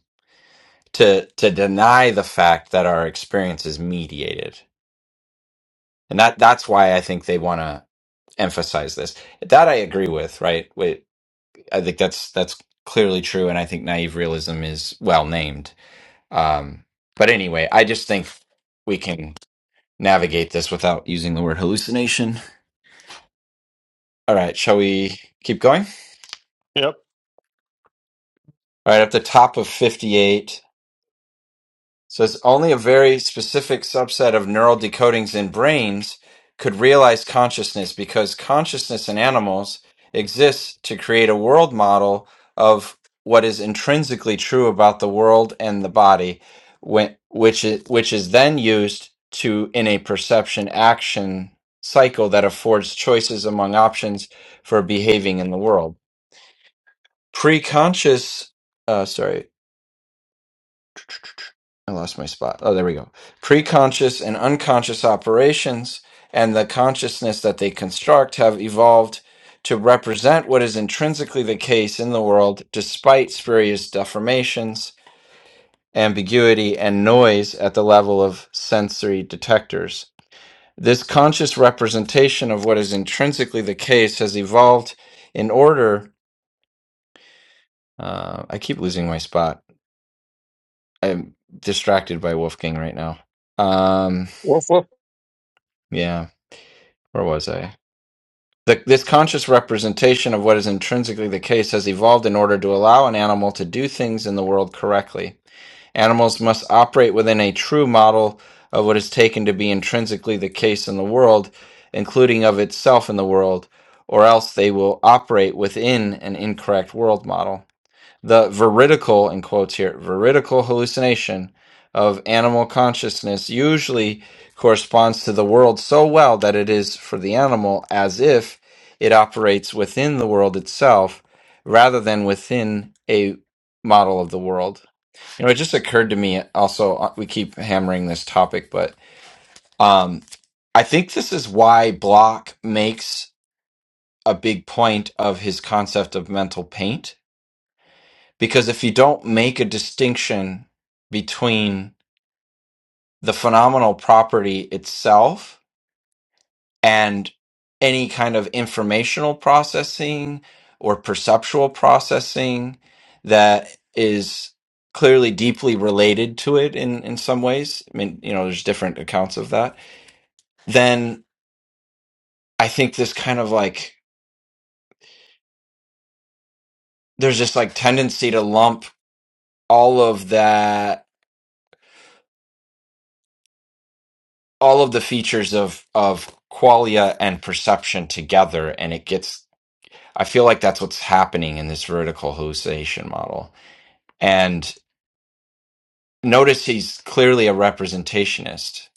to to deny the fact that our experience is mediated, and that that's why I think they want to emphasize this. That I agree with, right? Wait, I think that's that's clearly true, and I think naive realism is well named Um, but anyway, I just think we can navigate this without using the word hallucination. All right, shall we keep going?
yep.
All right, at the top of 58. So it's only a very specific subset of neural decodings in brains could realize consciousness because consciousness in animals exists to create a world model of what is intrinsically true about the world and the body, when, which is, which is then used to in a perception action cycle that affords choices among options for behaving in the world. Preconscious, uh, sorry, I lost my spot. Oh, there we go. Preconscious and unconscious operations and the consciousness that they construct have evolved to represent what is intrinsically the case in the world despite spurious deformations, ambiguity, and noise at the level of sensory detectors. This conscious representation of what is intrinsically the case has evolved in order. Uh, I keep losing my spot. I'm distracted by Wolfgang right now. Um,
Woof, woof.
Yeah, where was I? The, this conscious representation of what is intrinsically the case has evolved in order to allow an animal to do things in the world correctly. Animals must operate within a true model of what is taken to be intrinsically the case in the world, including of itself in the world, or else they will operate within an incorrect world model the veridical in quotes here veridical hallucination of animal consciousness usually corresponds to the world so well that it is for the animal as if it operates within the world itself rather than within a model of the world you know it just occurred to me also uh, we keep hammering this topic but um i think this is why block makes a big point of his concept of mental paint because if you don't make a distinction between the phenomenal property itself and any kind of informational processing or perceptual processing that is clearly deeply related to it in, in some ways, I mean, you know, there's different accounts of that, then I think this kind of like, there's this like tendency to lump all of that all of the features of of qualia and perception together and it gets i feel like that's what's happening in this vertical hallucination model and notice he's clearly a representationist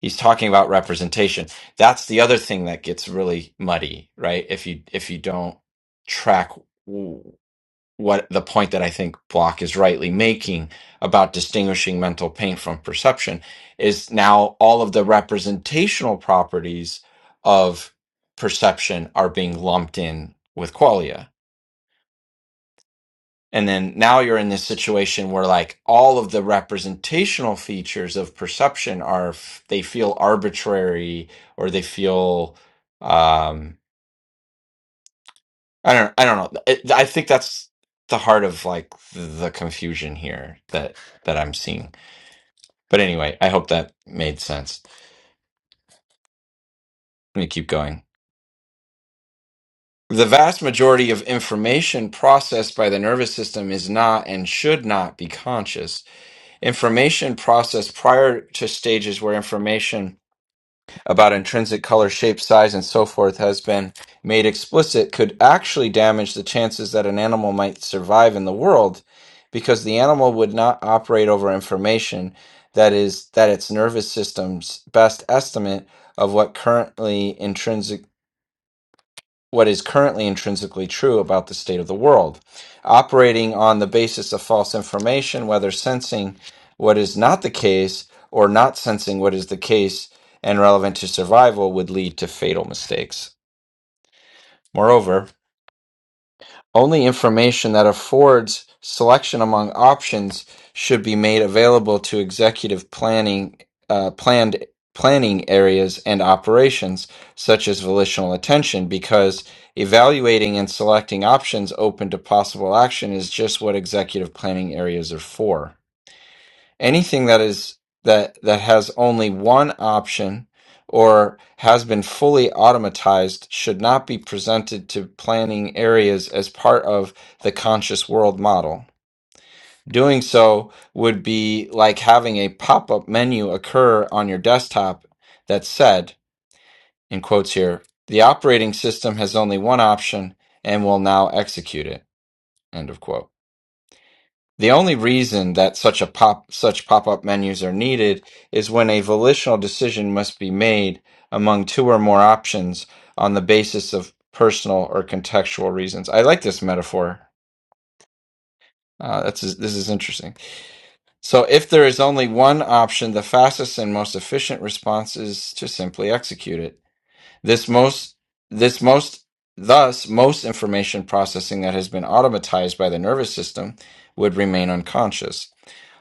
he's talking about representation that's the other thing that gets really muddy right if you if you don't track what the point that I think Block is rightly making about distinguishing mental paint from perception is now all of the representational properties of perception are being lumped in with qualia. And then now you're in this situation where like all of the representational features of perception are f- they feel arbitrary or they feel um, I don't I don't know. It, I think that's the heart of like the, the confusion here that that I'm seeing. But anyway, I hope that made sense. Let me keep going. The vast majority of information processed by the nervous system is not and should not be conscious. Information processed prior to stages where information about intrinsic color, shape, size, and so forth has been made explicit could actually damage the chances that an animal might survive in the world because the animal would not operate over information that is that its nervous system's best estimate of what currently intrinsic what is currently intrinsically true about the state of the world. Operating on the basis of false information, whether sensing what is not the case or not sensing what is the case and relevant to survival, would lead to fatal mistakes. Moreover, only information that affords selection among options should be made available to executive planning, uh, planned planning areas and operations, such as volitional attention, because evaluating and selecting options open to possible action is just what executive planning areas are for anything that is that that has only one option or has been fully automatized should not be presented to planning areas as part of the conscious world model. Doing so would be like having a pop-up menu occur on your desktop that said, in quotes here, the operating system has only one option and will now execute it. End of quote. The only reason that such a pop such pop-up menus are needed is when a volitional decision must be made among two or more options on the basis of personal or contextual reasons. I like this metaphor. Uh, that's this is interesting. So, if there is only one option, the fastest and most efficient response is to simply execute it. This most this most thus most information processing that has been automatized by the nervous system would remain unconscious.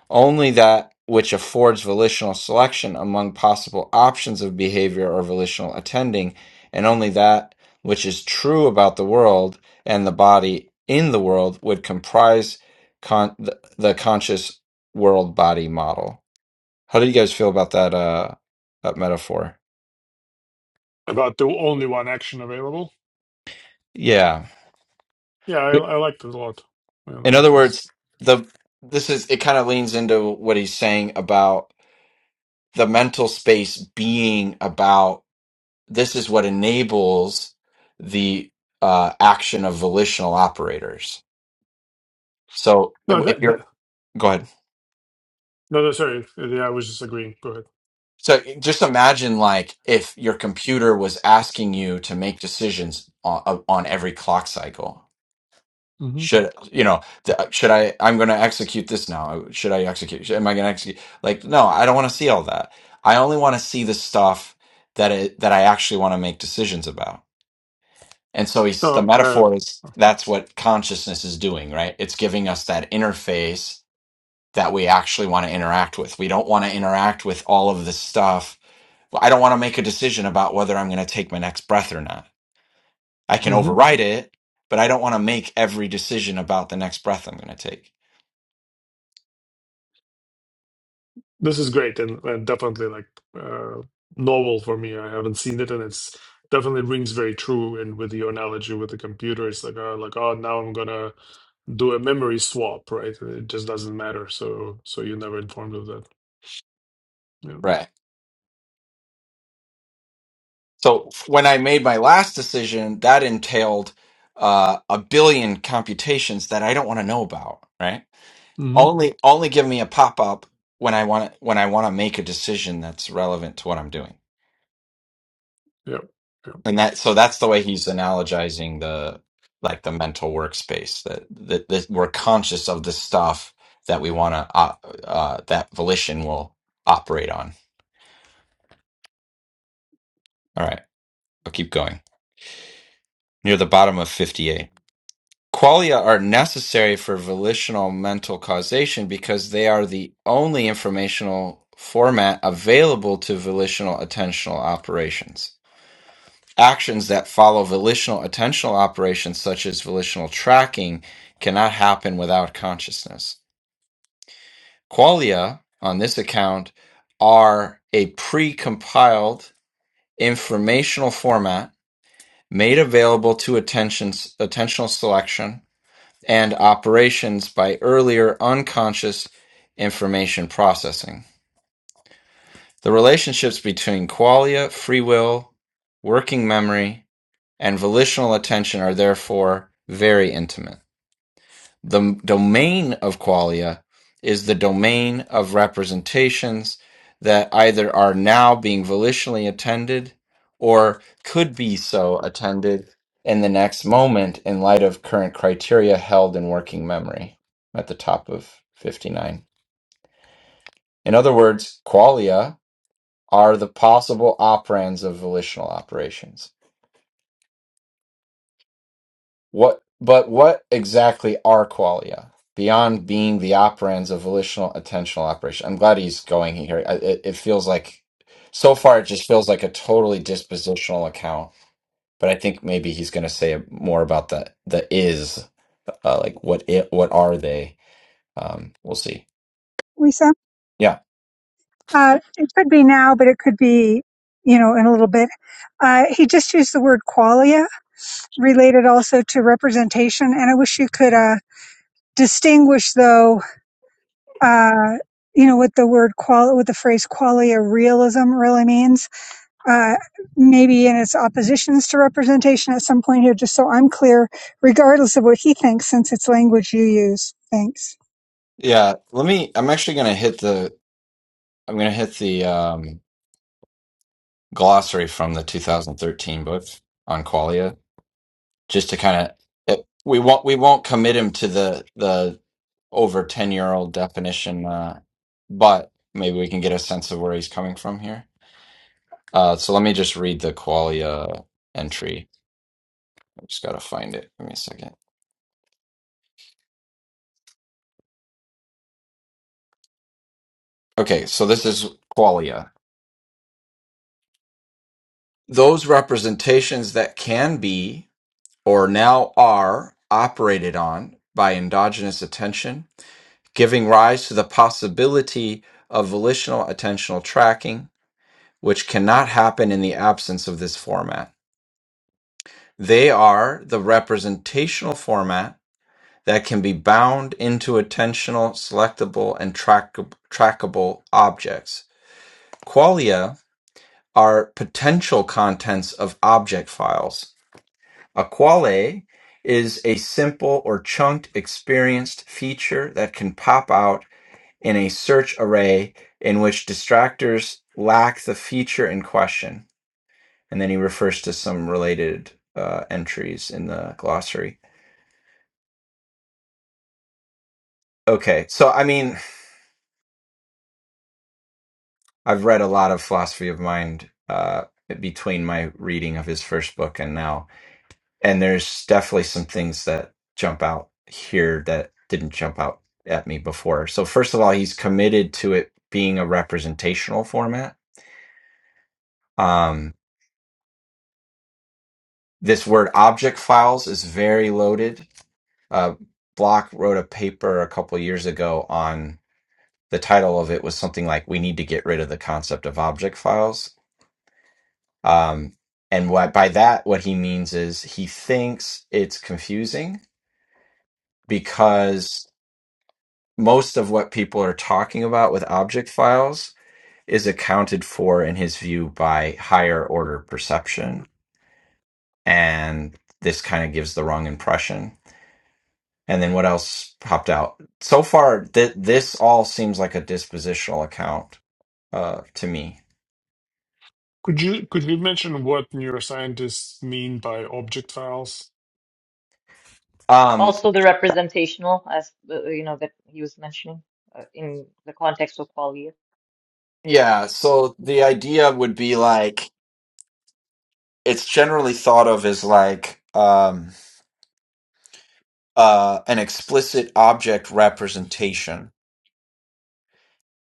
Only that which affords volitional selection among possible options of behavior or volitional attending, and only that which is true about the world and the body in the world would comprise con- the, the conscious world body model. How do you guys feel about that uh, that metaphor?
About the only one action available.
Yeah.
Yeah, I, I liked it a lot. Yeah, that
In other
makes sense.
words, the this is it kind of leans into what he's saying about the mental space being about this is what enables the uh, action of volitional operators. So
No,
if
that,
you're
that-
go ahead.
no, no, sorry. Yeah, I was just agreeing. Go ahead.
So just imagine like if your computer was asking you to make decisions on, on every clock cycle.
hmm
Should you know? th- Should I? I'm going to execute this now. Should I execute? Should, am I going to execute? Like, no, I don't want to see all that. I only want to see the stuff that it, that I actually want to make decisions about. And so he's the
No, uh,
metaphor is that's what consciousness is doing, right? It's giving us that interface that we actually want to interact with. We don't want to interact with all of this stuff. Well, I don't want to make a decision about whether I'm going to take my next breath or not. I can
mhm.
override it, but I don't want to make every decision about the next breath I'm going to take.
This is great and, and definitely like uh, novel for me. I haven't seen it, and it's definitely rings very true. And with your analogy with the computer, it's like, oh, like oh, now I'm gonna do a memory swap, right? It just doesn't matter. So, so you're never informed of that. Yeah.
Right. So when I made my last decision, that entailed uh, a billion computations that I don't want to know about. Right?
hmm
Only only give me a pop up when I want when I want to make a decision that's relevant to what I'm doing.
Yeah. Yeah.
And that so that's the way he's analogizing the like the mental workspace that that, that we're conscious of the stuff that we want to uh, uh, that volition will operate on. All right, I'll keep going. Near the bottom of 58. Qualia are necessary for volitional mental causation because they are the only informational format available to volitional attentional operations. Actions that follow volitional attentional operations, such as volitional tracking, cannot happen without consciousness. Qualia, on this account, are a pre compiled informational format made available to attention, attentional selection and operations by earlier unconscious information processing. The relationships between qualia, free will, working memory, and volitional attention are therefore very intimate. The domain of qualia is the domain of representations that either are now being volitionally attended or could be so attended in the next moment in light of current criteria held in working memory at the top of 59. In other words, qualia are the possible operands of volitional operations. What, but what exactly are qualia beyond being the operands of volitional attentional operation? I'm glad he's going here. I- It, it feels like, so far, it just feels like a totally dispositional account. But I think maybe he's going to say more about the the is, uh, like what it, what are they? Um, we'll see.
Lisa?
Yeah,
Uh, it could be now, but it could be, you know, in a little bit. Uh, he just used the word qualia, related also to representation. And I wish you could uh, distinguish, though, uh, you know, what the word qual, what the phrase qualia realism really means, uh, maybe in its oppositions to representation at some point here, just so I'm clear, regardless of what he thinks, since it's language you use. Thanks.
Yeah, let me. I'm actually gonna hit the. I'm gonna hit the um, glossary from the 2013 book on qualia, just to kind of. We won't. We won't commit him to the the over 10 year old definition, uh, but maybe we can get a sense of where he's coming from here. Uh, so let me just read the qualia entry. I just gotta find it. Give me a second. Okay, so this is qualia. Those representations that can be. or now are, operated on by endogenous attention, giving rise to the possibility of volitional attentional tracking, which cannot happen in the absence of this format. They are the representational format that can be bound into attentional, selectable, and track- trackable objects. Qualia are potential contents of object files A quale is a simple or chunked experienced feature that can pop out in a search array in which distractors lack the feature in question. And then he refers to some related uh, entries in the glossary. Okay, so I mean, I've read a lot of philosophy of mind uh, between my reading of his first book and now and there's definitely some things that jump out here that didn't jump out at me before. So first of all, he's committed to it being a representational format. Um, this word object files is very loaded. Uh, Block wrote a paper a couple years ago on the title of it was something like "We need to get rid of the concept of object files." Um, and what by that what he means is he thinks it's confusing because most of what people are talking about with object files is accounted for in his view by higher order perception and this kind of gives the wrong impression and then what else popped out so far th- this all seems like a dispositional account uh, to me
Could you could you mention what neuroscientists mean by object files?
um
also the representational, as, uh, you know, that he was mentioning uh, in the context of qualia.
yeah so the idea would be like it's generally thought of as like um uh an explicit object representation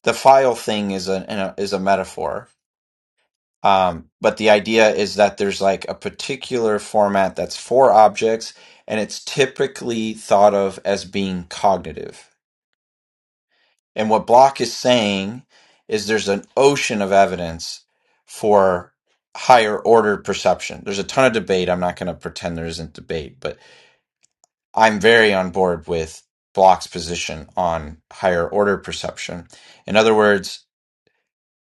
the file thing is a, an- a is a metaphor Um, but the idea is that there's like a particular format that's for objects, and it's typically thought of as being cognitive. And what Block is saying is there's an ocean of evidence for higher order perception. There's a ton of debate. I'm not going to pretend there isn't debate, but I'm very on board with Block's position on higher order perception. In other words,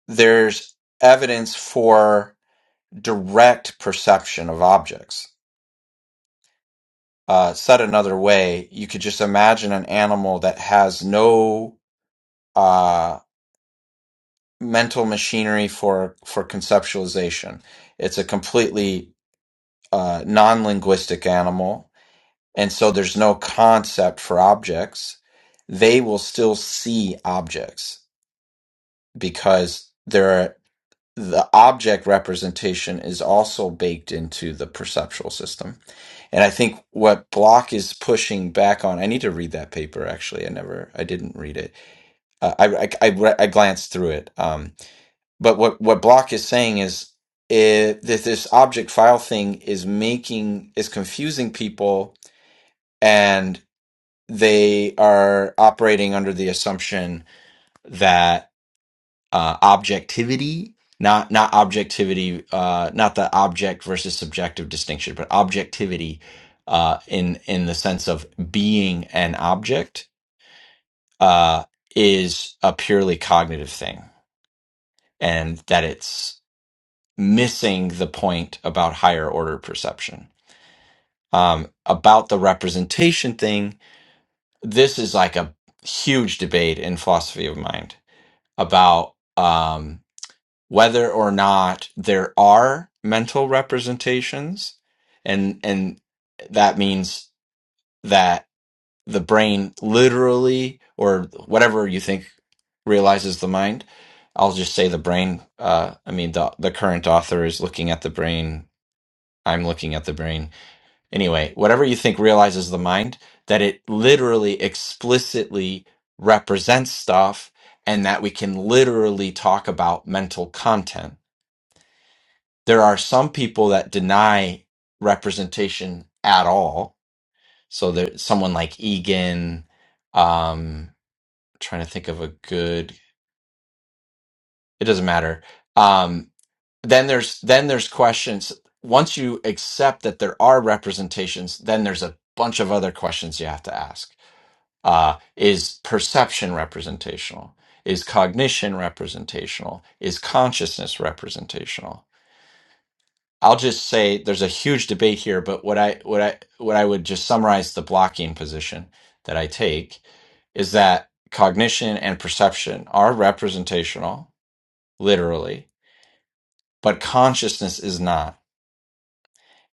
there's evidence for direct perception of objects Uh, said another way, you could just imagine an animal that has no uh, mental machinery for for conceptualization. It's a completely uh, non-linguistic animal, and so there's no concept for objects. They will still see objects because they're the object representation is also baked into the perceptual system. And I think what Block is pushing back on, I need to read that paper actually. I never, I didn't read it. Uh, I, I, I, re- I glanced through it. Um, but what, what Block is saying is it, that this object file thing is making, is confusing people and they are operating under the assumption that uh, objectivity not not objectivity uh, not the object versus subjective distinction but objectivity uh, in in the sense of being an object uh, is a purely cognitive thing and that it's missing the point about higher order perception um, about the representation thing this is like a huge debate in philosophy of mind about Um, whether or not there are mental representations and and that means that the brain literally or whatever you think realizes the mind i'll just say the brain uh i mean the the current author is looking at the brain i'm looking at the brain anyway whatever you think realizes the mind that it literally explicitly represents stuff and that we can literally talk about mental content there are some people that deny representation at all. So there's someone like Egan, um, trying to think of a good, it doesn't matter. Um, then there's, then there's questions. Once you accept that there are representations, then there's a bunch of other questions you have to ask. Uh, is perception representational? Is cognition representational? Is consciousness representational? I'll just say there's a huge debate here, but what I what I what I would just summarize the blocking position that I take is that cognition and perception are representational, literally, but consciousness is not.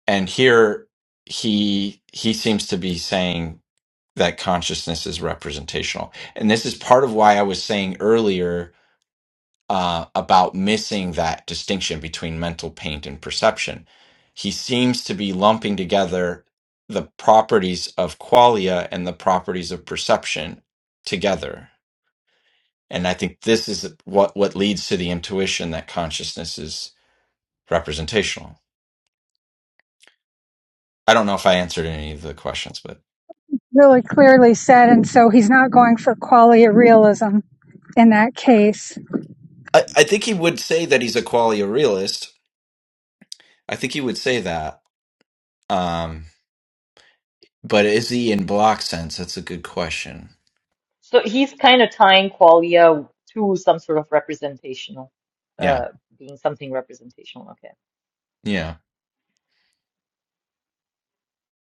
And here he he seems to be saying that consciousness is representational. And this is part of why I was saying earlier uh, about missing that distinction between mental paint and perception. He seems to be lumping together the properties of qualia and the properties of perception together. And I think this is what, what leads to the intuition that consciousness is representational. I don't know if I answered any of the questions, but
Really clearly said. And so he's not going for qualia realism in that case.
I, I think he would say that he's a qualia realist. I think he would say that. Um, but is he in block sense? That's a good question.
So he's kind of tying qualia to some sort of representational,
Yeah.
uh, being something representational. Okay.
Yeah.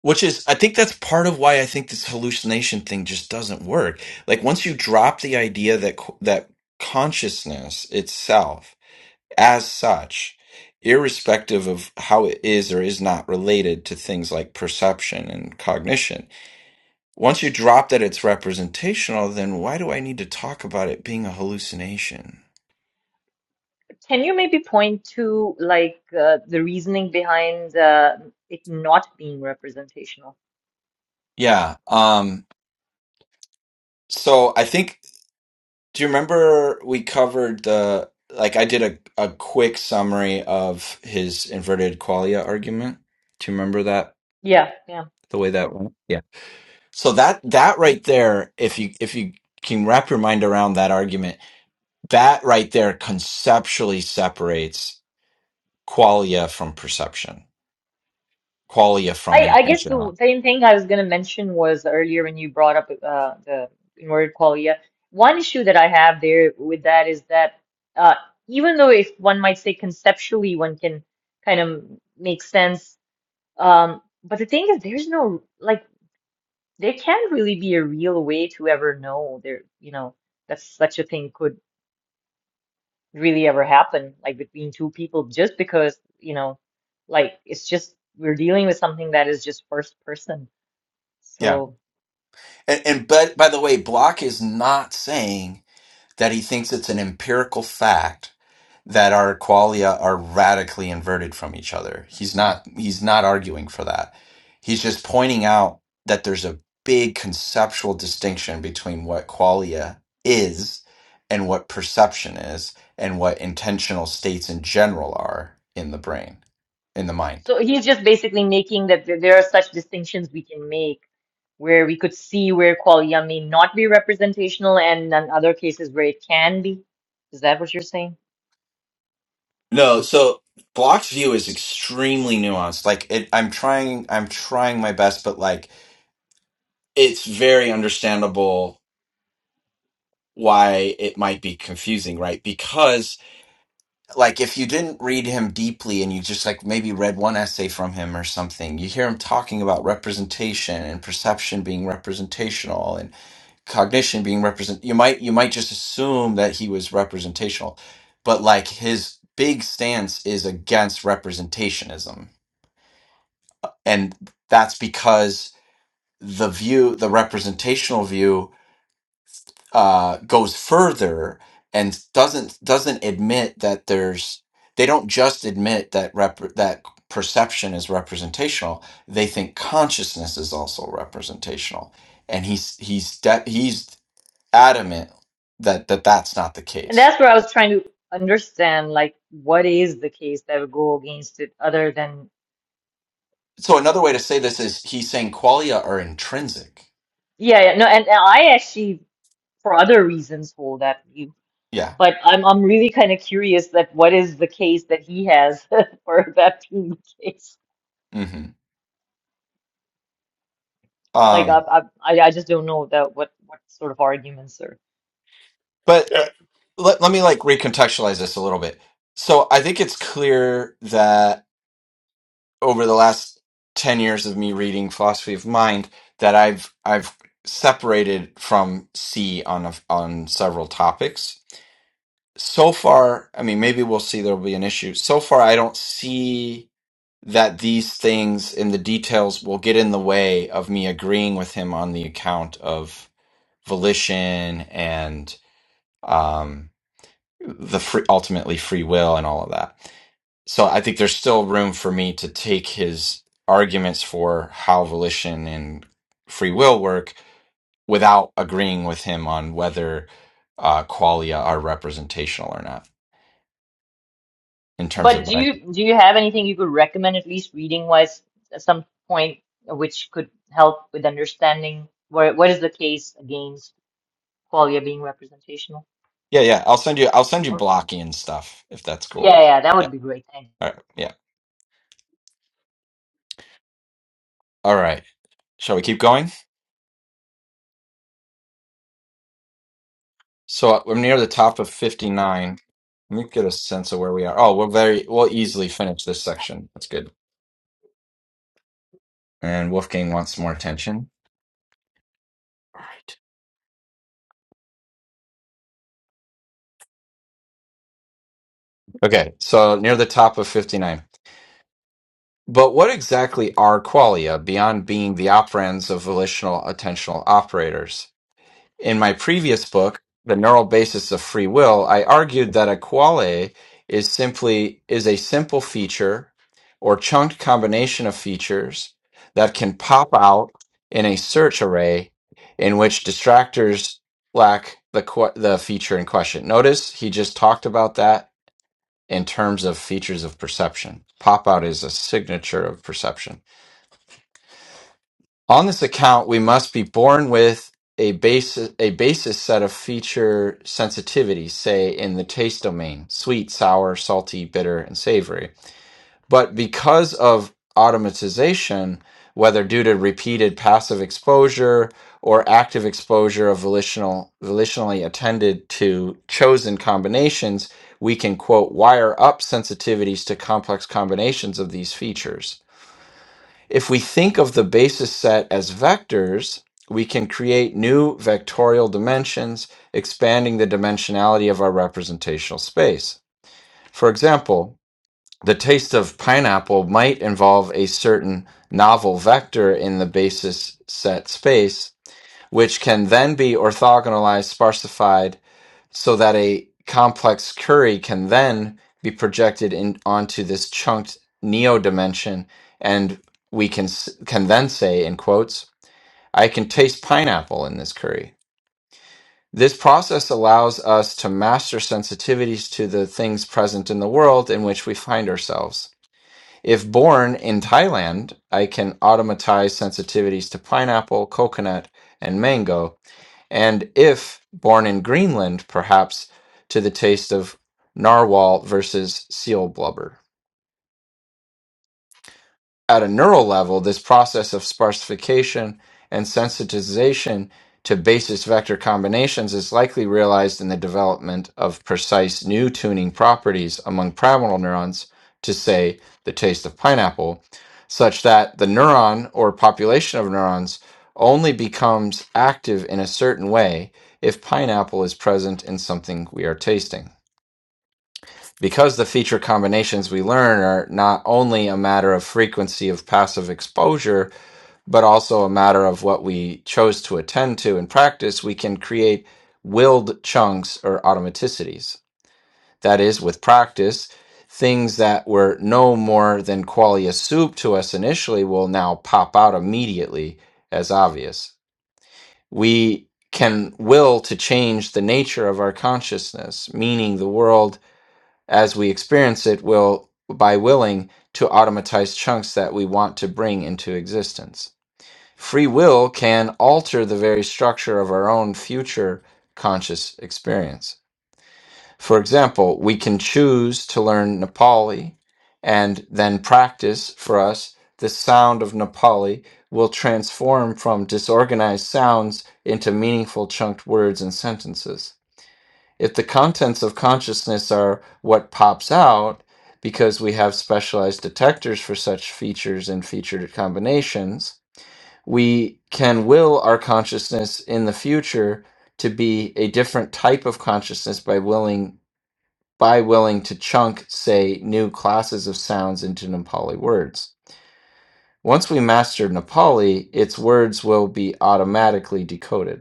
Which is, I think that's part of why I think this hallucination thing just doesn't work. Like once you drop the idea that co- that consciousness itself, as such, irrespective of how it is or is not related to things like perception and cognition, once you drop that it's representational, then why do I need to talk about it being a hallucination?
Can you maybe point to like uh, the reasoning behind uh, it not being representational?
Yeah. Um. So I think. Do you remember we covered the like I did a, a quick summary of his inverted qualia argument? Do you remember that
Yeah, yeah.
the way that went? Yeah. So that that
Mm.
right there, if you if you can wrap your mind around that argument, that right there conceptually separates qualia from perception, qualia from
I I guess
intentionality.
the same thing I was going to mention was earlier when you brought up uh, the inverted qualia. One issue that I have there with that is that uh, even though if one might say conceptually one can kind of make sense, um, but the thing is there's no like there can't really be a real way to ever know there you know that such a thing could really ever happen, like between two people, just because, you know, like it's just we're dealing with something that is just first person.
Yeah.
So,
And, and but by the way, Block is not saying that he thinks it's an empirical fact that our qualia are radically inverted from each other. He's not he's not arguing for that. He's just pointing out that there's a big conceptual distinction between what qualia is and what perception is and what intentional states in general are in the brain, in the mind.
so he's just basically making that th- there are such distinctions we can make where we could see where qualia may not be representational and in other cases where it can be. Is that what you're saying?
No, so Block's view is extremely nuanced. Like it, I'm trying, I'm trying my best, but like it's very understandable why it might be confusing, right? Because like if you didn't read him deeply and you just like maybe read one essay from him or something you hear him talking about representation and perception being representational and cognition being represent you might you might just assume that he was representational but like his big stance is against representationism and that's because the view the representational view uh, goes further and doesn't doesn't admit that there's they don't just admit that rep- that perception is representational they think consciousness is also representational and he's he's de- he's adamant that that that's not the
And
case
that's where I was trying to understand, like, what is the case that would go against it other than,
so
you know,
another way to
kind of.
say this is he's saying qualia are intrinsic
Yeah, yeah, no, and, and I actually, for other reasons, hold that view.
yeah
But I'm I'm really kind of curious that what is the case that he has for that being the case.
hmm
Like I
um
I I I just don't know that what what sort of arguments are.
but let,
Yeah.
let, let me like recontextualize this a little bit so i think it's clear that over the last 10 years of me reading philosophy of mind that I've I've separated from C on a, on several topics. So far, I mean maybe we'll see there'll be an issue. So far I don't see that these things in the details will get in the way of me agreeing with him on the account of volition and um the free ultimately free will and all of that so I think there's still room for me to take his arguments for how volition and free will work without agreeing with him on whether uh, qualia are representational or not in terms
But
of what
do
I.
you do you have anything you could recommend at least reading wise at some point which could help with understanding where what is the case against qualia being representational?
Yeah, yeah. I'll send you. I'll send you
Or
blocky and stuff if that's
yeah,
cool.
yeah, that
Yeah.
would be great. Thank you.
All right. Yeah. All right. Shall we keep going? So we're near the top of 59. Let me get a sense of where we are. Oh, we're very. We'll easily finish this section. That's good. And Wolfgang wants more attention. All right. Okay, so near the top of 59. But what exactly are qualia beyond being the operands of volitional attentional operators? In my previous book, The Neural Basis of Free Will, I argued that a quale is simply is a simple feature or chunked combination of features that can pop out in a search array in which distractors lack the que- the feature in question. Notice he just talked about that in terms of features of perception. Pop out is a signature of perception. On this account, we must be born with a basis, a basis set of feature sensitivities, say in the taste domain, sweet, sour, salty, bitter, and savory but because of automatization, whether due to repeated passive exposure or active exposure of volitional, volitionally attended to chosen combinations, we can, quote, wire up sensitivities to complex combinations of these features. If we think of the basis set as vectors, we can create new vectorial dimensions, expanding the dimensionality of our representational space. For example, the taste of pineapple might involve a certain novel vector in the basis set space, which can then be orthogonalized, sparsified, so that a complex curry can then be projected in, onto this chunked neo dimension, and we can s- can then say in quotes, "I can taste pineapple in this curry." This process allows us to master sensitivities to the things present in the world in which we find ourselves if born in Thailand, I can automatize sensitivities to pineapple, coconut, and mango. And if born in Greenland, perhaps to the taste of narwhal versus seal blubber. At a neural level, this process of sparsification and sensitization to basis vector combinations is likely realized in the development of precise new tuning properties among pyramidal neurons to, say, the taste of pineapple, such that the neuron or population of neurons only becomes active in a certain way if pineapple is present in something we are tasting because the feature combinations we learn are not only a matter of frequency of passive exposure, but also a matter of what we chose to attend to in practice, we can create willed chunks or automaticities. That is, with practice, things that were no more than qualia soup to us initially will now pop out immediately as obvious. We can will to change the nature of our consciousness, meaning the world as we experience it will by willing to automatize chunks that we want to bring into existence free will can alter the very structure of our own future conscious experience for example we can choose to learn nepali and then practice for us the sound of nepali will transform from disorganized sounds into meaningful chunked words and sentences if the contents of consciousness are what pops out because we have specialized detectors for such features and featured combinations, we can will our consciousness in the future to be a different type of consciousness by willing by willing to chunk say new classes of sounds into Nepali words. Once we master Nepali, its words will be automatically decoded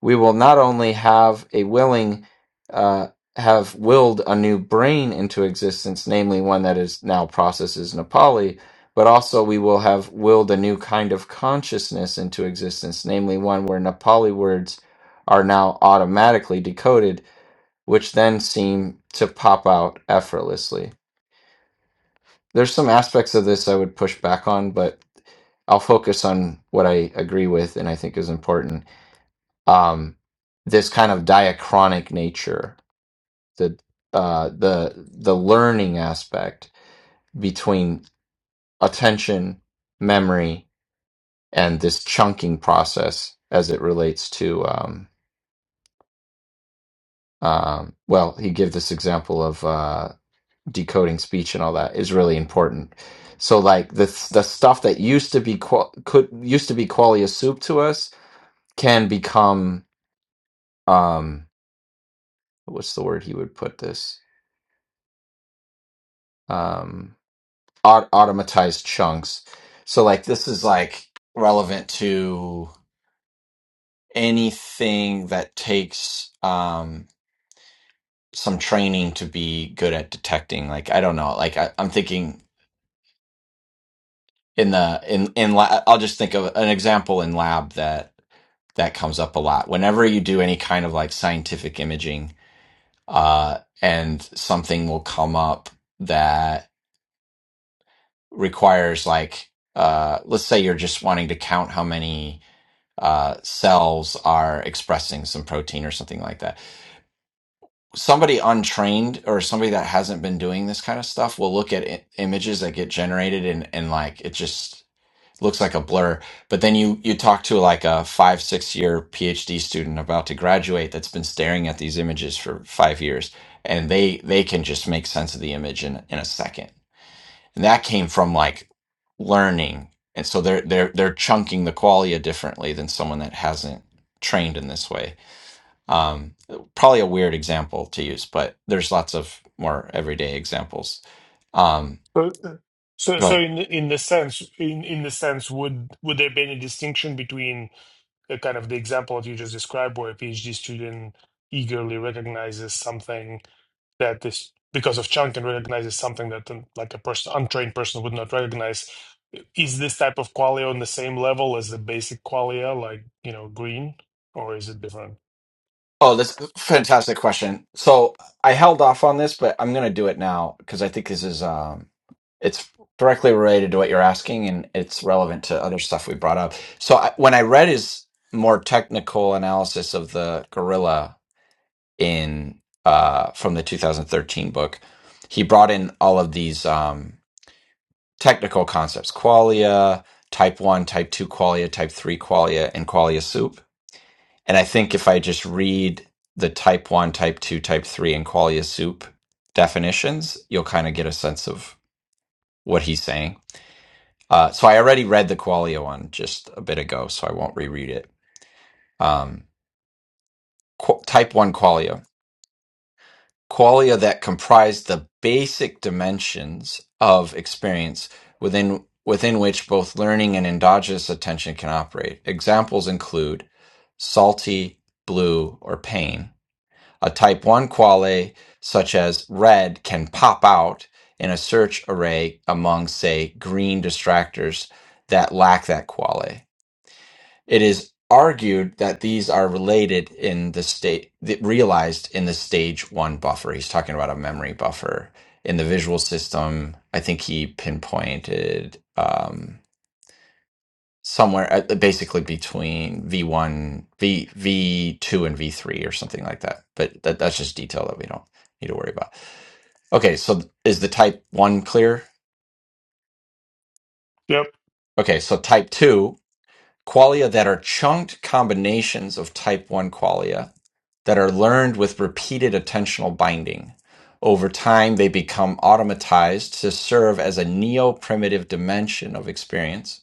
we will not only have a willing uh, have willed a new brain into existence, namely one that is now processes Nepali, but also we will have willed a new kind of consciousness into existence, namely one where Nepali words are now automatically decoded, which then seem to pop out effortlessly. There's some aspects of this I would push back on, but I'll focus on what I agree with and I think is important um, this kind of diachronic nature, the uh, the the learning aspect between attention, memory, and this chunking process as it relates to um, um, well, he gave this example of uh, decoding speech and all that is really important. So like the the stuff that used to be qual- could used to be qualia soup to us can become um what's the word he would put this Um, aut- automatized chunks. So like this is like relevant to anything that takes um some training to be good at detecting. Like I don't know, like I, I'm thinking in the in in la- I'll just think of an example in lab that that comes up a lot. Whenever you do any kind of like scientific imaging, uh, and something will come up that requires like, uh, let's say you're just wanting to count how many uh, cells are expressing some protein or something like that. Somebody untrained or somebody that hasn't been doing this kind of stuff will look at I- images that get generated and, and like it just looks like a blur. But then you you talk to like a five six year PhD student about to graduate that's been staring at these images for five years, and they they can just make sense of the image in in a second and that came from like learning and so they're they're they're chunking the qualia differently than someone that hasn't trained in this way um probably a weird example to use but there's lots of more everyday examples um
So, so,
Go
so
ahead.
in in the sense, in in the sense, would would there be any distinction between? uh, kind of the example that you just described, where a PhD student eagerly recognizes something that is because of chunk and recognizes something that um, like a person untrained person would not recognize. Is this type of qualia on the same level as the basic qualia, like you know, green, or is it different?
oh this fantastic question so i held off on this but i'm gonna do it now because i think this is um it's directly related to what you're asking and it's relevant to other stuff we brought up so I, when i read his more technical analysis of the gorilla in uh, from the 2013 book. He brought in all of these um, technical concepts: qualia, type one, type two qualia, type three qualia, and qualia soup. And I think if I just read the type one, type two, type three, and qualia soup definitions, you'll kind of get a sense of what he's saying. Uh, so I already read the qualia one just a bit ago, so I won't reread it. Um, qu- type one qualia. qualia that comprise the basic dimensions of experience within within which both learning and endogenous attention can operate. Examples include salty, blue, or pain. A type 1 quale such as red can pop out in a search array among say green distractors that lack that quale. It is argued that these are related in the state, realized in the stage one buffer. He's talking about a memory buffer in the visual system. I think he pinpointed um, somewhere at, basically between V1, V, V2, and V3 or something like that. But that, that's just detail that we don't need to worry about. Okay, so is the type one clear?
Yep.
Okay, so type two qualia that are chunked combinations of type one qualia that are learned with repeated attentional binding. Over time, they become automatized to serve as a neo primitive dimension of experience.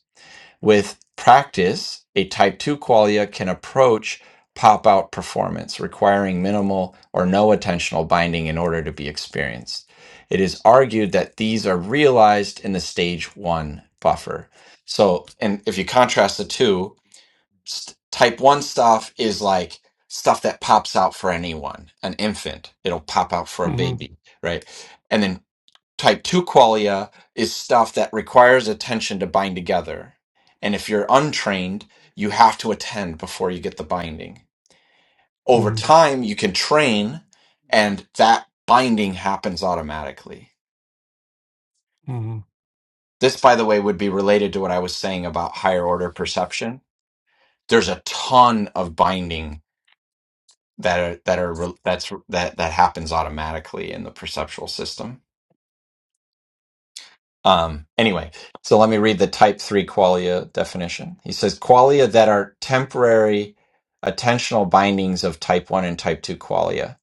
With practice, a type 2 qualia can approach pop out performance, requiring minimal or no attentional binding in order to be experienced. It is argued that these are realized in the stage 1 buffer. So, and if you contrast the two, st- type 1 stuff is like stuff that pops out for anyone an infant it'll pop out for a
hmm
baby right and then type 2 qualia is stuff that requires attention to bind together and if you're untrained you have to attend before you get the binding over
hmm
time you can train and that binding happens automatically
hmm
this by the way would be related to what i was saying about higher order perception there's a ton of binding that are that are re- that's that that happens automatically in the perceptual system. Um, anyway, so let me read the type three qualia definition. He says qualia that are temporary attentional bindings of type one and type two qualia.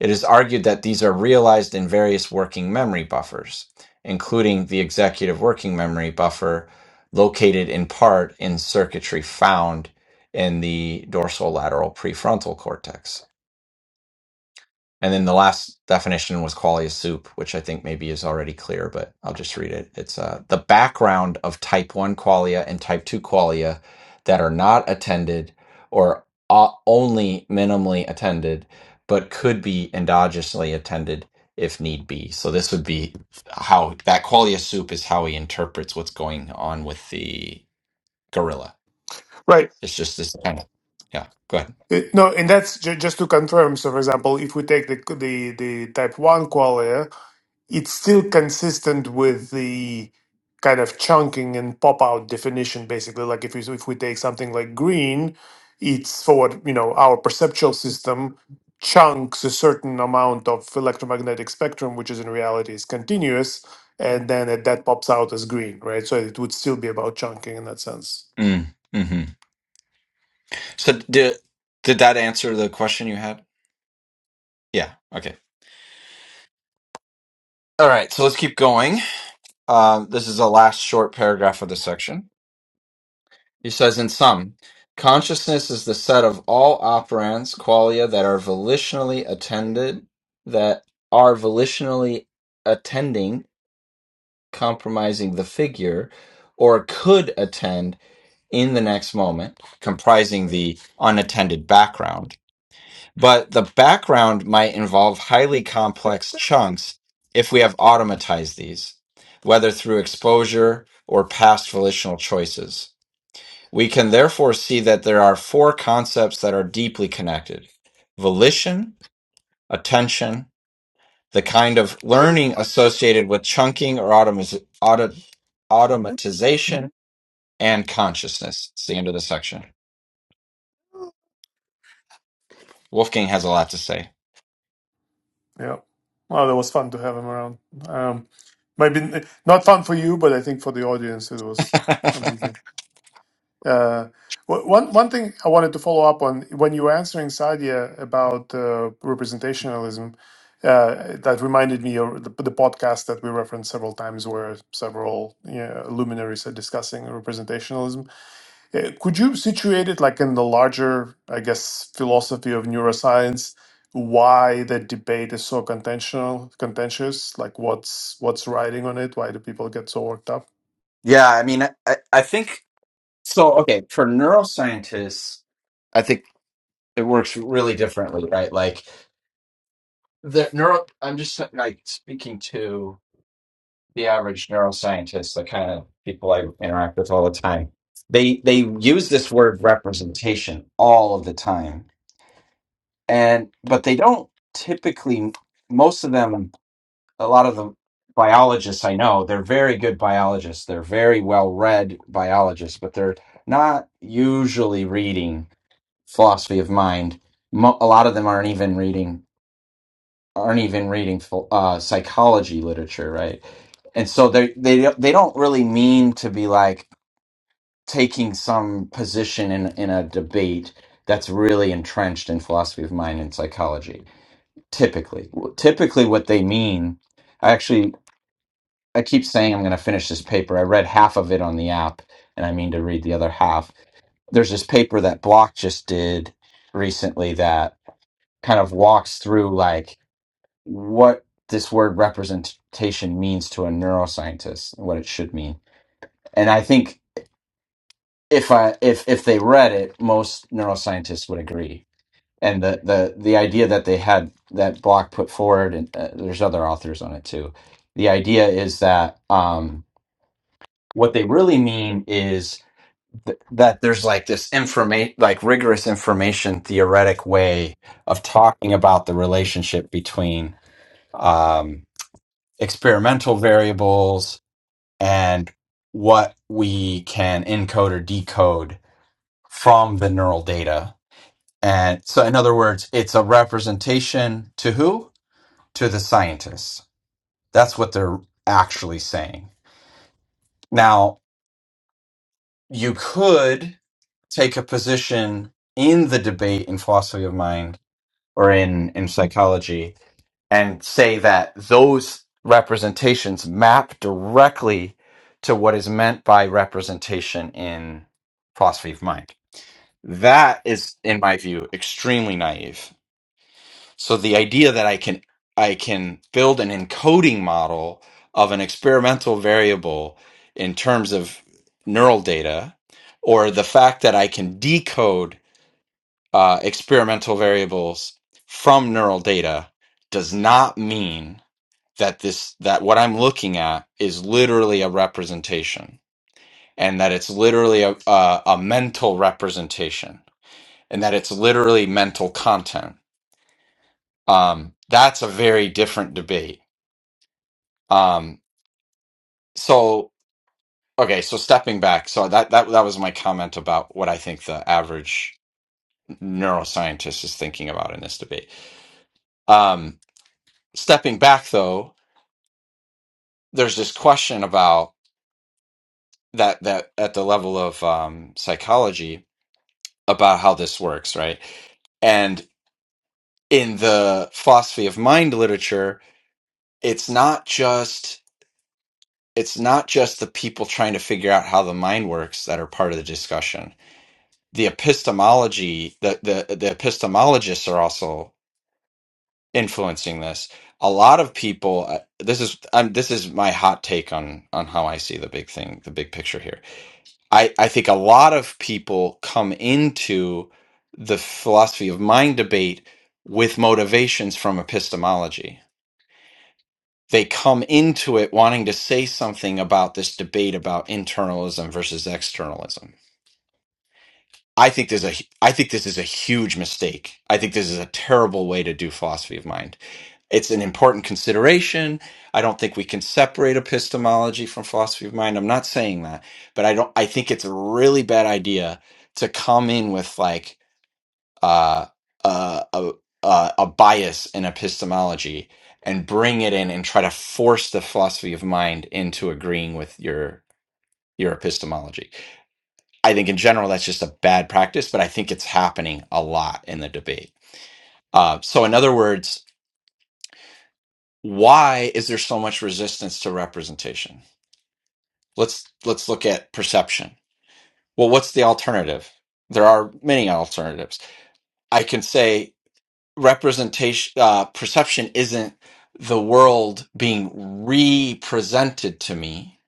It is argued that these are realized in various working memory buffers, including the executive working memory buffer, located in part in circuitry found in the dorsolateral prefrontal cortex. And then the last definition was quality of soup, which I think maybe is already clear, but I'll just read it. It's uh, the background of type 1 qualia and type 2 qualia that are not attended or o- only minimally attended, but could be endogenously attended if need be. So this would be how that qualia soup is how he interprets what's going on with the gorilla.
Right.
It's just this kind of, yeah, go ahead.
Uh, No, and that's ju- just to confirm. So, for example, if we take the the the type one qualia. it's still consistent with the kind of chunking and pop out definition basically like if we if we take something like green it's for what you know our perceptual system chunks a certain amount of electromagnetic spectrum which is in reality is continuous and then it, that pops out as green right so it would still be about chunking in that sense
Mm, hmm So did did that answer the question you had? Yeah. Okay. All right. So let's keep going. Um, this is the last short paragraph of the section. He says, in sum, consciousness is the set of all operands, qualia that are volitionally attended, that are volitionally attending, compromising the figure, or could attend in the next moment, comprising the unattended background. But the background might involve highly complex chunks if we have automatized these, whether through exposure or past volitional choices. We can therefore see that there are four concepts that are deeply connected volition, attention, the kind of learning associated with chunking or automis- auto- automatization, and consciousness. It's the end of the section. Wolfgang has a lot to say.
yeah well that was fun to have him around um maybe n- not fun for you but i think for the audience it was amazing Uh, wh- one one thing I wanted to follow up on when you were answering Sadia about uh, representationalism, uh, that reminded me of the, the podcast that we referenced several times, where several you know, luminaries are discussing representationalism. Uh, could you situate it like in the larger, I guess, philosophy of neuroscience? Why the debate is so contentious? Contentious, like what's what's riding on it? Why do people get so worked up?
yeah, I mean, I, I think so. Okay, for neuroscientists, I think it works really differently, right? Like, the neuro, I'm just like speaking to. the average neuroscientist, the kind of people I interact with all the time, they they use this word representation all of the time, and but they don't typically. Most of them, a lot of the biologists I know, they're very good biologists. They're very well read biologists, but they're not usually reading philosophy of mind. Mo- A lot of them aren't even reading aren't even reading phil- uh, psychology literature, right? And so they they don't- they don't really mean to be like taking some position in in a debate that's really entrenched in philosophy of mind and psychology. Typically, typically what they mean, I actually I keep saying I'm going to finish this paper. I read half of it on the app, and I mean to read the other half. There's this paper that Block just did recently that kind of walks through like what this word representation means to a neuroscientist and what it should mean. And I think if I if if they read it, most neuroscientists would agree. And the the the idea that they had that Block put forward, and uh, there's other authors on it too. The idea is that um, what they really mean is th- that there's like this information, like rigorous information theoretic way of talking about the relationship between um, experimental variables and what we can encode or decode from the neural data. And so, in other words, it's a representation to who? To the scientists. That's what they're actually saying. Now, you could take a position in the debate in philosophy of mind or in, in psychology and say that those representations map directly to what is meant by representation in philosophy of mind. That is, in my view, extremely naive. So the idea that I can I can build an encoding model of an experimental variable in terms of neural data, or the fact that I can decode uh, experimental variables from neural data, does not mean that this that what I'm looking at is literally a representation, and that it's literally a a, a mental representation, and that it's literally mental content. Um, that's a very different debate. Um, so okay, so stepping back, so that that that was my comment about what I think the average neuroscientist is thinking about in this debate. Um, stepping back though, there's this question about that that at the level of um, psychology about how this works, right? And in the philosophy of mind literature, it's not just it's not just the people trying to figure out how the mind works that are part of the discussion. The epistemology, the the, the epistemologists are also influencing this. A lot of people, uh, this is um, this is my hot take on on how I see the big thing, the big picture here I, I think a lot of people come into the philosophy of mind debate with motivations from epistemology. They come into it wanting to say something about this debate about internalism versus externalism. I think there's a hu- I think this is a huge mistake. I think this is a terrible way to do philosophy of mind it's an important consideration. I don't think we can separate epistemology from philosophy of mind. I'm not saying that, but I don't. I think it's a really bad idea to come in with like uh, uh, a a a bias in epistemology and bring it in and try to force the philosophy of mind into agreeing with your your epistemology. I think in general that's just a bad practice, but I think it's happening a lot in the debate. Uh, so, in other words, why is there so much resistance to representation let's let's look at perception well what's the alternative there are many alternatives i can say representation uh, perception isn't the world being represented to me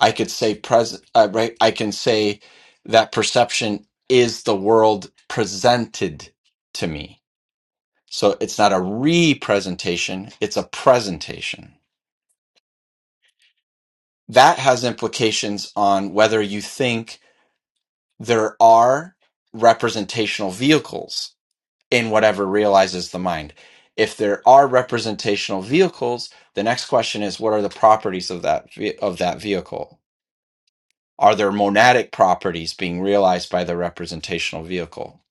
i could say pres uh, right i can say that perception is the world presented to me so it's not a representation it's a presentation that has implications on whether you think there are representational vehicles in whatever realizes the mind. If there are representational vehicles, the next question is what are the properties of that ve- of that vehicle? Are there monadic properties being realized by the representational vehicle?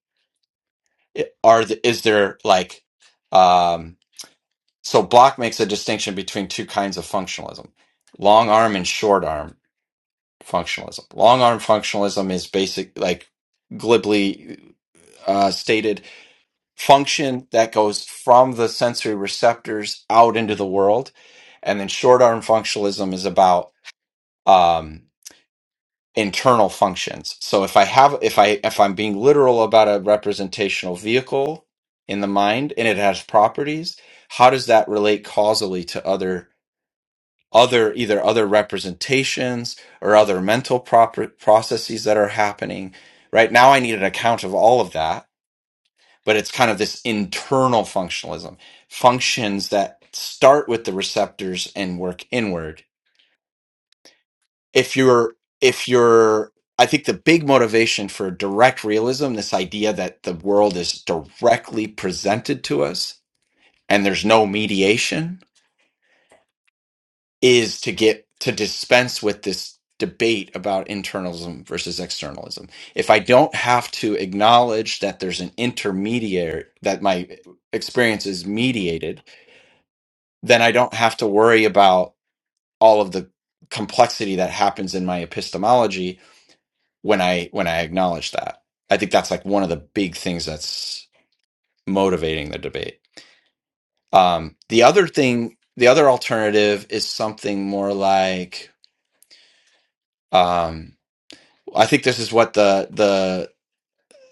I- Are the, is there like um, so Block makes a distinction between two kinds of functionalism, long arm and short arm functionalism. Long arm functionalism is basic, like glibly uh, stated, function that goes from the sensory receptors out into the world. And then short arm functionalism is about um, internal functions. So if I have, if I, if I'm being literal about a representational vehicle in the mind and it has properties, how does that relate causally to other? other either other representations or other mental proper processes that are happening right now i need an account of all of that but it's kind of this internal functionalism functions that start with the receptors and work inward if you're if you're i think the big motivation for direct realism this idea that the world is directly presented to us and there's no mediation is to get to dispense with this debate about internalism versus externalism. If I don't have to acknowledge that there's an intermediary, that my experience is mediated, then I don't have to worry about all of the complexity that happens in my epistemology when I when I acknowledge that. I think that's like one of the big things that's motivating the debate. Um, the other thing, the other alternative is something more like um, I think this is what the the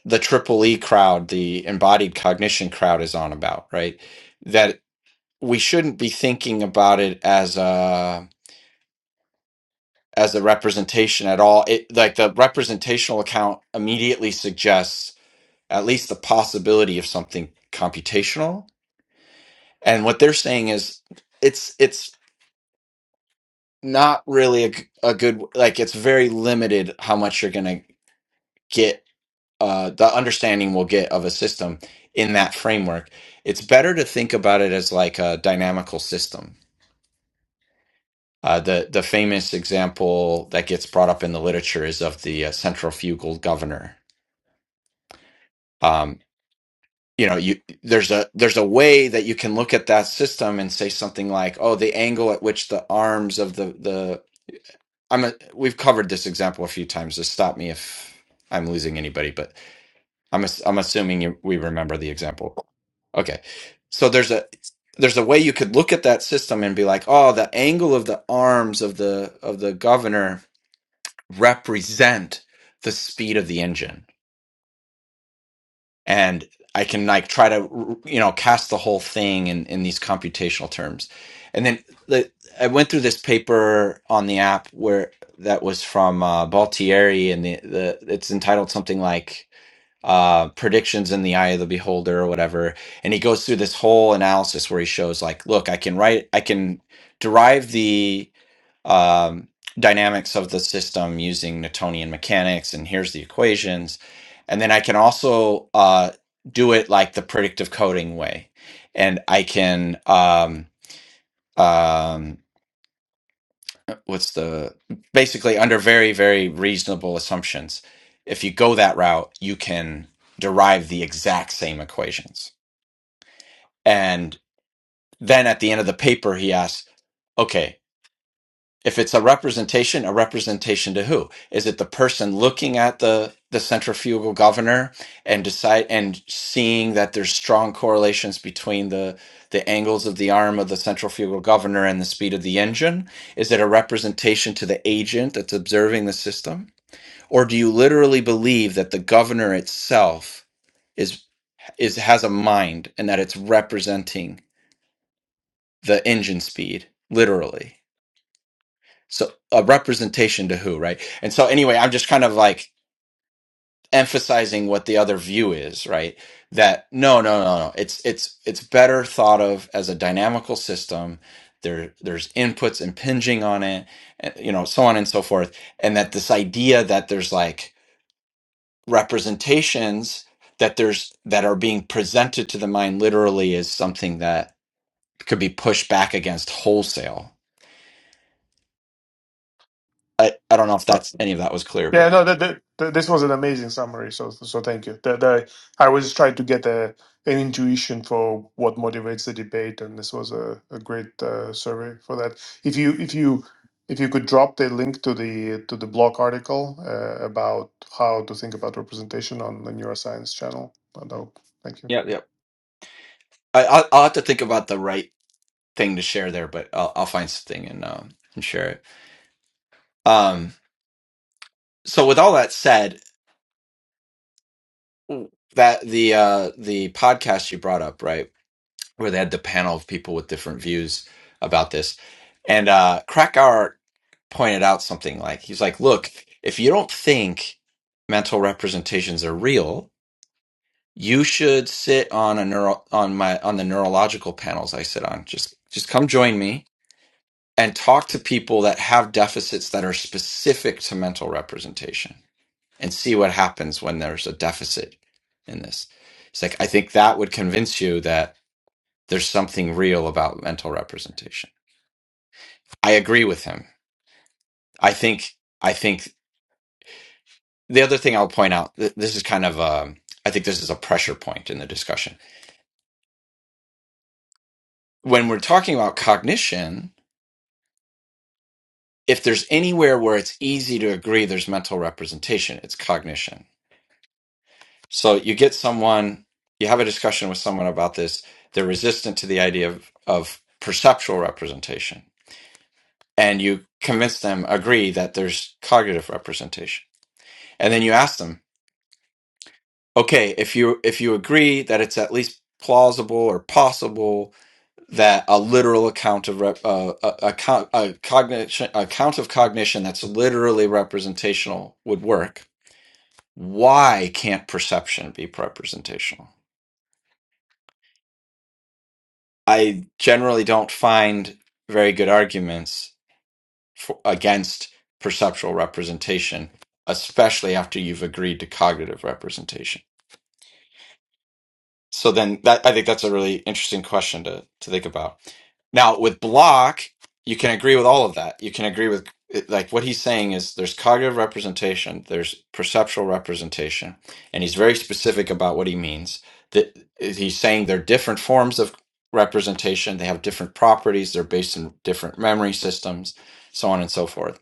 the triple E crowd, the embodied cognition crowd, is on about, right? That we shouldn't be thinking about it as a as a representation at all. It like the representational account immediately suggests at least the possibility of something computational, and what they're saying is it's it's not really a, g- a good like it's very limited how much you're going to get uh, the understanding we'll get of a system in that framework. It's better to think about it as like a dynamical system. Uh, the the famous example that gets brought up in the literature is of the uh, centrifugal governor. Um, you know, you there's a there's a way that you can look at that system and say something like, oh, the angle at which the arms of the the I'm a, we've covered this example a few times. So stop me if I'm losing anybody, but I'm ass- I'm assuming you, we remember the example. Okay, so there's a there's a way you could look at that system and be like, oh, the angle of the arms of the of the governor represent the speed of the engine, and I can like try to you know cast the whole thing in in these computational terms, and then the, I went through this paper on the app where that was from uh, Baltieri, and the, the it's entitled something like uh, predictions in the eye of the beholder or whatever. And he goes through this whole analysis where he shows like, look, I can write, I can derive the um, dynamics of the system using Newtonian mechanics, and here's the equations, and then I can also uh, do it like the predictive coding way, and I can um, um, what's the basically under very very reasonable assumptions if you go that route you can derive the exact same equations and then at the end of the paper he asks okay if it's a representation, a representation to who? Is it the person looking at the the centrifugal governor and decide and seeing that there's strong correlations between the the angles of the arm of the centrifugal governor and the speed of the engine? Is it a representation to the agent that's observing the system? Or do you literally believe that the governor itself is is has a mind and that it's representing the engine speed literally? so a representation to who right and so anyway i'm just kind of like emphasizing what the other view is right that no no no no it's it's it's better thought of as a dynamical system there there's inputs impinging on it and, you know so on and so forth and that this idea that there's like representations that there's that are being presented to the mind literally is something that could be pushed back against wholesale i i don't know if that's any of that was clear
Yeah,
but
no, that, that, that- this was an amazing summary. So, so thank you. That, that, I was just trying to get a, an intuition for what motivates the debate, and this was a, a great uh, survey for that. If you, if you, if you could drop the link to the to the blog article uh, about how to think about representation on the neuroscience channel, that would, thank you.
yeah, I, I'll, I'll have to think about the right thing to share there, but I'll, I'll find something and um, and share it. Um, so with all that said, that the uh, the podcast you brought up, right, where they had the panel of people with different views about this, and uh, Krakauer pointed out something like he's like, look, if you don't think mental representations are real, you should sit on a neural on my on the neurological panels I sit on. Just just come join me and talk to people that have deficits that are specific to mental representation and see what happens when there's a deficit in this. It's like, I think that would convince you that there's something real about mental representation. I agree with him. I think, I think the other thing I'll point out, th- this is kind of a, I think this is a pressure point in the discussion. When we're talking about cognition, if there's anywhere where it's easy to agree there's mental representation, it's cognition So you get someone, you have a discussion with someone about this. They're resistant to the idea of, of perceptual representation. And you convince them, agree that there's cognitive representation. And then you ask them, okay, if you if you agree that it's at least plausible or possible that a literal account of rep, uh, a, a, co- a cognition account of cognition that's literally representational would work, why can't perception be representational? I generally don't find very good arguments for, against perceptual representation, especially after you've agreed to cognitive representation. So then that I think that's a really interesting question to to think about. Now with block, you can agree with all of that. You can agree with like what he's saying is there's cognitive representation, there's perceptual representation, and he's very specific about what he means. That he's saying they're different forms of representation, they have different properties, they're based in different memory systems, so on and so forth.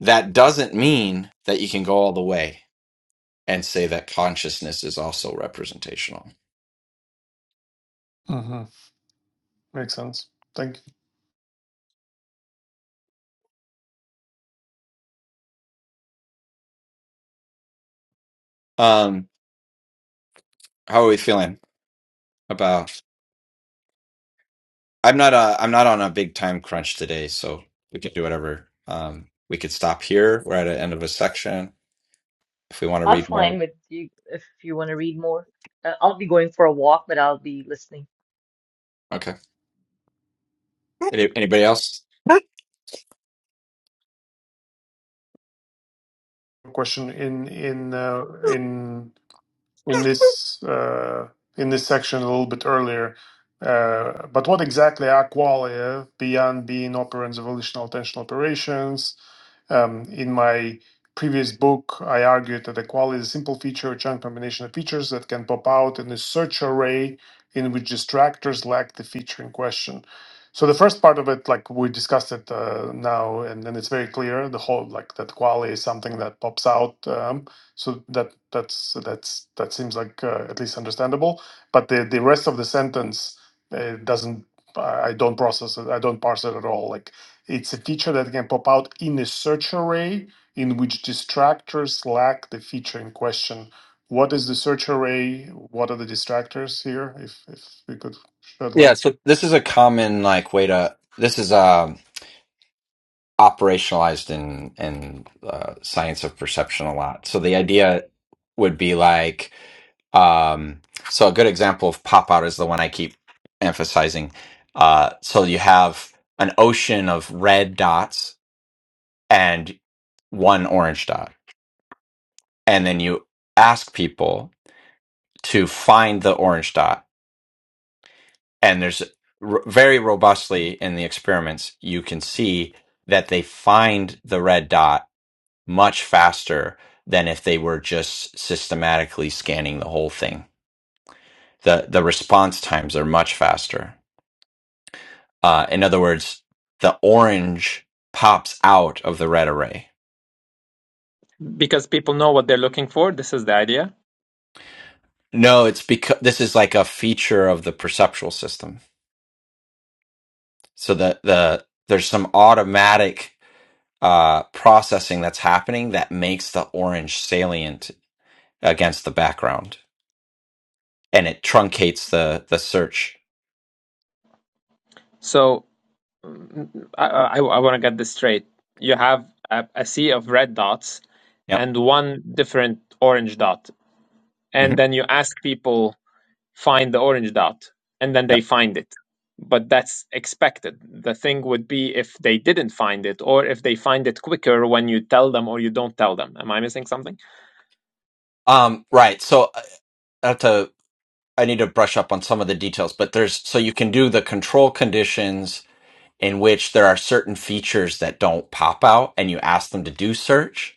That doesn't mean that you can go all the way and say that consciousness is also representational.
hmm Makes sense. Thank
Um, How are we feeling about? I'm not uh I'm not on a big time crunch today, so we can do whatever. Um, we could stop here. We're at the end of a section. If we want to
I'm
read more,
fine with you if you want to read more. Uh, I'll be going for a walk, but I'll be listening.
okay. Any, anybody else?
you. Question in in uh, in in this uh, in this section a little bit earlier. Uh, but what exactly are qualia beyond being operands of volitional tension operations? Um, in my previous book, I argued that a qualia is a simple feature or chunk combination of features that can pop out in a search array in which distractors lack the feature in question. So the first part of it, like we discussed it uh, now, and then it's very clear the whole like that qualia is something that pops out. um, so that that's that's that seems like uh, at least understandable. But the the rest of the sentence uh, doesn't. I I don't process it. I don't parse it at all. Like it's a feature that can pop out in a search array in which distractors lack the feature in question. What is the search array? What are the distractors here? If if we could shed
Yeah.
light.
So this is a common like way to. This is um operationalized in in uh, science of perception a lot. So the idea would be like um so a good example of pop out is the one I keep emphasizing. Uh, so you have an ocean of red dots and one orange dot. And then you ask people to find the orange dot. And there's r- very robustly in the experiments, you can see that they find the red dot much faster than if they were just systematically scanning the whole thing. The, the response times are much faster. Uh, in other words, the orange pops out of the red array.
Because people know what they're looking for. This is the idea.
No, it's because this is like a feature of the perceptual system so the the there's some automatic uh processing that's happening that makes the orange salient against the background and it truncates the the search
So mm, I, I, I want to get this straight. You have a, a sea of red dots
yep
and one different orange dot.
hmm
And then you ask people find the orange dot and then they
yep
find it but that's expected the thing would be if they didn't find it or if they find it quicker when you tell them or you don't tell them am i missing something
um right so i I have to i need to brush up on some of the details but there's so you can do the control conditions in which there are certain features that don't pop out and you ask them to do search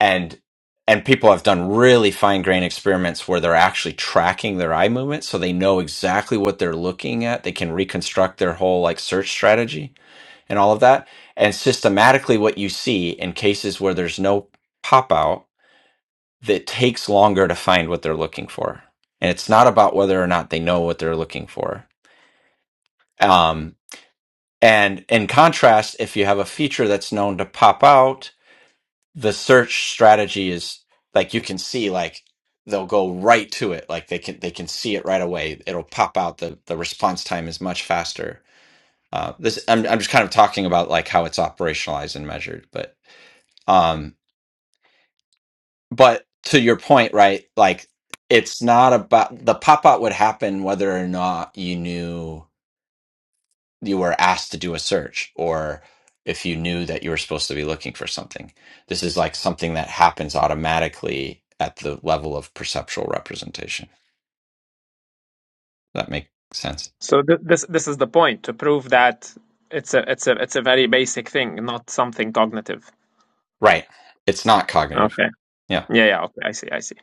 and and people have done really fine grained experiments where they're actually tracking their eye movement so they know exactly what they're looking at they can reconstruct their whole like search strategy and all of that and systematically what you see in cases where there's no pop out that takes longer to find what they're looking for and it's not about whether or not they know what they're looking for um, and in contrast if you have a feature that's known to pop out the search strategy is like you can see like they'll go right to it like they can they can see it right away it'll pop out the the response time is much faster uh this i'm, I'm just kind of talking about like how it's operationalized and measured but um but to your point right like it's not about the pop out would happen whether or not you knew you were asked to do a search or if you knew that you were supposed to be looking for something. This is like something that happens automatically at the level of perceptual representation. that make sense?
so th- this this is the point to prove that it's a it's a it's a very basic thing not something cognitive
Right. It's not cognitive.
okay
Yeah.
Yeah, yeah, okay, I see, I see.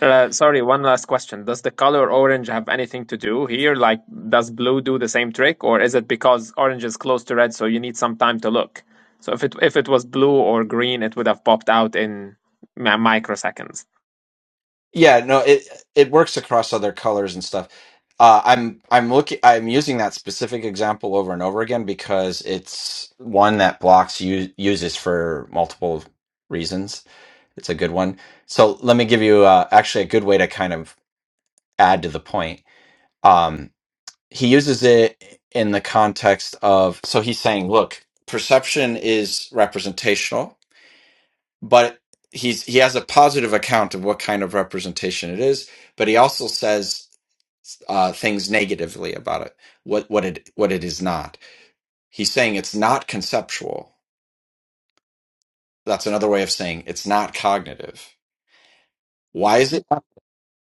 Uh, sorry, one last question. Does the color orange have anything to do here? Like, does blue do the same trick, or is it because orange is close to red, so you need some time to look? So if it if it was blue or green, it would have popped out in mi- microseconds.
Yeah, no, it it works across other colors and stuff. Uh, I'm I'm looking I'm using that specific example over and over again because it's one that blocks u- uses for multiple reasons It's a good one. So let me give you uh, actually a good way to kind of add to the point. Um, he uses it in the context of so he's saying, look, perception is representational, but he's he has a positive account of what kind of representation it is, but he also says uh, things negatively about it, what what it what it is not. He's saying it's not conceptual. That's another way of saying it's not cognitive. Why is it?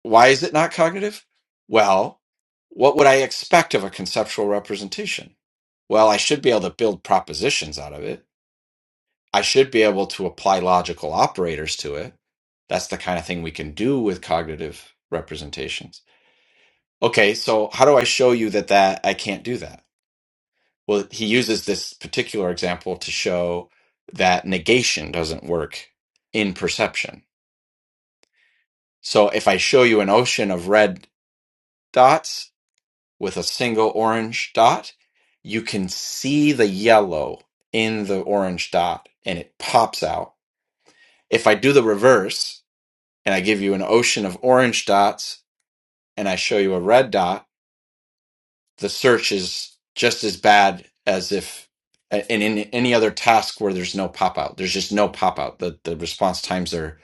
Why is it not cognitive? Well, what would I expect of a conceptual representation? Well, I should be able to build propositions out of it. I should be able to apply logical operators to it. That's the kind of thing we can do with cognitive representations. Okay, so how do I show you that that I can't do that? Well, he uses this particular example to show that negation doesn't work in perception. So if I show you an ocean of red dots, with a single orange dot, you can see the yellow in the orange dot and it pops out. If I do the reverse and I give you an ocean of orange dots and I show you a red dot, the search is just as bad as if and in any other task where there's no pop out. There's just no pop out. The the response times are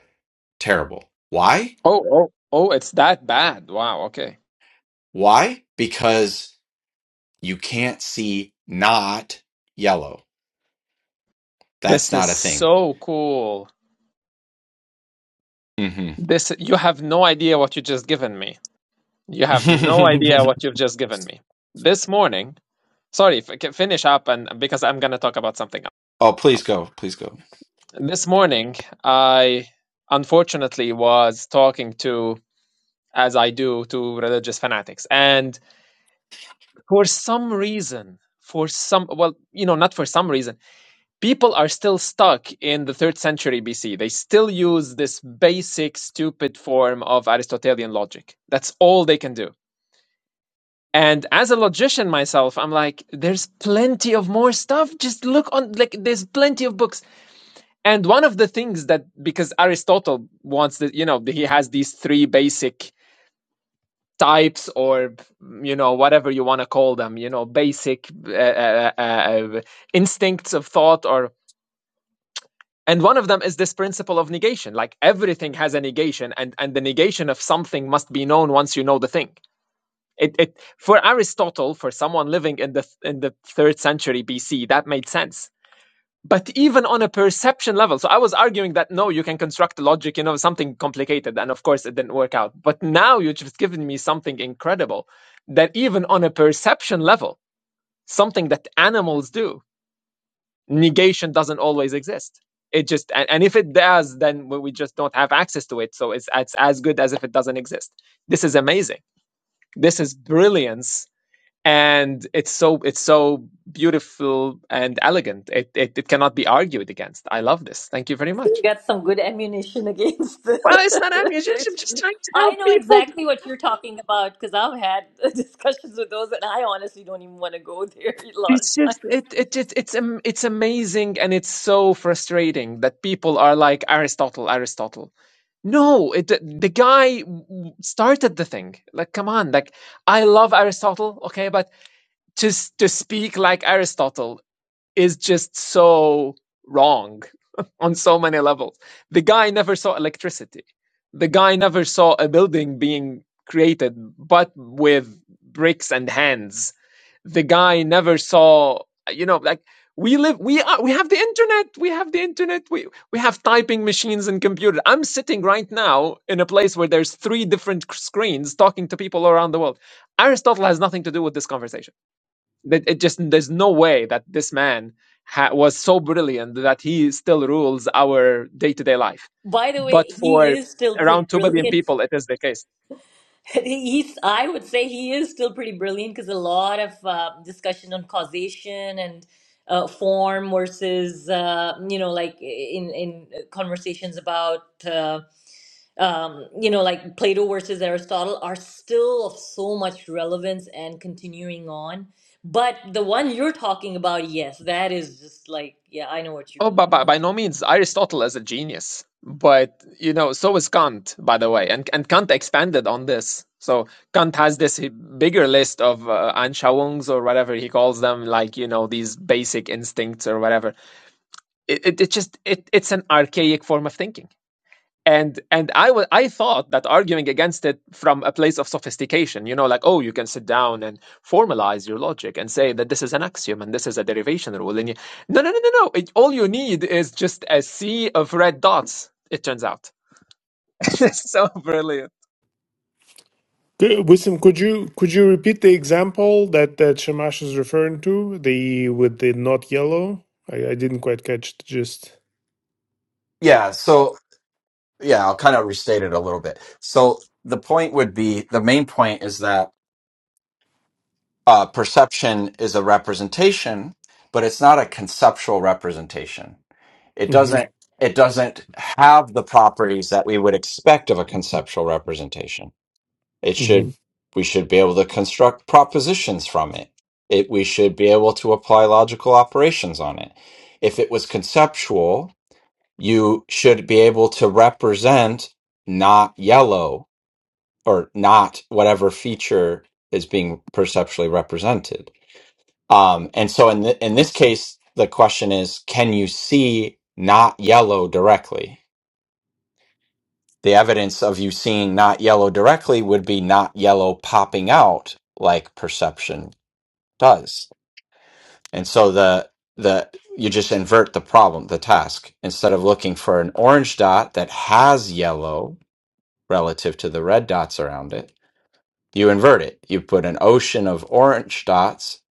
terrible. Why?
Oh, oh, oh, it's that bad. Wow, okay.
Why? Because you can't see not yellow. That's
This is
not a thing.
so cool.
Mhm.
This you have no idea what you just given me. You have no idea what you've just given me. This morning, sorry, f- finish up and because I'm going to talk about something else.
oh, please go. Please go.
This morning, I unfortunately was talking to, as I do, to religious fanatics. And for some reason, for some, well, you know, not for some reason, people are still stuck in the third century BC. They still use this basic, stupid form of Aristotelian logic. That's all they can do. And as a logician myself, I'm like, there's plenty of more stuff. Just look on, like, there's plenty of books And one of the things that, because Aristotle wants that, you know, he has these three basic types or, you know, whatever you want to call them, you know, basic uh, uh, uh, uh, instincts of thought or, and one of them is this principle of negation. Like everything has a negation and, and the negation of something must be known once you know the thing. It, it for Aristotle, for someone living in the in the third century BC, that made sense but even on a perception level so i was arguing that no you can construct logic you know something complicated and of course it didn't work out but now you've just given me something incredible that even on a perception level something that animals do negation doesn't always exist it just and, and if it does then we we just don't have access to it so it's, it's as good as if it doesn't exist this is amazing this is brilliance and it's so it's so beautiful and elegant. It, it it cannot be argued against. I love this. Thank you very
You
much.
got some good ammunition against the,
Well, it's not ammunition.
the
I'm just
extreme.
trying to help
I know
people.
exactly what you're talking about because I've had discussions with those, and I honestly don't even want to go there a lot of
It's just
times.
it it, it it's um, it's amazing and it's so frustrating that people are like Aristotle, Aristotle. No, it, the the guy w- started the thing. Like, come on. Like, I love Aristotle, okay, but to s- to speak like Aristotle is just so wrong on so many levels. The guy never saw electricity. The guy never saw a building being created, but with bricks and hands. The guy never saw, you know, like we live, we are, we have the internet, we have the internet, we, we have typing machines and computer. I'm sitting right now in a place where there's three different screens talking to people around the world. Aristotle has nothing to do with this conversation that it just there's no way that this man ha- was so brilliant that he still rules our day-to-day life
By the way,
but
he
for
is still pretty
around 2 billion
brilliant.
people it is the case
He's, I would say he is still pretty brilliant because a lot of uh, discussion on causation and uh, form versus, uh, you know, like in in uh, conversations about. Um, um, you know, like Plato versus Aristotle are still of so much relevance and continuing on. But the one you're talking about, yes, that is just like, yeah, I know what you
oh but by,
mean.
by no means aristotle is a genius but you know so is kant by the way and, and kant expanded on this so kant has this bigger list of uh, anschauungs or whatever he calls them like you know these basic instincts or whatever it, it, it just it, it's an archaic form of thinking and and I wa- I thought that arguing against it from a place of sophistication, you know, like oh, you can sit down and formalize your logic and say that this is an axiom and this is a derivation rule. And you, no, no, no, no, no. It, all you need is just a sea of red dots. It turns out, it's so brilliant.
Good- Wisdom, could you could you repeat the example that that Shamash is referring to? The with the not yellow. I, I didn't quite catch the gist.
Yeah, so yeah, I'll kind of restate it a little bit. So the point would be the main point is that uh, perception is a representation, but it's not a conceptual representation. It
Mm-hmm.
doesn't it doesn't have the properties that we would expect of a conceptual representation. It should
Mm-hmm.
we should be able to construct propositions from it. It we should be able to apply logical operations on it. If it was conceptual, you should be able to represent not yellow or not whatever feature is being perceptually represented. Um, and so in, th- in this case, the question is can you see not yellow directly? The evidence of you seeing not yellow directly would be not yellow popping out like perception does. And so the the you just invert the problem, the task. Instead of looking for an orange dot that has yellow, relative to the red dots around it. You invert it. You put an ocean of orange dots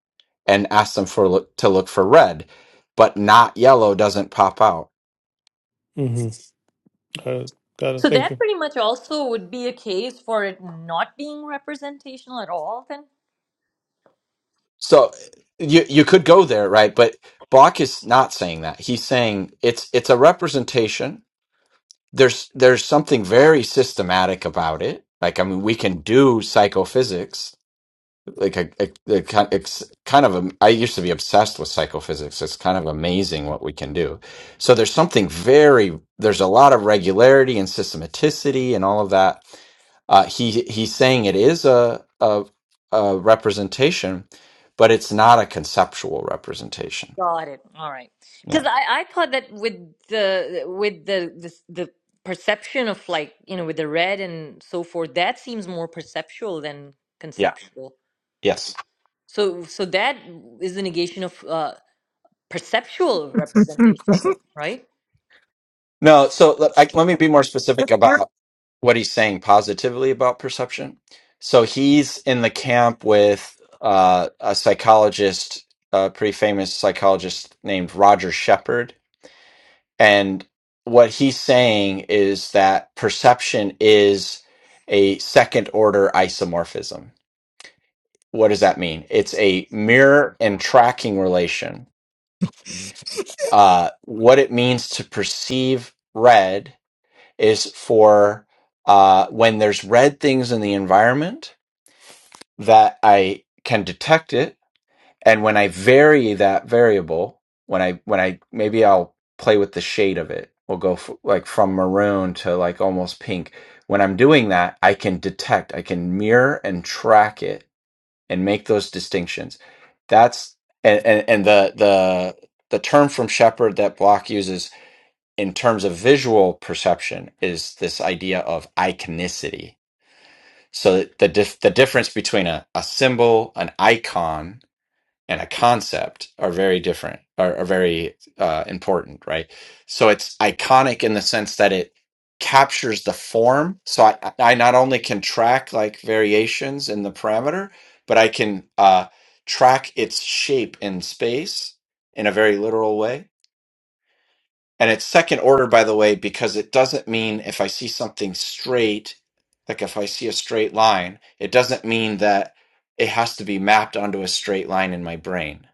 and ask them for look, to look for red, but not yellow doesn't pop out.
Mm-hmm. Uh, got it.
so
Thank
that
you.
pretty much also would be a case for it not being representational at all, then?
So you you could go there, right? But Bach is not saying that. He's saying it's it's a representation. There's there's something very systematic about it. Like I mean, we can do psychophysics like a, a, a ki- it's kind of a, I used to be obsessed with psychophysics. It's kind of amazing what we can do. So there's something very there's a lot of regularity and systematicity and all of that. Uh, he he's saying it is a, a a representation, but it's not a conceptual representation.
Got it. All right. Because
Yeah.
I, I thought that with the with the, this the perception of like, you know, with the red and so forth, that seems more perceptual than
Yeah.
conceptual.
Yes.
So, so that is the negation of uh, perceptual representation, though, right?
No. So let, I, let me be more specific about. what he's saying positively about perception. So he's in the camp with uh, a psychologist, a pretty famous psychologist named Roger Shepard. And what he's saying is that perception is a second order isomorphism. What does that mean? It's a mirror and tracking relation. Uh, what it means to perceive red is for uh, when there's red things in the environment that I can detect it. And when I vary that variable, when I when I maybe I'll play with the shade of it. We'll go f- like from maroon to like almost pink. When I'm doing that, I can detect, I can mirror and track it and make those distinctions. That's and and, and the the the term from Shepard that Block uses in terms of visual perception is this idea of iconicity so the dif- the difference between a, a symbol, an icon, and a concept are very different, are, are very uh, important, right? So it's iconic in the sense that it captures the form. So I, I not only can track like variations in the parameter, but I can uh, track its shape in space in a very literal way and it's second order, by the way, because it doesn't mean if I see something straight, like if I see a straight line, it doesn't mean that it has to be mapped onto a straight line in my brain.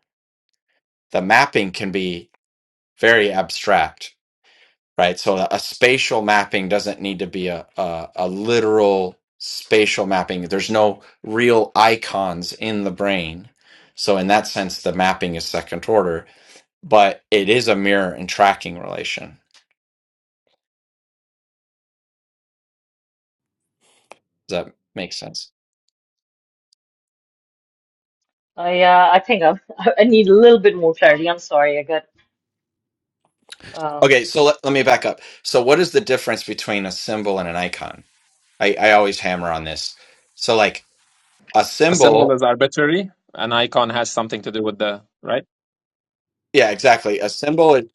The mapping can be very abstract, right? So a spatial mapping doesn't need to be a, a, a literal spatial mapping. There's no real icons in the brain. So in that sense, the mapping is second order, but it is a mirror and tracking relation. Does that make sense?
I uh, I think I'm, I need a little bit more clarity. I'm sorry. I got uh,
Okay, so let, let me back up. So, what is the difference between a symbol and an icon? I, I always hammer on this. So, like a
A symbol
symbol,
is arbitrary. An icon has something to do with the right.
yeah, exactly. A symbol. is-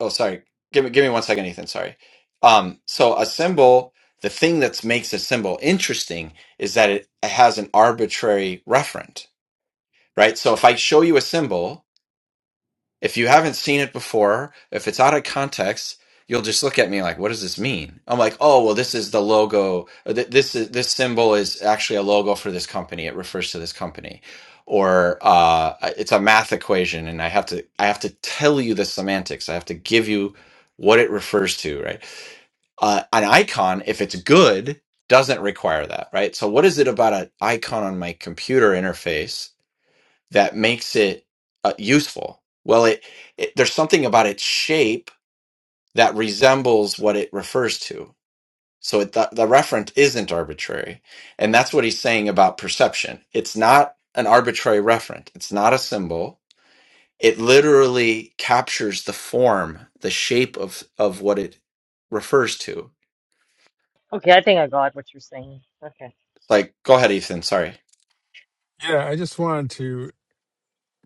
Oh, sorry. Give me give me one second, Ethan. Sorry. Um, so a symbol, the thing that makes a symbol interesting is that it has an arbitrary referent, right? So, if I show you a symbol, If you haven't seen it before, if it's out of context, you'll just look at me like, "What does this mean?" I'm like, "Oh, well, this is the logo. or th- This is this symbol is actually a logo for this company. It refers to this company." Or uh, it's a math equation, and I have to I have to tell you the semantics. I have to give you what it refers to, right? Uh, an icon, if it's good, doesn't require that, right? So, what is it about an icon on my computer interface that makes it uh, useful. Well, it, it there's something about its shape that resembles what it refers to. So it, the, the referent isn't arbitrary, and that's what he's saying about perception. It's not an arbitrary referent. It's not a symbol. It literally captures the form, the shape of of what it refers to.
okay. I think I got what you're saying. Okay.
Like, go ahead, Ethan. Sorry.
Yeah, I just wanted to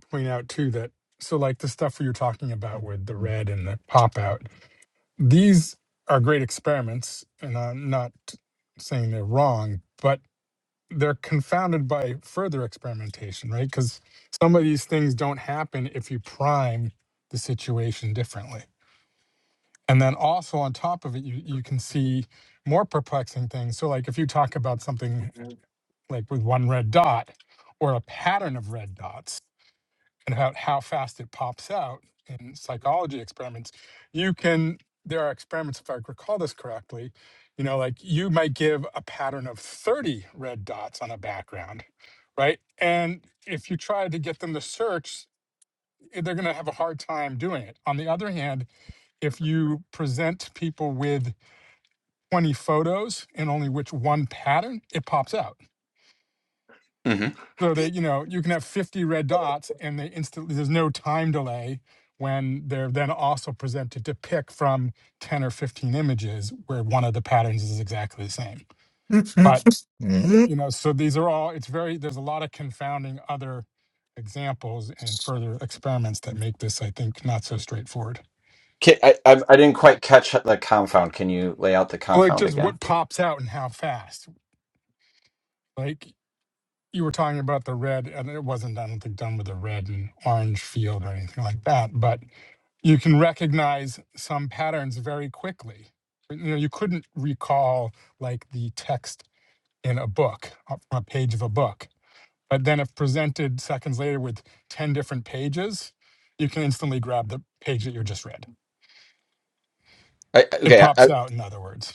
point out too that so like the stuff we are talking about with the red and the pop out, these are great experiments, and I'm not saying they're wrong, but they're confounded by further experimentation, right? Because some of these things don't happen if you prime the situation differently. And then also on top of it, you, you can see more perplexing things. So like if you talk about something like with one red dot or a pattern of red dots, and about how fast it pops out in psychology experiments, you can there are experiments, if I recall this correctly, you know, like you might give a pattern of 30 red dots on a background, right? And if you try to get them to search, eh, they're going to have a hard time doing it. On the other hand, if you present people with 20 photos and only which one pattern, it pops out
hmm
So that you know, you can have 50 red dots and they instantly there's no time delay when they're then also presented to pick from 10 or 15 images where one of the patterns is exactly the same. But
Mhm.
you know, so these are all it's very there's a lot of confounding other examples and further experiments that make this, I think, not so straightforward.
Ca I, I I didn't quite catch the confound. Can you lay out the
Like
confound
just
again?
what pops out and how fast. Like you were talking about the red, and it wasn't, I don't think, done with a red and orange field or anything like that. But you can recognize some patterns very quickly. You know, you couldn't recall like the text in a book, uh, a page of a book. But then if presented seconds later with 10 different pages, you can instantly grab the page that you just read.
I,
It
okay,
pops
I,
out, in other words.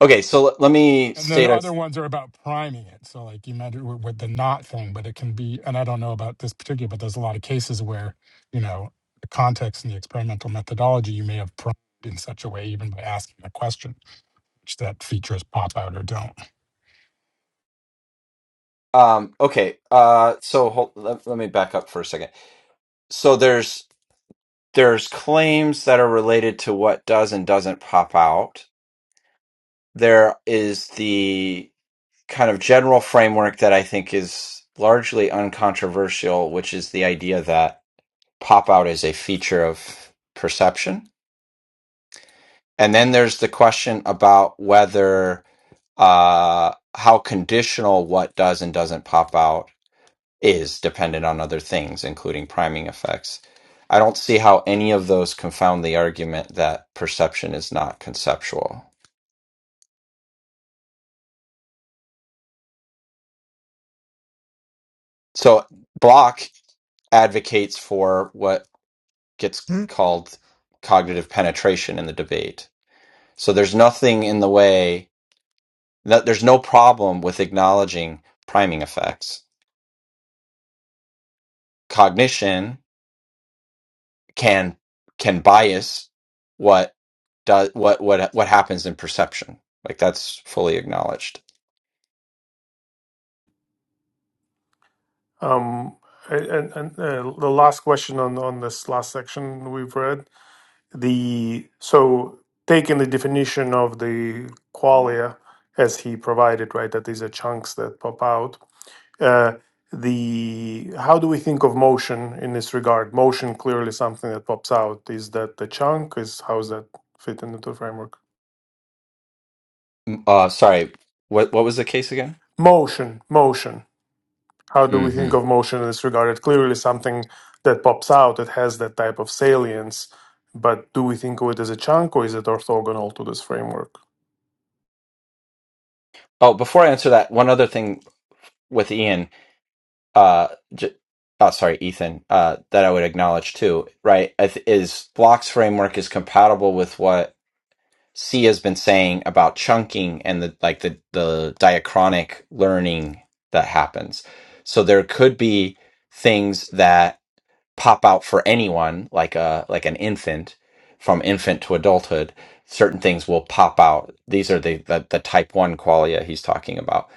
okay. So let, let me
And then the
state.
other
a-
ones are about priming it. So like you mentioned with with the not thing, but it can be, and I don't know about this particular, but there's a lot of cases where, you know, the context and the experimental methodology, you may have primed in such a way, even by asking a question which that features pop out or don't.
Um, okay. Uh, so hold, let, let me back up for a second. So there's there's claims that are related to what does and doesn't pop out. There is the kind of general framework that I think is largely uncontroversial, which is the idea that pop out is a feature of perception. And then there's the question about whether uh, how conditional what does and doesn't pop out is dependent on other things, including priming effects. I don't see how any of those confound the argument that perception is not conceptual. So, Block advocates for what gets Hmm? called cognitive penetration in the debate. So, there's nothing in the way that there's no problem with acknowledging priming effects. Cognition can can bias what does what what what happens in perception. Like that's fully acknowledged
Um, and, and uh, the last question on on this last section we've read the so taking the definition of the qualia as he provided, right? That these are chunks that pop out. Uh, the how do we think of motion in this regard? Motion clearly something that pops out. Is that the chunk? Is how does that fit into the framework?
Mm, Uh, sorry, what what was the case again?
Motion, motion. How do we think
hmm
of motion in this regard? It's clearly something that pops out that has that type of salience, but do we think of it as a chunk or is it orthogonal to this framework?
Oh, before I answer that, one other thing with Ian, uh, j- oh, sorry, Ethan, uh, that I would acknowledge too, right, I th- is Block's framework is compatible with what C has been saying about chunking and the like the the diachronic learning that happens. So there could be things that pop out for anyone like a like an infant from infant to adulthood certain things will pop out these are the the, the type 1 qualia he's talking about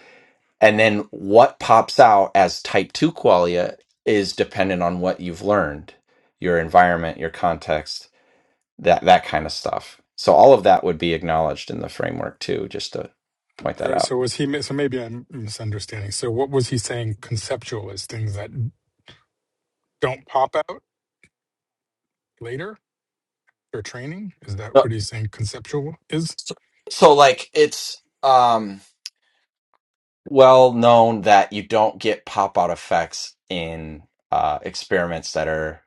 and then what pops out as type 2 qualia is dependent on what you've learned your environment your context that that kind of stuff so all of that would be acknowledged in the framework too just to point
All
that
right,
out
so was he? So maybe I'm misunderstanding. So what was he saying? Conceptual is things that don't pop out later or training. Is that what he's saying? Conceptual is.
so like it's um well known that you don't get pop out effects in uh experiments that are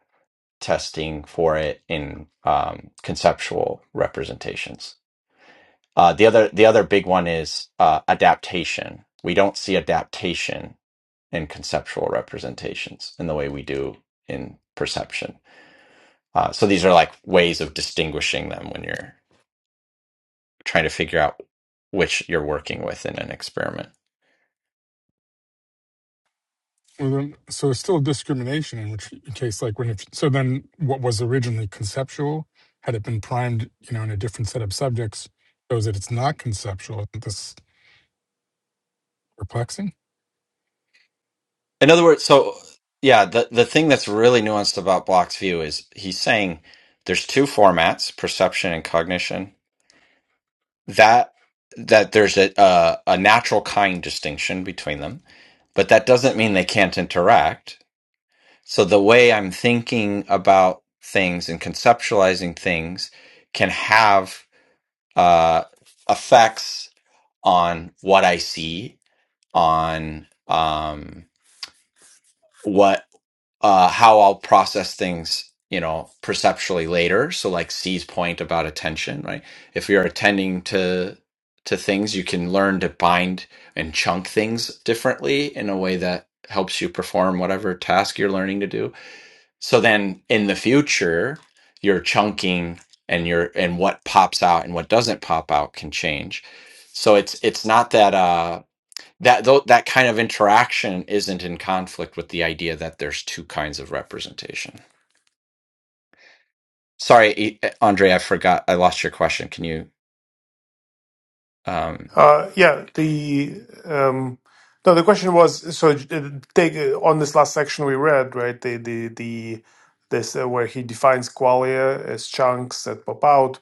testing for it in um conceptual representations uh the other the other big one is uh adaptation we don't see adaptation in conceptual representations in the way we do in perception uh so these are like ways of distinguishing them when you're trying to figure out which you're working with in an experiment
Well, then, so it's still discrimination in which case, like when if so, then what was originally conceptual, had it been primed, you know, in a different set of subjects, shows that it's not conceptual. Isn't this perplexing?
In other words, so yeah, the the thing that's really nuanced about Block's view is he's saying there's two formats, perception and cognition. That that there's a a, a natural kind distinction between them, but that doesn't mean they can't interact. So the way I'm thinking about things and conceptualizing things can have uh, effects on what I see, on um, what uh, how I'll process things, you know, perceptually later. So like C's point about attention, right? If you're attending to to things, you can learn to bind and chunk things differently in a way that helps you perform whatever task you're learning to do so then in the future, your chunking and your and what pops out and what doesn't pop out can change. So it's it's not that uh that though that kind of interaction isn't in conflict with the idea that there's two kinds of representation. Sorry, E- E, Andre, I forgot. I lost your question. Can you um
Uh, yeah, the um, no, the question was so uh, take uh, on this last section we read, right? The the the this uh, where he defines qualia as chunks that pop out,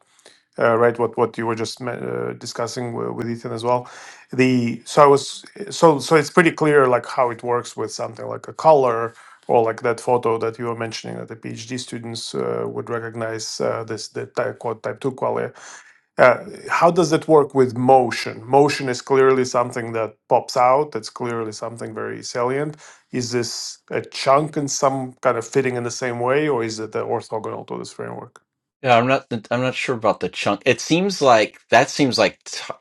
uh, right? What what you were just me- uh, discussing w- with Ethan as well. The so I was so so it's pretty clear like how it works with something like a color or like that photo that you were mentioning that the PhD students uh, would recognize uh, this the type, quote, type two qualia uh, how does it work with motion? Motion is clearly something that pops out. That's clearly something very salient. Is this a chunk in some kind of fitting in the same way, or is it uh, orthogonal to this framework?
yeah, I'm not. I'm not sure about the chunk. It seems like that seems like t-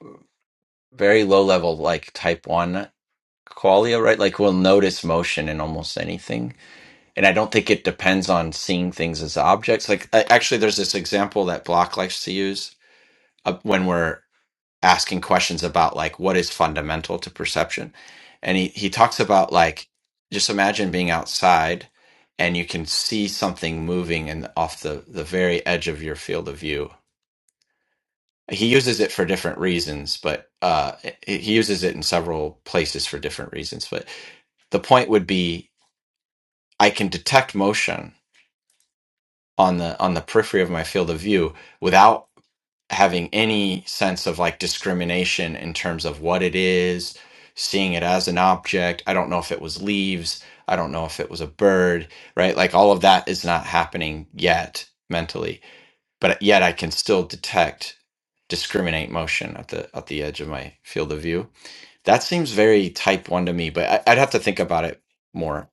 very low level, like type one qualia, right? Like we'll notice motion in almost anything, and I don't think it depends on seeing things as objects. Like I- actually, there's this example that Block likes to use uh, when we're asking questions about like what is fundamental to perception, and he he talks about like just imagine being outside and you can see something moving and off the the very edge of your field of view. He uses it for different reasons, but uh, he he uses it in several places for different reasons. But the point would be, I can detect motion on the on the periphery of my field of view without having any sense of like discrimination in terms of what it is seeing it as an object i don't know if it was leaves i don't know if it was a bird right like all of that is not happening yet mentally but yet i can still detect discriminate motion at the at the edge of my field of view that seems very type one to me but I, i'd have to think about it more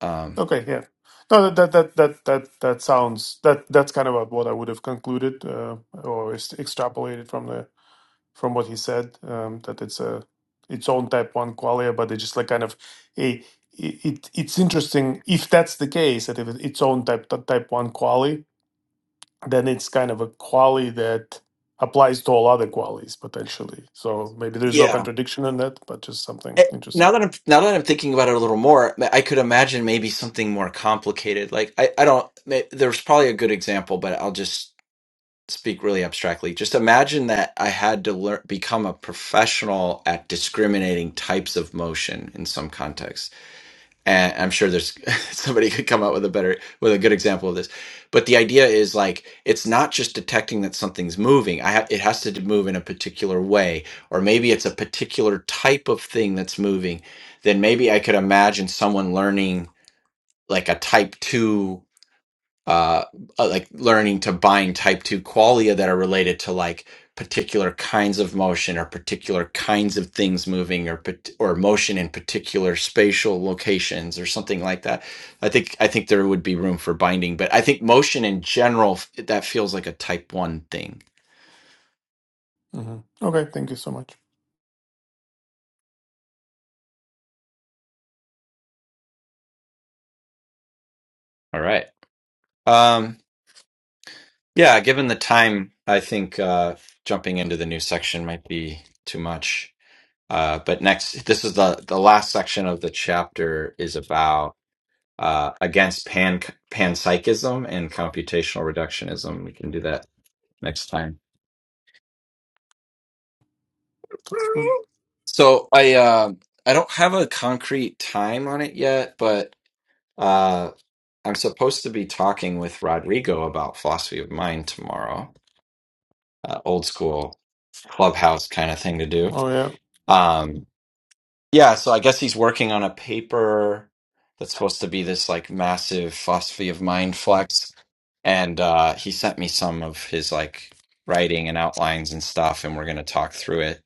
um
Okay, yeah. No, that that that that that, that sounds that that's kind of what I would have concluded uh, or is extrapolated from the from what he said um, that it's a its own type one qualia, but it's just like kind of a it, it- it's interesting if that's the case that if it's its own type type one quali, then it's kind of a quali that applies to all other qualies potentially. So maybe there's no contradiction in that, but just something
Eh,
interesting.
now that I'm now that I'm thinking about it a little more, I could imagine maybe something more complicated. Like I, I don't. may- There's probably a good example, but I'll just speak really abstractly. Just imagine that I had to learn become a professional at discriminating types of motion in some context and i'm sure there's somebody could come up with a better with a good example of this but the idea is like it's not just detecting that something's moving i ha- it has to d- move in a particular way or maybe it's a particular type of thing that's moving then maybe i could imagine someone learning like a type 2 uh, uh, like learning to bind type 2 qualia that are related to like particular kinds of motion or particular kinds of things moving or pat- or motion in particular spatial locations or something like that i think i think there would be room for binding but i think motion in general f- that feels like a type 1 thing
hmm Okay, thank you so much.
all right um yeah given the time i think uh jumping into the new section might be too much uh, but next, this is the the last section of the chapter is about uh, against pan panpsychism and computational reductionism. We can do that next time.
Sounds good.
So I uh, I don't have a concrete time on it yet, but uh, I'm supposed to be talking with Rodrigo about philosophy of mind tomorrow. Uh, old school clubhouse kind of thing to do.
Oh yeah,
Um, Yeah, so I guess he's working on a paper that's supposed to be this like massive philosophy of mind flex. And uh, he sent me some of his like writing and outlines and stuff, and we're going to talk through it.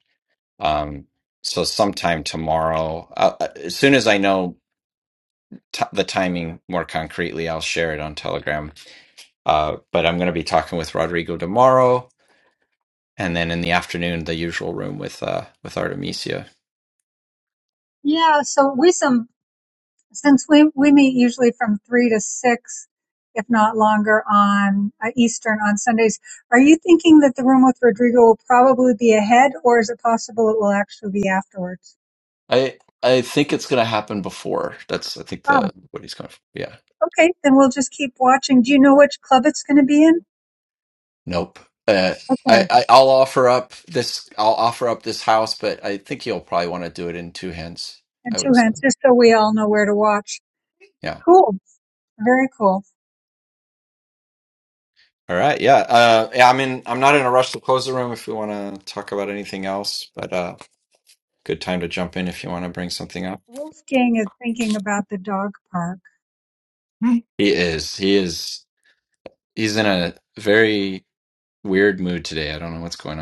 Um, so sometime tomorrow, uh, uh, as soon as I know t the timing more concretely, I'll share it on Telegram. Uh, but I'm going to be talking with Rodrigo tomorrow, and then in the afternoon, the usual room with uh, with Artemisia.
Yeah, so we some since we we meet usually from three to six, if not longer, on uh, Eastern on Sundays. Are you thinking that the room with Rodrigo will probably be ahead, or is it possible it will actually be afterwards?
I I think it's gonna happen before. That's I think
Oh,
the what he's going for. Yeah.
okay. Then we'll just keep watching. Do you know which club it's going to be in?
Nope. Uh,
Okay,
I, I I'll offer up this. I'll offer up this house, but I think he'll probably want to do it in two hands.
and
I would
two hands,
assume.
just so we all know where to watch.
Yeah.
Cool, very cool.
All right. Yeah. Uh, yeah. I'm in. I'm not in a rush to close the room. If we want to talk about anything else, but uh, good time to jump in if you want to bring something up.
Wolfgang is thinking about the dog park.
Hmm. He is. He is. He's in a very weird mood today. I don't know what's going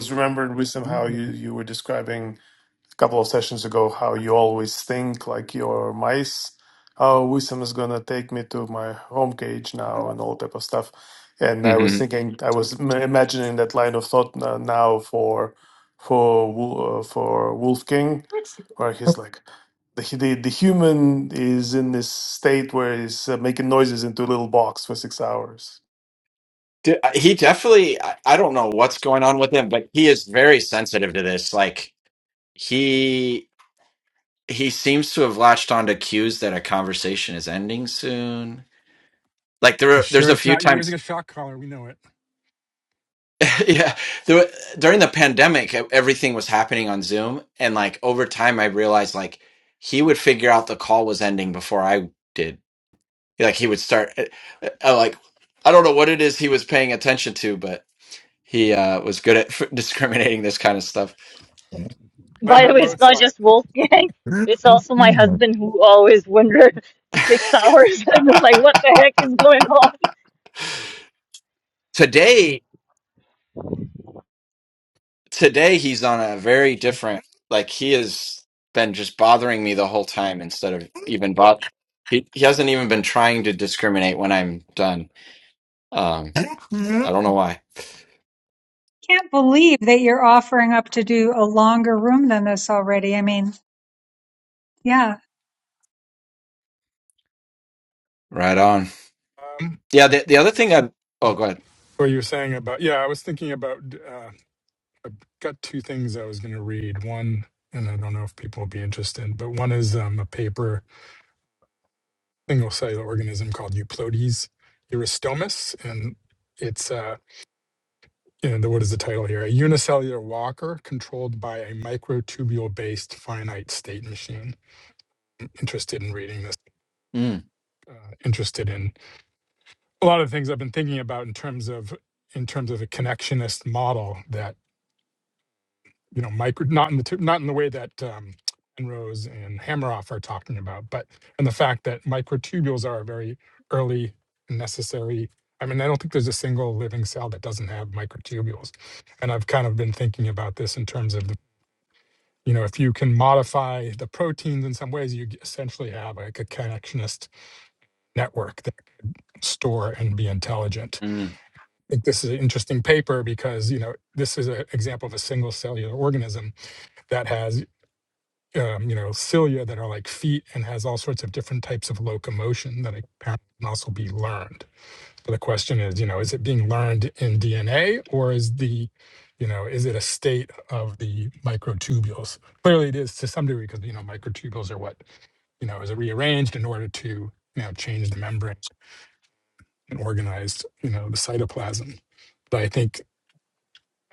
just remembered wisdom how you you were describing couple of sessions ago how you always think like your mice oh wisdom is gonna take me to my home cage now and all type of stuff and i
on.
was thinking i was m- imagining that line of thought n- now for for Wo- uh, for wolf king where he's like the, hu- the, the human is in this state where he's uh, making noises into a little box for six hours
D- uh, He definitely, I I don't know what's going on with him, but he is very sensitive to this. Like he he seems to have latched onto cues that a conversation is ending soon. Like there,
You
were- there's
sure
a
it's
few
not? You're using
times,
a shock collar. We know it.
yeah. There, were- during the pandemic, e- everything was happening on Zoom, and like over time, I realized like he would figure out the call was ending before I did. Like he would start, uh, uh, uh, like I don't know what it is he was paying attention to, but he uh, was good at discriminating this kind of stuff.
By
Clever
the way, it's not
Mozart.
just Wolfgang. It's also my husband who always wondered the six hours. I'm just like, what the heck is going on?
today today he's on a very different like he has been just bothering me the whole time instead of even bot he, he hasn't even been trying to discriminate when i'm done um i don't know why
Can't believe that you're offering up to do a longer room than this already. I mean. yeah
right on
Um,
yeah the, the other thing i oh go ahead
what you were saying about? Yeah, I was thinking about. Uh, I've got two things I was going to read. One, and I don't know if people will be interested, but one is um, a paper, single cellular organism called Euplodes, Eurystomus, and it's uh And the, what is the title here? A unicellular walker controlled by a microtubule-based finite state machine. Interested in reading this.
mm,
Uh, interested in a lot of things I've been thinking about in terms of in terms of a connectionist model that you know micro not in the tu- not in the way that um, Penrose and Hameroff are talking about, but and the fact that microtubules are a very early necessary. I mean, I don't think there's a single living cell that doesn't have microtubules and I've kind of been thinking about this in terms of the you know if you can modify the proteins in some ways you essentially have like a connectionist network that can store and be intelligent
mm,
i think this is an interesting paper because you know this is an example of a single cellular organism that has um, you know cilia that are like feet and has all sorts of different types of locomotion that apparently can also be learned so the question is you know is it being learned in dna or is the you know is it a state of the microtubules clearly it is to some degree because you know microtubules are what you know, is rearranged in order to, you know, change the membrane and organize, you know, the cytoplasm. But I think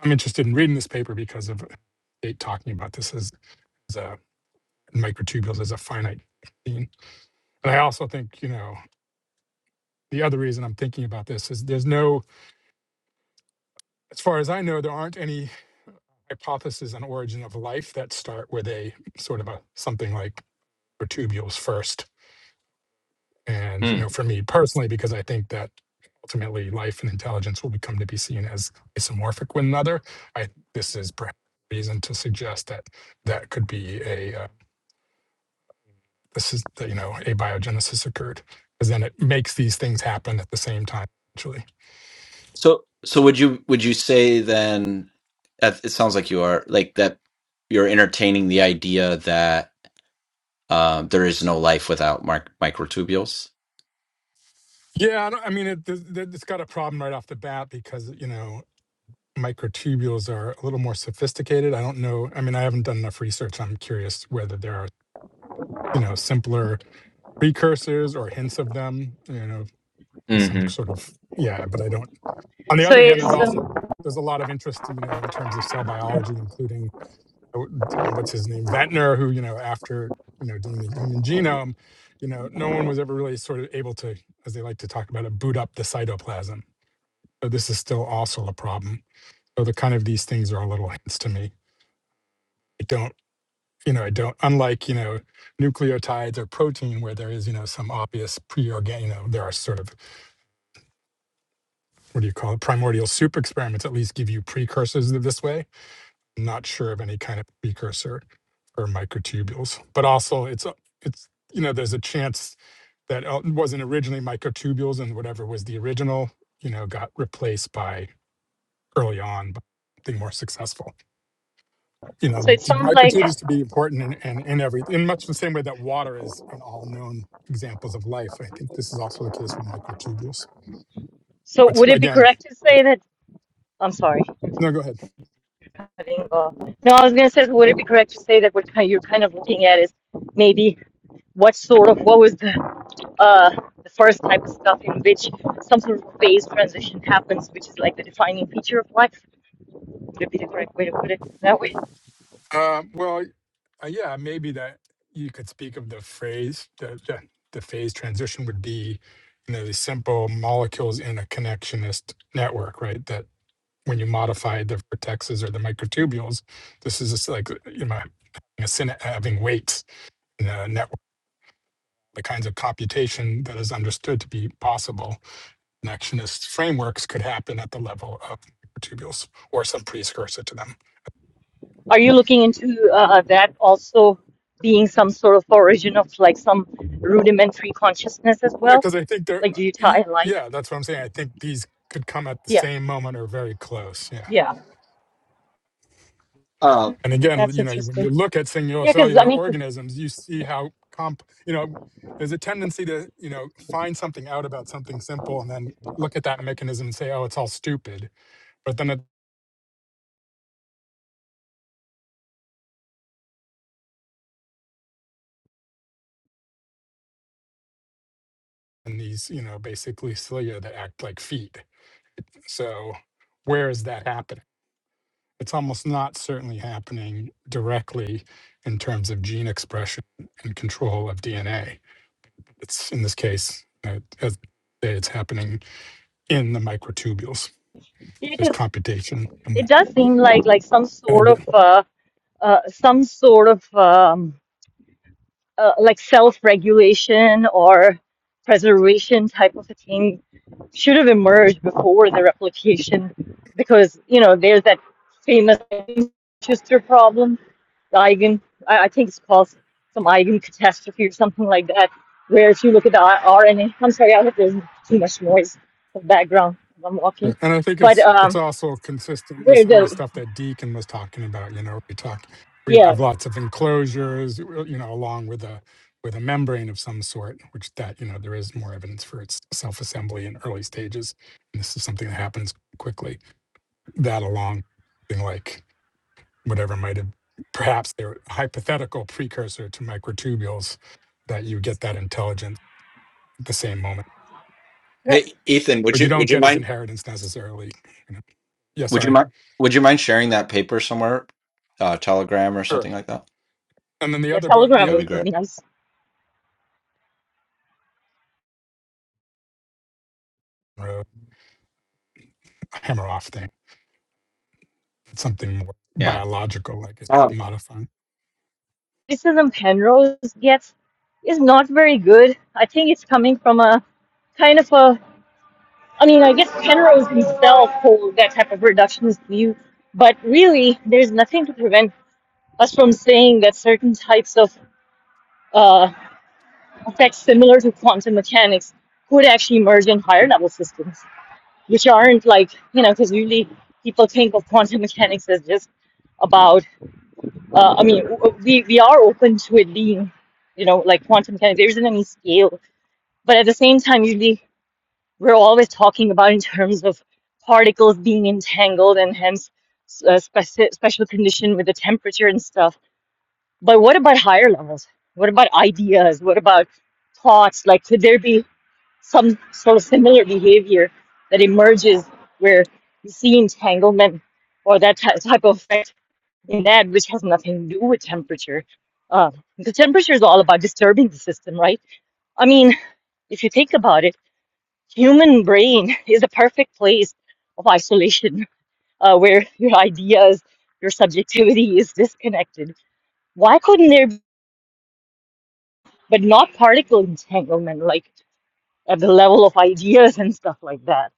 I'm interested in reading this paper because of it talking about this as, as a microtubules as a finite thing. And I also think, you know, the other reason I'm thinking about this is there's no, as far as I know, there aren't any hypotheses on origin of life that start with a sort of a something like microtubules first and you
mm.
know for me personally because i think that ultimately life and intelligence will become to be seen as isomorphic with another i this is perhaps reason to suggest that that could be a uh, this is that you know abiogenesis occurred because then it makes these things happen at the same time actually
so so would you would you say then that- it sounds like you are like that you're entertaining the idea that. Uh, there is no life without mic- microtubules.
yeah i, don't, I mean it, th- th- it's got a problem right off the bat because you know microtubules are a little more sophisticated i don't know i mean i haven't done enough research i'm curious whether there are you know simpler precursors or hints of them, you know, in some
hmm
sort of yeah, but I don't. On the
So
other hand,
it's
there's also
um,
there's a lot of interest, you know, in terms of cell biology, including uh, um, what's his name, Ventnor, who you know after you know doing the human genome, you know, no one was ever really sort of able to, as they like to talk about it, boot up the cytoplasm. So this is still also a problem. So the kind of these things are a little hints to me. I don't, you know, I don't. Unlike you know nucleotides or protein, where there is you know some obvious pre-organ, you know, there are sort of what do you call it primordial soup experiments at least give you precursors this way I'm not sure of any kind of precursor or microtubules but also it's it's you know there's a chance that uh, wasn't originally microtubules and whatever was the original you know got replaced by early on by something more successful you know
so it
d-
sounds like.
microtubules to be important in, in, in every in much the same way that water is in all known examples of life i think this is also the case with microtubules
So
but
would it be
again
correct to say that? I'm sorry.
no go ahead
having a, no, I was gonna say, would it be correct to say that what you're kind of looking at is maybe what sort of, what was the, uh, the first type of stuff in which some sort of phase transition happens, which is like the defining feature of life? Would it be the correct way to put it that way?
Um, well, uh, yeah, maybe that you could speak of the phase, the, the, the phase transition would be, you know, the simple molecules in a connectionist network, right? That when you modify the vertexes or the microtubules, this is just like, you know, having, a syna- having weights in a network. The kinds of computation that is understood to be possible, connectionist frameworks could happen at the level of microtubules or some precursor to them.
Are you looking into uh, that also being some sort of origin of like some rudimentary consciousness as
Yeah,
well?
because I think they're.
Like,
uh,
do you
y-
tie life?
Yeah, that's what I'm saying. I think these could come at the
Yeah,
same moment or very close. Yeah,
yeah,
Uh,
and again,
that's
you know, when
interesting.
you look at singular
Yeah, because I
cellular
mean,
organisms, you see how comp. You know, there's a tendency to you know find something out about something simple and then look at that mechanism and say, oh, it's all stupid. But then it, and these you know basically cilia that act like feet. So where is that happening? It's almost not certainly happening directly in terms of gene expression and control of DNA It's in this case, uh, as it's happening in the microtubules. There's
because.
computation in
It
that.
does seem like like some
And
sort
again,
of uh, uh, some sort of um, uh, like self-regulation or preservation type of a thing should have emerged before the replication, because you know there's that famous Schuster problem, the eigen. I, I think it's called some eigen catastrophe or something like that, where if you look at the R- RNA, I'm sorry, I hope there's too much noise in the background. when I'm walking,
yeah, and I think
but
it's it's
um,
also consistent with
where
some of the
the
stuff that Deacon was talking about. You know, we talk, we
yeah.
have lots of enclosures, you know, along with a with a membrane of some sort, which that you know there is more evidence for its self assembly in early stages. And this is something that happens quickly. That along, thing like whatever might have perhaps they're hypothetical precursor to microtubules that you get that intelligence at the same moment
hey, Ethan, would
but you
you would
don't
you
get his
mind?
inheritance necessarily you know. yeah
Would you
sorry
mind? Would you mind sharing that paper somewhere, uh, Telegram or
sure
something like that?
and then the
Yeah,
other book
Telegram
the
That'd be
would
other
great.
be nice.
uh, hammer off thing it's something more
Yeah.
biological like it's
Um,
modifying
Criticism Penrose gets is not very good. I think it's coming from a kind of a. I mean, I guess Penrose himself holds that type of reductionist view, but really, there's nothing to prevent us from saying that certain types of uh, effects similar to quantum mechanics could actually emerge in higher level systems, which aren't like, you know, because usually people think of quantum mechanics as just about uh, I mean, w- we we are open to it being, you know, like quantum mechanics. There isn't any scale, but at the same time, usually we're always talking about in terms of particles being entangled and hence uh, speci special condition with the temperature and stuff. But what about higher levels? What about ideas? What about thoughts? Like, could there be some sort of similar behavior that emerges where you see entanglement or that ty- type of effect? in that, which has nothing to do with temperature. Uh, the temperature is all about disturbing the system, right? I mean, if you think about it, human brain is the perfect place of isolation, uh, where your ideas, your subjectivity is disconnected. Why couldn't there, be, but not particle entanglement, like at the level of ideas and stuff like that?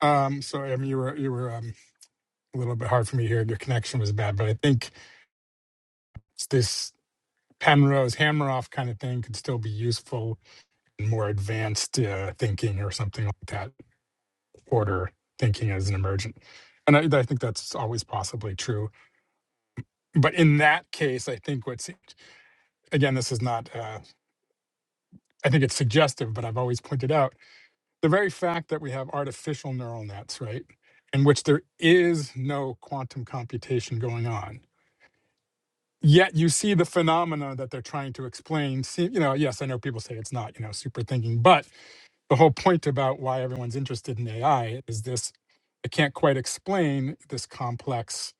um so i mean you were you were um, a little bit hard for me here your connection was bad but i think it's this penrose hammer off kind of thing could still be useful in more advanced uh, thinking or something like that order thinking as an emergent. And I, I think that's always possibly true. But in that case, I think what's, again, this is not, uh, I think it's suggestive, but I've always pointed out the very fact that we have artificial neural nets, right, in which there is no quantum computation going on. Yet you see the phenomena that they're trying to explain. See, you know, yes, I know people say it's not, you know, super thinking, but the whole point about why everyone's interested in AI is this I can't quite explain this complex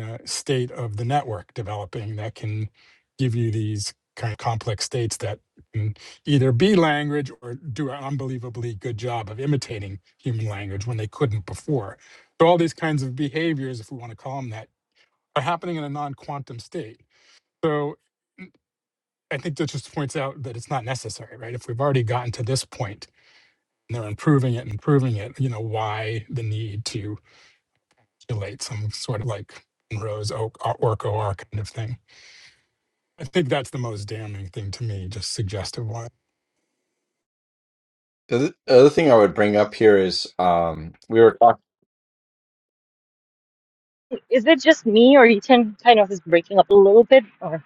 uh, state of the network developing that can give you these kind of complex states that can either be language or do an unbelievably good job of imitating human language when they couldn't before. So, all these kinds of behaviors, if we want to call them that, are happening in a non quantum state. So, I think that just points out that it's not necessary, right? If we've already gotten to this point, and they're improving it and improving it. You know, why the need to relate some sort of like Rose Oak or Orco R kind of thing? I think that's the most damning thing to me, just suggestive one.
the other the other thing I would bring up here is um, we were talking,
Is it just me, or you can kind of is breaking up a little bit? Or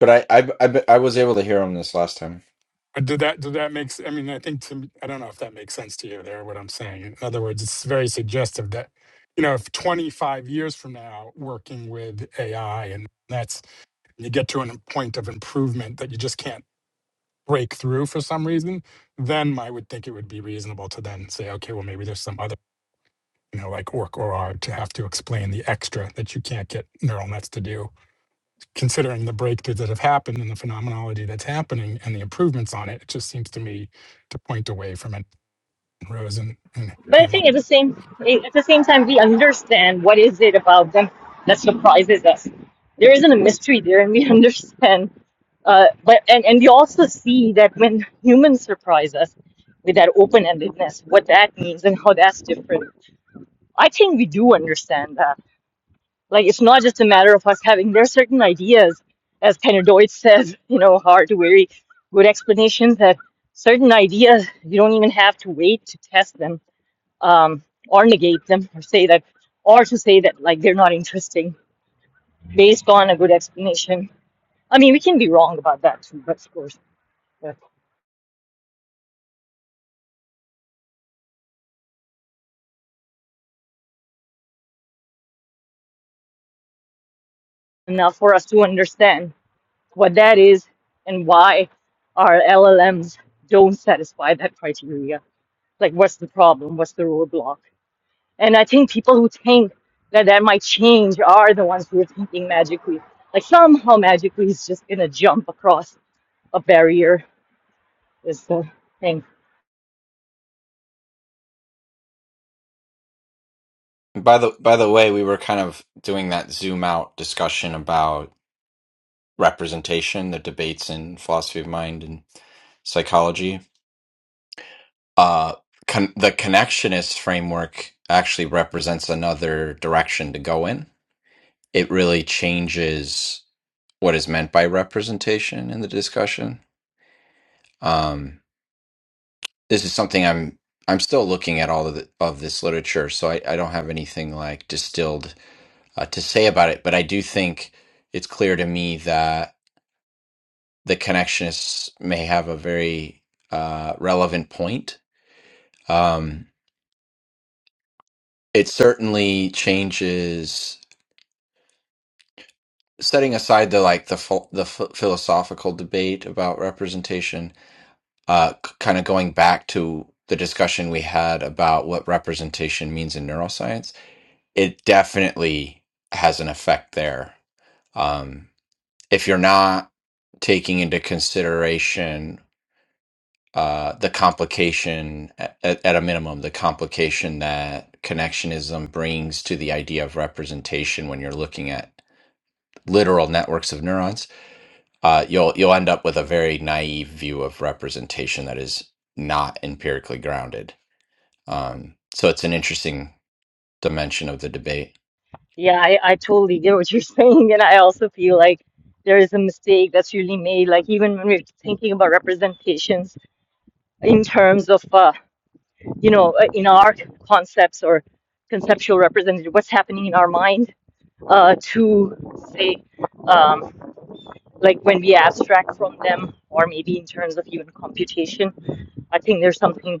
But I, I, I, I was able to hear him this last time.
Uh, Did that? Did that make? s- I mean, I think to me- I don't know if that makes sense to you. There, what I'm saying. In other words, it's very suggestive that you know, if 25 years from now, working with AI and that's you get to a point of improvement that you just can't break through for some reason, then I would think it would be reasonable to then say, okay, well, maybe there's some other you know, like Orc or R to have to explain the extra that you can't get neural nets to do. Considering the breakthroughs that have happened and the phenomenology that's happening and the improvements on it, it just seems to me to point away from it. Rose and, and
But I
Hammer.
think at the same at the same time we understand what is it about them that surprises us. There isn't a mystery there, and we understand. Uh, but and and we also see that when humans surprise us with that open-endedness, what that means and how that's different. I think we do understand that. Like it's not just a matter of us having there are certain ideas, as Tanner Deutsch says, you know, hard to very good explanations that certain ideas you don't even have to wait to test them um, or negate them or say that or to say that like they're not interesting based on a good explanation i mean we can be wrong about that too but of course but enough for us to understand what that is and why our llms don't satisfy that criteria like what's the problem what's the roadblock and i think people who think that that might change are the ones who are thinking magically like somehow magically it's just gonna jump across a barrier is the thing
By the by the way, we were kind of doing that zoom out discussion about representation, the debates in philosophy of mind and psychology. uh, con- the connectionist framework actually represents another direction to go in. It really changes what is meant by representation in the discussion. Um, this is something I'm I'm still looking at all of, the, of this literature, so I, I don't have anything like distilled uh, to say about it. But I do think it's clear to me that the connectionists may have a very uh, relevant point. Um, it certainly changes. setting aside the like the ph- the ph- philosophical debate about representation uh c- kind of going back to the discussion we had about what representation means in neuroscience it definitely has an effect there um if you're not taking into consideration uh, the complication at, at a minimum the complication that connectionism brings to the idea of representation when you're looking at literal networks of neurons uh, you'll you'll end up with a very naive view of representation that is not empirically grounded. Um, so it's an interesting dimension of the debate.
Yeah, I, I totally get what you're saying. And I also feel like there is a mistake that's really made. Like, even when we're thinking about representations in terms of, uh, you know, uh, in our concepts or conceptual representation, what's happening in our mind uh, to say, um, like when we abstract from them, or maybe in terms of even computation, I think there's something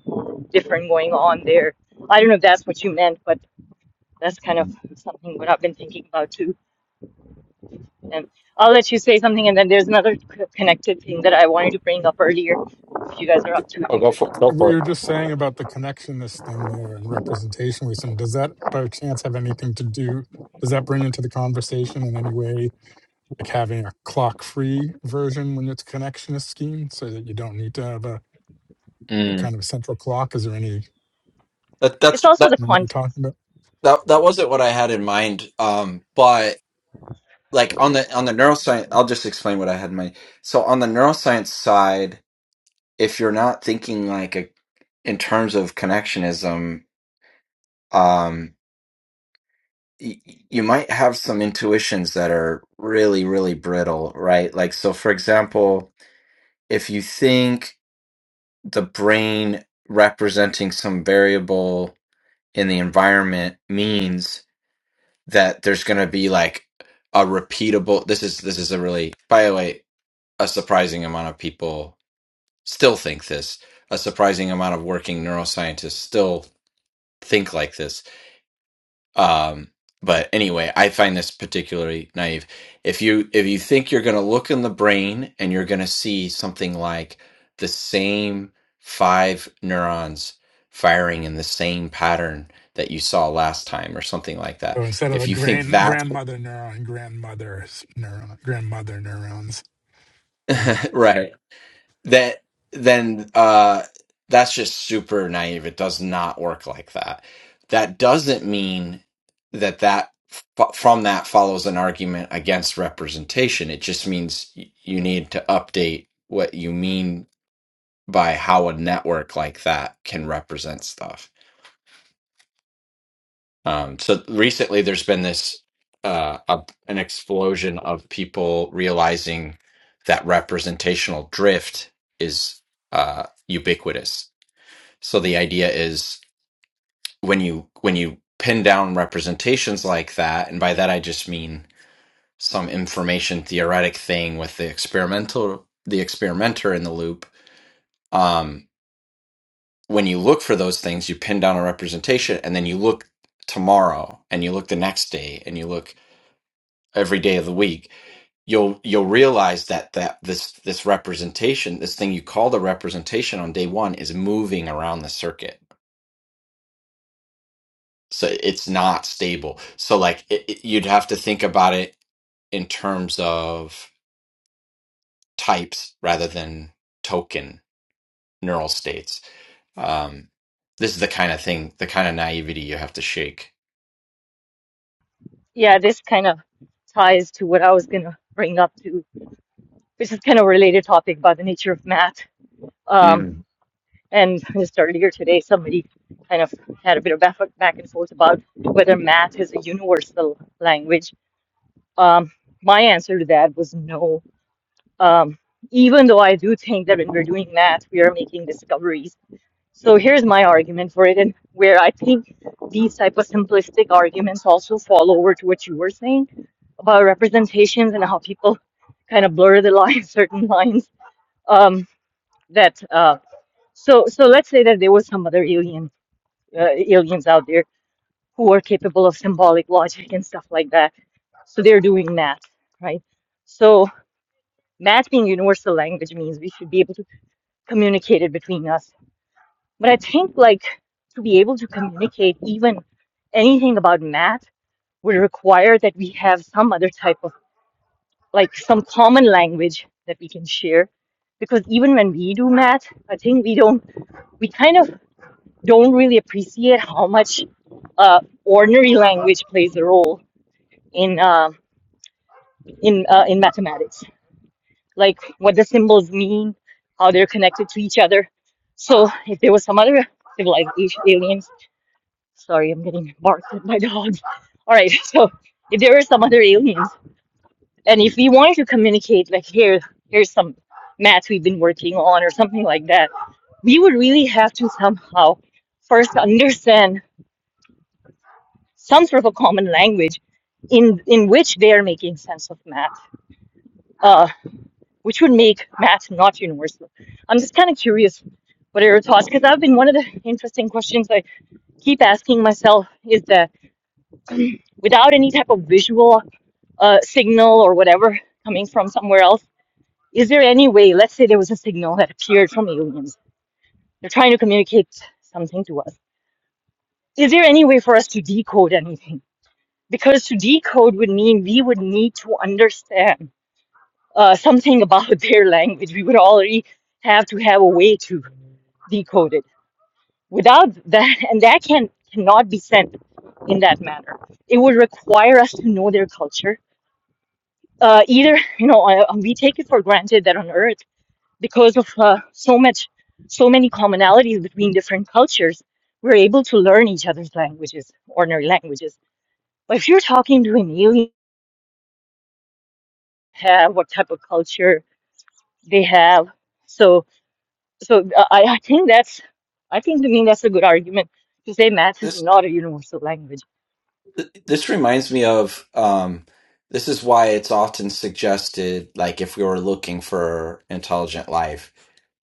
different going on there. I don't know if that's what you meant, but that's kind of something what I've been thinking about too. And I'll let you say something, and then there's another c- connected thing that I wanted to bring up earlier. If you guys are up to it, we could.
What you were just saying about the connectionist thing there and representation representationalism, does that by chance have anything to do? Does that bring into the conversation in any way, like having a clock free version when it's a connectionist scheme so that you don't need to have a, a
Mm.
kind of central clock? Is there any,
That
It's
that's
also
that
the
what you're talking
context.
about?
that that wasn't what I had in mind. Um, but like on the on the neuroscience, I'll just explain what I had in mind. So on the neuroscience side, if you're not thinking like a in terms of connectionism, um, y- you might have some intuitions that are really, really brittle, right? Like, so for example, if you think the brain representing some variable in the environment means that there's going to be like a repeatable, this is, this is a really, by the way, a surprising amount of people still think this. A surprising amount of working neuroscientists still think like this Um, but anyway, I find this particularly naive. If you if you think you're going to look in the brain and you're going to see something like the same five neurons firing in the same pattern that you saw last time or something like that.
So instead of
If
a
you think
grand
that
grandmother neuron, grandmother's neuron, grandmother neurons. something like that.
right that then uh that's just super naive it does not work like that that doesn't mean that that f- from that follows an argument against representation it just means y- you need to update what you mean by how a network like that can represent stuff um so recently there's been this uh a, an explosion of people realizing that representational drift is uh ubiquitous So the idea is when you when you pin down representations like that, and by that I just mean some information theoretic thing with the experimental the experimenter in the loop. Um, when you look for those things, you pin down a representation, and then you look tomorrow, and you look the next day, and you look every day of the week. You'll you'll realize that that this this representation, this thing you call the representation on day one, is moving around the circuit So it's not stable. So like it, it- you'd have to think about it in terms of types rather than token neural states. Um, this is the kind of thing, the kind of naivety you have to shake.
Yeah, this kind of ties to what I was going to bring up too, which is kind of a related topic about the nature of math. Um,
Mm.
and just earlier today, somebody kind of had a bit of back, back and forth about whether math is a universal language. Um, my answer to that was no. Um, even though I do think that when we're doing math, we are making discoveries So here's my argument for it, and where I think these type of simplistic arguments also fall over to what you were saying about representations and how people kind of blur the lines, certain lines. Um, that uh, so so let's say that there was some other alien uh, aliens out there who are capable of symbolic logic and stuff like that. So they're doing math, right? So math being universal language means we should be able to communicate it between us But I think like to be able to communicate even anything about math would require that we have some other type of like some common language that we can share. Because even when we do math, I think we don't we kind of don't really appreciate how much uh, ordinary language plays a role in uh, in uh, in mathematics. Like what the symbols mean, how they're connected to each other. So if there was some other civilization, alien Sorry, I'm getting barked at by dogs. All right, so if there were some other aliens, and if we wanted to communicate, like here, here's some math we've been working on, or something like that, we would really have to somehow first understand some sort of a common language in in which they are making sense of math, uh, which would make math not universal. I'm just kind of curious what are your thoughts? Because I've been one of the interesting questions I keep asking myself is that without any type of visual uh, signal or whatever coming from somewhere else. Is there any way, let's say there was a signal that appeared from aliens, they're trying to communicate something to us. Is there any way for us to decode anything? Because to decode would mean we would need to understand uh, something about their language. We would already have to have a way to decode it. Without that, and that can cannot be sent in that manner. It would require us to know their culture. Uh, either you know, uh, we take it for granted that on Earth because of uh, so much so many commonalities between different cultures we're able to learn each other's languages ordinary languages but if you're talking to an alien have what type of culture they have so so uh, i, I think that's i think to me that's a good argument to say math is
This
not a universal language
this reminds me of um, this is why it's often suggested, like if we were looking for intelligent life,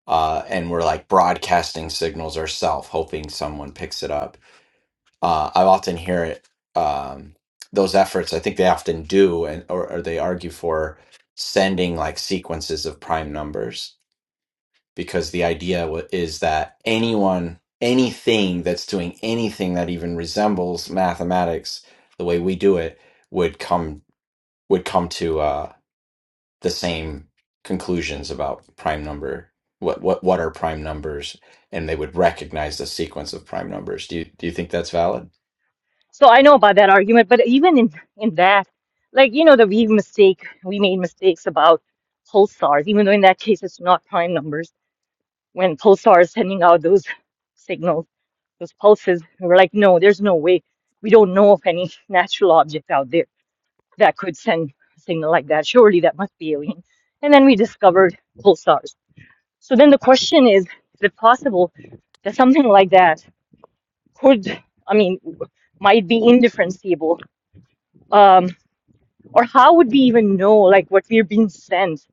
uh, and we're like broadcasting signals ourselves, hoping someone picks it up uh, I often hear it. Um, those efforts, I think they often do, and or, or they argue for sending like sequences of prime numbers because the idea w- is that anyone, anything that's doing anything that even resembles mathematics the way we do it would come would come to uh, the same conclusions about prime number. What what what are prime numbers? And they would recognize the sequence of prime numbers. Do you do you think that's valid?
so i know about that argument but even in in that like you know that we mistake we made mistakes about pulsars even though in that case it's not prime numbers when Pulsar is sending out those signals, those pulses, we were like, no, there's no way. We don't know of any natural object out there that could send a signal like that. Surely that must be alien. And then we discovered pulsars. So then the question is, is it possible that something like that could, I mean, w- might be indifferentiable? Um, or how would we even know, like, what we're being sent?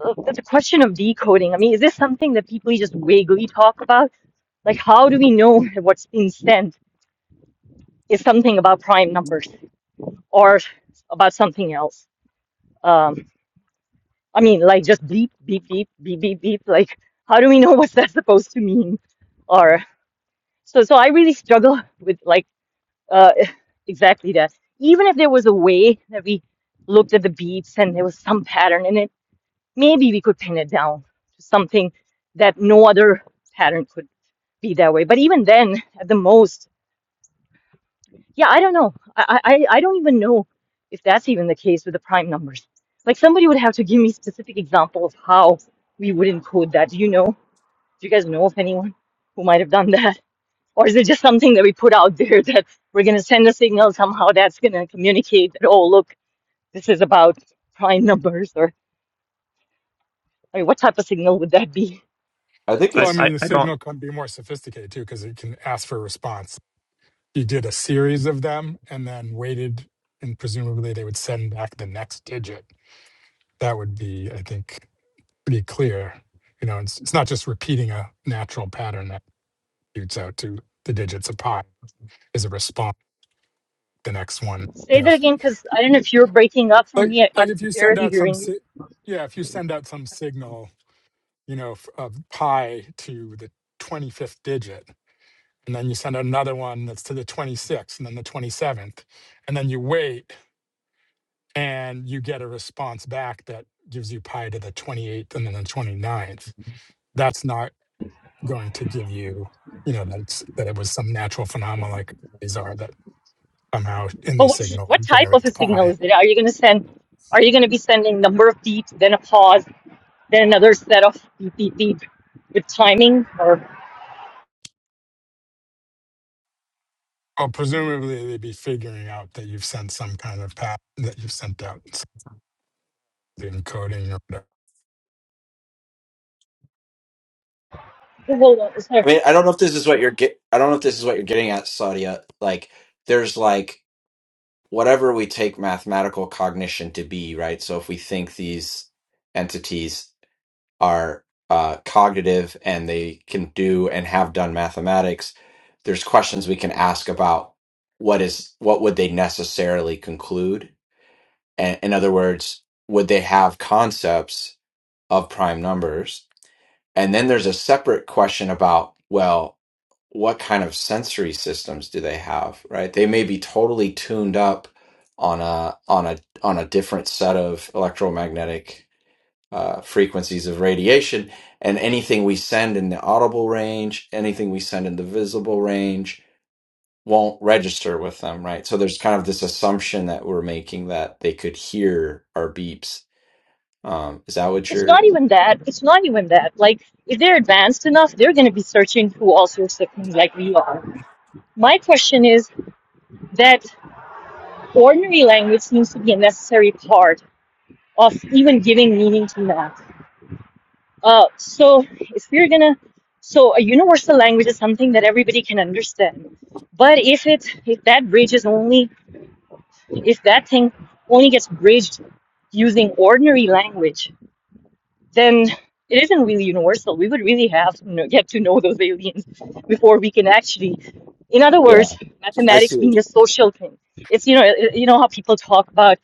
Uh, That's a question of decoding. I mean, is this something that people just vaguely talk about? Like, how do we know what's being sent is something about prime numbers or about something else? Um, I mean, like just beep, beep, beep, beep, beep, beep. Like, how do we know what's that supposed to mean? Or so, so I really struggle with like uh, exactly that. Even if there was a way that we looked at the beats and there was some pattern in it, maybe we could pin it down to something that no other pattern could be that way. But even then, at the most, Yeah, I don't know. I, I, I don't even know if that's even the case with the prime numbers. Like somebody would have to give me specific example of how we would encode that. Do you know? Do you guys know of anyone who might have done that? Or is it just something that we put out there that we're gonna send a signal somehow that's gonna communicate that, oh look, this is about prime numbers or I mean what type of signal would that be?
I think
Well,
I
I
it's
I,
mean, the
I don't.
signal can be more sophisticated too because it can ask for a response. You did a series of them and then waited, and presumably they would send back the next digit. That would be, I think, pretty clear. You know, it's, it's not just repeating a natural pattern that shoots out to the digits of pi is a response. The next one,
Say
you know,
that again because I don't know if you're breaking up for
like
me. I,
like
I'm
if you send
barely
out some,
hearing you.
si- yeah, if you send out some signal you know, f- of pi to the 25th digit. And then you send another one that's to the 26th and then the 27th. And then you wait and you get a response back that gives you pi to the 28th and then the twenty-ninth. That's not going to give you, you know, that, it's, that it was some natural phenomena like these are that somehow in
But
the
what
signal
what type of
generates
a signal
pi.
is it? Are you going to send? Are you going to be sending number of beats, then a pause, then another set of beep beep beep with timing? Or
Or presumably they'd be figuring out that you've sent some kind of path that you've sent out the encoding or whatever.
hold on, is
I
there?
mean, I don't know if this is what you're get. I don't know if this is what you're getting at, Sadia. Like, there's like whatever we take mathematical cognition to be, right? So if we think these entities are uh, cognitive and they can do and have done mathematics, there's questions we can ask about what is what would they necessarily conclude? And in other words, would they have concepts of prime numbers? And then there's a separate question about well what kind of sensory systems do they have right they may be totally tuned up on a on a on a different set of electromagnetic uh, frequencies of radiation and anything we send in the audible range anything we send in the visible range won't register with them right so there's kind of this assumption that we're making that they could hear our beeps um, is that what
It's not
you're
even that. It's not even that. Like if they're advanced enough, they're going to be searching through all sorts of things like we are. My question is that ordinary language seems to be a necessary part of even giving meaning to math Uh, so if we are gonna, so a universal language is something that everybody can understand. But if it, if that bridge is only, if that thing only gets bridged using ordinary language, then it isn't really universal. We would really have to know, get to know those aliens before we can actually. In other
yeah
words,
i see
mathematics
what
being a
you're-
social thing. It's you know it- you know how people talk about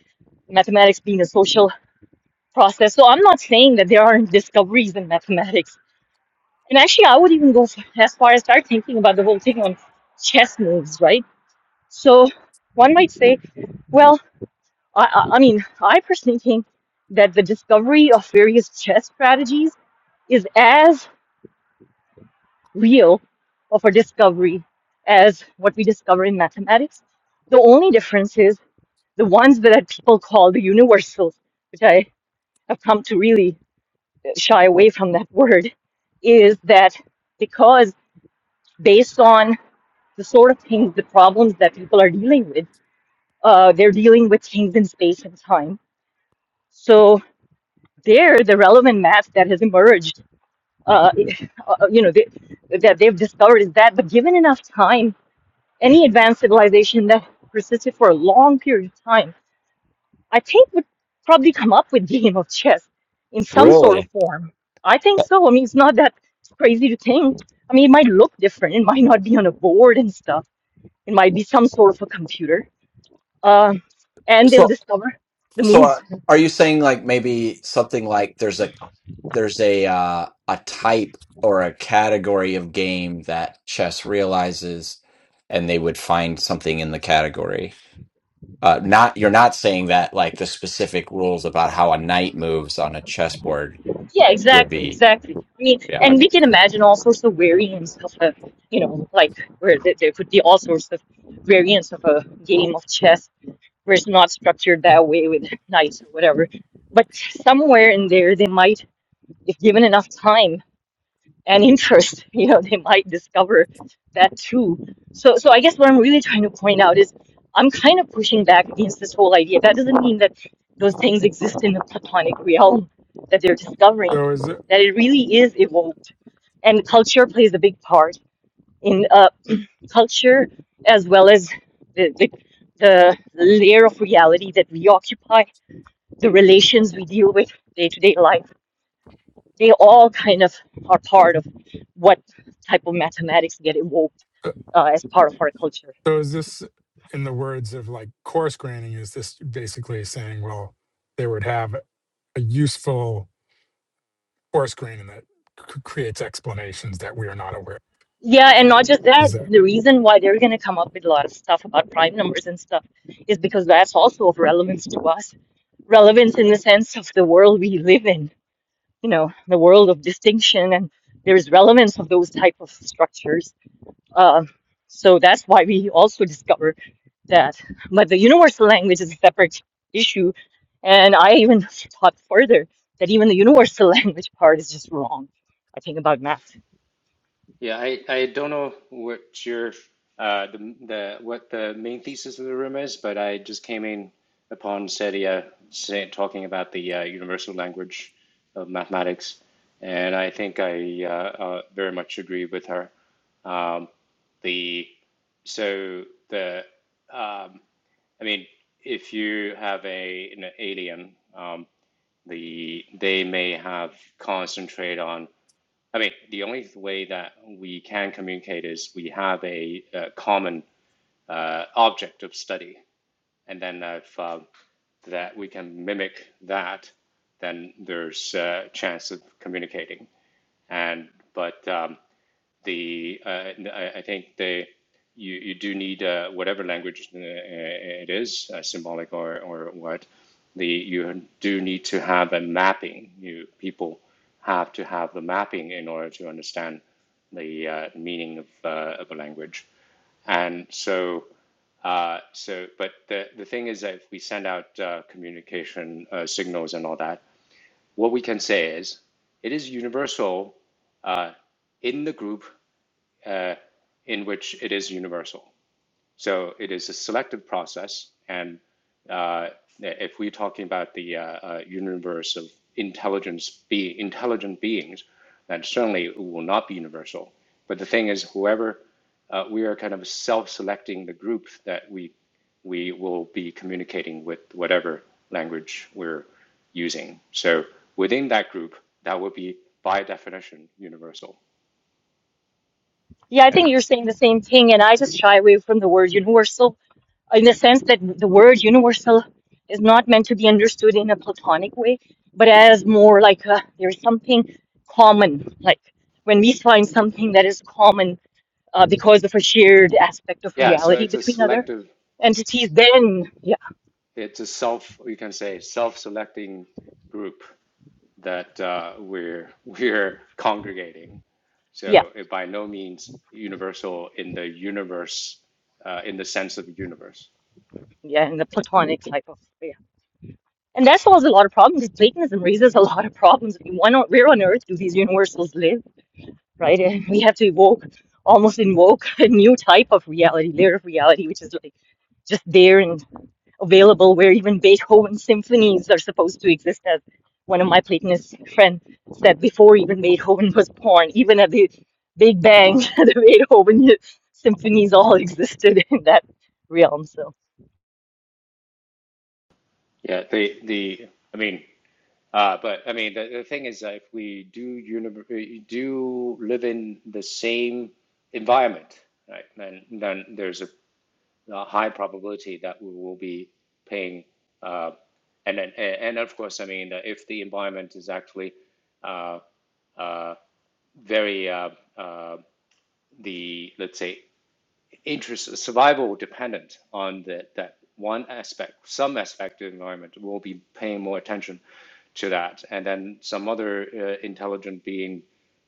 mathematics being a social process. So I'm not saying that there aren't discoveries in mathematics and actually, I would even go f- as far as start thinking about the whole thing on chess moves, right? So one might say, well, I, I, I mean, I personally think that the discovery of various chess strategies is as real of a discovery as what we discover in mathematics. The only difference is the ones that people call the universals, which I have come to really shy away from that word, is that because based on the sort of things, the problems that people are dealing with. Uh, they're dealing with things in space and time. So there, the relevant math that has emerged, uh, uh, you know, they, that they've discovered is that. But given enough time, any advanced civilization that persisted for a long period of time, I think would probably come up with game of chess in some sort of
really
form. I think so. I mean, it's not that crazy to think. I mean, it might look different. It might not be on a board and stuff. It might be some sort of a computer uh, and
So
they'll discover the
So
moves.
are, are you saying like maybe something like there's a there's a uh, a type or a category of game that chess realizes and they would find something in the category. Uh, not you're not saying that like the specific rules about how a knight moves on a chessboard
Yeah,
would
exactly,
be
exactly. I mean,
yeah.
and
okay.
we can imagine all sorts of variants of a, you know, like where th- there could be all sorts of variants of a game of chess where it's not structured that way with knights or whatever. But somewhere in there, they might, if given enough time, and interest you know they might discover that too so so i guess what i'm really trying to point out is i'm kind of pushing back against this whole idea that doesn't mean that those things exist in the platonic realm that they're discovering
So is it?
that it really is evolved and culture plays a big part in uh, culture as well as the, the the layer of reality that we occupy the relations we deal with day to day life they all kind of are part of what type of mathematics get evoked uh, as part of our culture.
So is this, in the words of like course granting, is this basically saying, well, they would have a useful course granting that c- creates explanations that we are not aware?
Yeah, and not just
Is
that,
that
the reason why they're going to come up with a lot of stuff about prime numbers and stuff is because that's also of relevance to us. Relevance in the sense of the world we live in, you know, the world of distinction, and there's relevance of those type of structures. Uh, so that's why we also discover that. But the universal language is a separate issue. And I even thought further that even the universal language part is just wrong. I think about math.
Yeah, I, I don't know what your uh, the the what the main thesis of the room is, but I just came in upon Sedia say, talking about the uh, universal language of mathematics, and I think I uh, uh, very much agree with her. Um, the so the um, I mean, if you have a an alien, um, the they may have concentrate on I mean, the only way that we can communicate is we have a, uh common uh, object of study, and then if uh, that we can mimic that, then there's a chance of communicating. And but um, the uh, I, think the you, you do need uh, whatever language uh, it is, uh, symbolic or, or what, the you do need to have a mapping. You people have to have the mapping in order to understand the uh, meaning of, uh, of a language. And so, uh, so, but the, the thing is that if we send out uh, communication uh, signals and all that, what we can say is it is universal in the group uh, in which it is universal. So it is a selective process, and uh, if we're talking about the uh, uh, universe of intelligence, be intelligent beings, then certainly it will not be universal. But the thing is, whoever uh, we are kind of self-selecting the group that we we will be communicating with, whatever language we're using. So within that group, that will be by definition universal.
Yeah, I think
And
you're saying the same thing. And I just shy away from the word universal in the sense that the word universal is not meant to be understood in a platonic way, but as more like a, there's something common. Like when we find something that is common uh, because of a shared aspect of
yeah, so
reality
it's a
between other
selective.
entities, then, yeah.
it's a self you can say self-selecting group that uh, we're we're congregating
yeah,
so it by no means universal in the universe uh, in the sense of the universe
Yeah, and the platonic type of yeah. And that solves a lot of problems. Platonism raises a lot of problems. I mean, Why not, where on earth do these universals live, right? And we have to evoke, almost invoke a new type of reality, layer of reality, which is like just there and available, where even Beethoven symphonies are supposed to exist. As one of my Platonist friend said, before even Beethoven was born, even at the Big Bang, the Beethoven symphonies all existed in that realm. So.
yeah the the i mean uh, but i mean the, the thing is that if we do universe do live in the same environment right then then there's a a high probability that we will be paying. Uh, and then, and of course, I mean, uh, if the environment is actually uh, uh, very uh, uh, the let's say interest survival dependent on the, that one aspect, some aspect of the environment, we'll be paying more attention to that, and then some other uh, intelligent being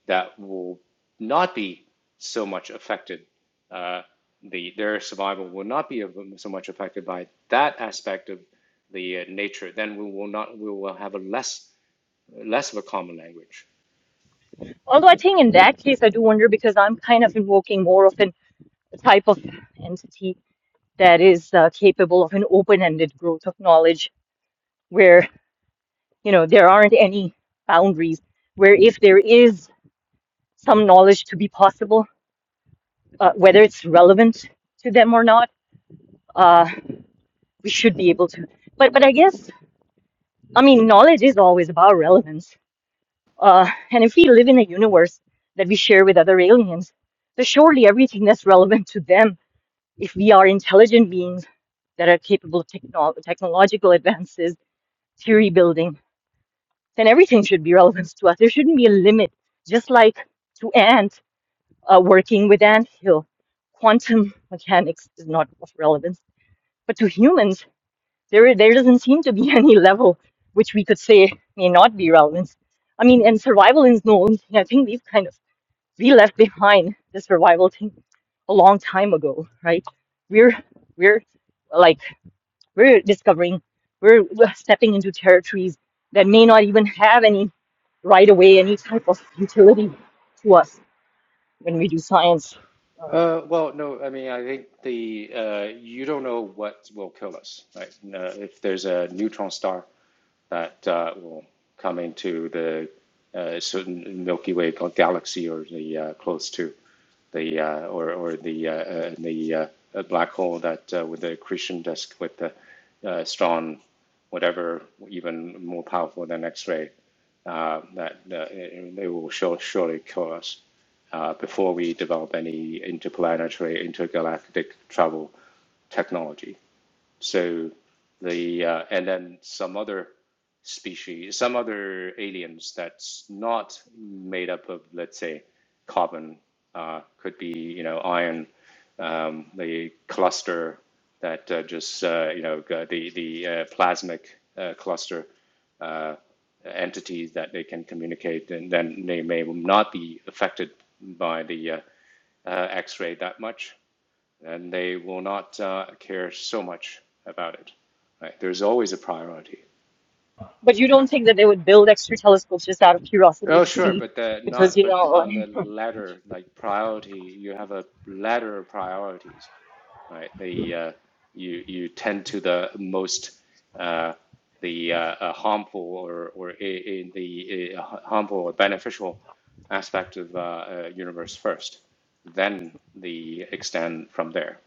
that will not be so much affected. Uh, the their survival will not be so much affected by that aspect of the uh, nature. Then we will not. We will have a less less of a common language.
Although I think in that case, I do wonder because I'm kind of invoking more of an, a type of entity that is uh, capable of an open-ended growth of knowledge, where you know there aren't any boundaries. Where if there is some knowledge to be possible, uh, whether it's relevant to them or not, uh, we should be able to. But but I guess I mean knowledge is always about relevance. Uh, and if we live in a universe that we share with other aliens, then surely everything that's relevant to them if we are intelligent beings that are capable of techno- technological advances, theory building, then everything should be relevant to us. There shouldn't be a limit, just like to ant uh, working with ant hill. Quantum mechanics is not of relevance, but to humans, there there doesn't seem to be any level which we could say may not be relevant. I mean, and survival is no only thing. I think we've kind of we left behind the survival thing a long time ago, right? We're we're like We're discovering, we're, we're stepping into territories that may not even have any right away, any type of utility to us when we do science. Um,
Uh, well, no, I mean, I think the uh, you don't know what will kill us, right? Uh, if there's a neutron star that uh, will come into the uh, certain Milky Way galaxy or the uh, close to the uh, or or the uh, uh, the uh, uh, black hole that uh, with the accretion disk with the uh, strong whatever even more powerful than X-ray uh, that uh, they will sure, surely kill us uh, before we develop any interplanetary intergalactic travel technology. So the uh, and then some other species, some other aliens that's not made up of, let's say, carbon, uh, could be you know iron, um, the cluster that uh, just uh, you know the the uh, plasmic uh, cluster entities that they can communicate, and then they may not be affected by the uh, uh, X-ray that much and they will not uh, care so much about it. Right? There's always a priority.
but you don't think that they would build extra telescopes just out of curiosity
Oh,
to
sure,
see,
but the
because
not
you
but
know,
on the
like-
ladder, like priority, you have a ladder of priorities, right? The uh, you you tend to the most uh, the uh, uh, harmful or or in the uh, harmful or beneficial aspect of uh, uh, universe first, then the extend from there.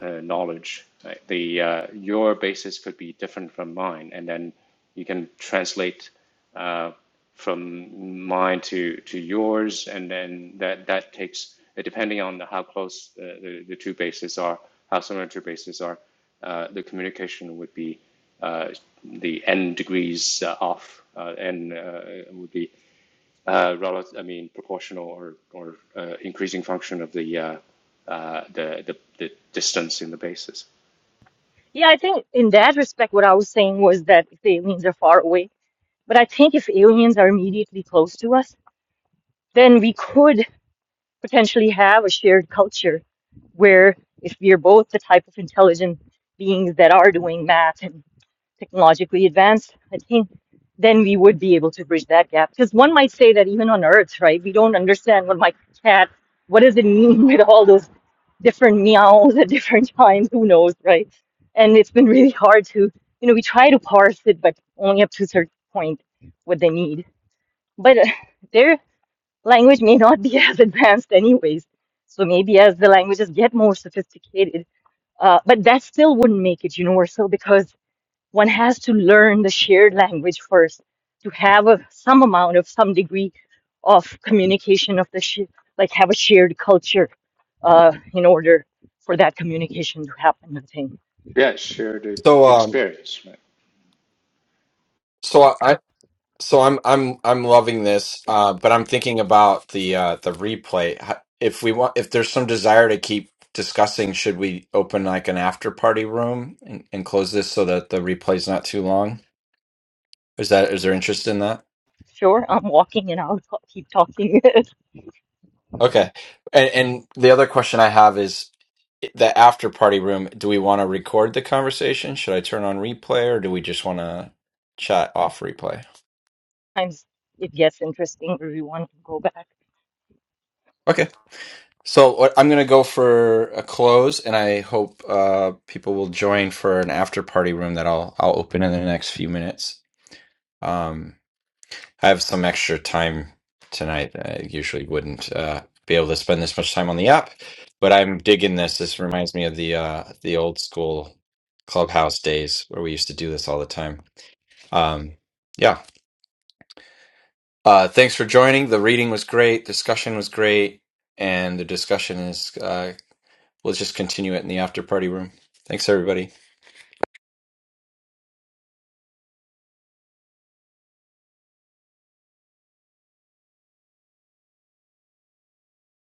uh, knowledge. Right? The uh, your basis could be different from mine, and then you can translate uh, from mine to to yours, and then that that takes uh, depending on how close uh, the the two bases are, how similar two bases are, uh, the communication would be uh, the n degrees uh, off, uh, n uh, would be uh, relative, I mean, proportional or or uh, increasing function of the, uh, uh, the the the distance in the basis.
yeah, I think in that respect, what I was saying was that if the aliens are far away, but I think if aliens are immediately close to us, then we could. potentially have a shared culture where if we are both the type of intelligent beings that are doing math and technologically advanced, I think then we would be able to bridge that gap. Because one might say that even on Earth, right, we don't understand what my cat, what does it mean with all those different meows at different times, who knows, right? And it's been really hard to, you know, we try to parse it, but only up to a certain point what they need. But uh, there language may not be as advanced anyways. So maybe as the languages get more sophisticated, uh, but that still wouldn't make it universal because one has to learn the shared language first to have a, some amount of some degree of communication of the sh- like have a shared culture uh, in order for that communication to happen. I think.
Yeah, shared
So
e-
um
experience, right?
so I, So I'm I'm I'm loving this, uh, but I'm thinking about the uh, the replay. H- If we want, if there's some desire to keep discussing, should we open like an after party room and, and close this so that the replay's not too long? Is that is there interest in that?
Sure, I'm walking and I'll t- keep talking.
Okay. And, and the other question I have is the after party room. Do we want to record the conversation? Should I turn on replay or do we just want to chat off replay?
Sometimes it gets interesting where we want to go back.
Okay. So what- I'm going to go for a close, and I hope uh, people will join for an after party room that I'll I'll open in the next few minutes. Um, I have some extra time tonight. I usually wouldn't uh, be able to spend this much time on the app, but I'm digging this. This reminds me of the uh, the old school clubhouse days where we used to do this all the time. Um, yeah. Uh, thanks for joining. The reading was great. Discussion was great, and the discussion is. uh, We'll just continue it in the after party room. Thanks, everybody.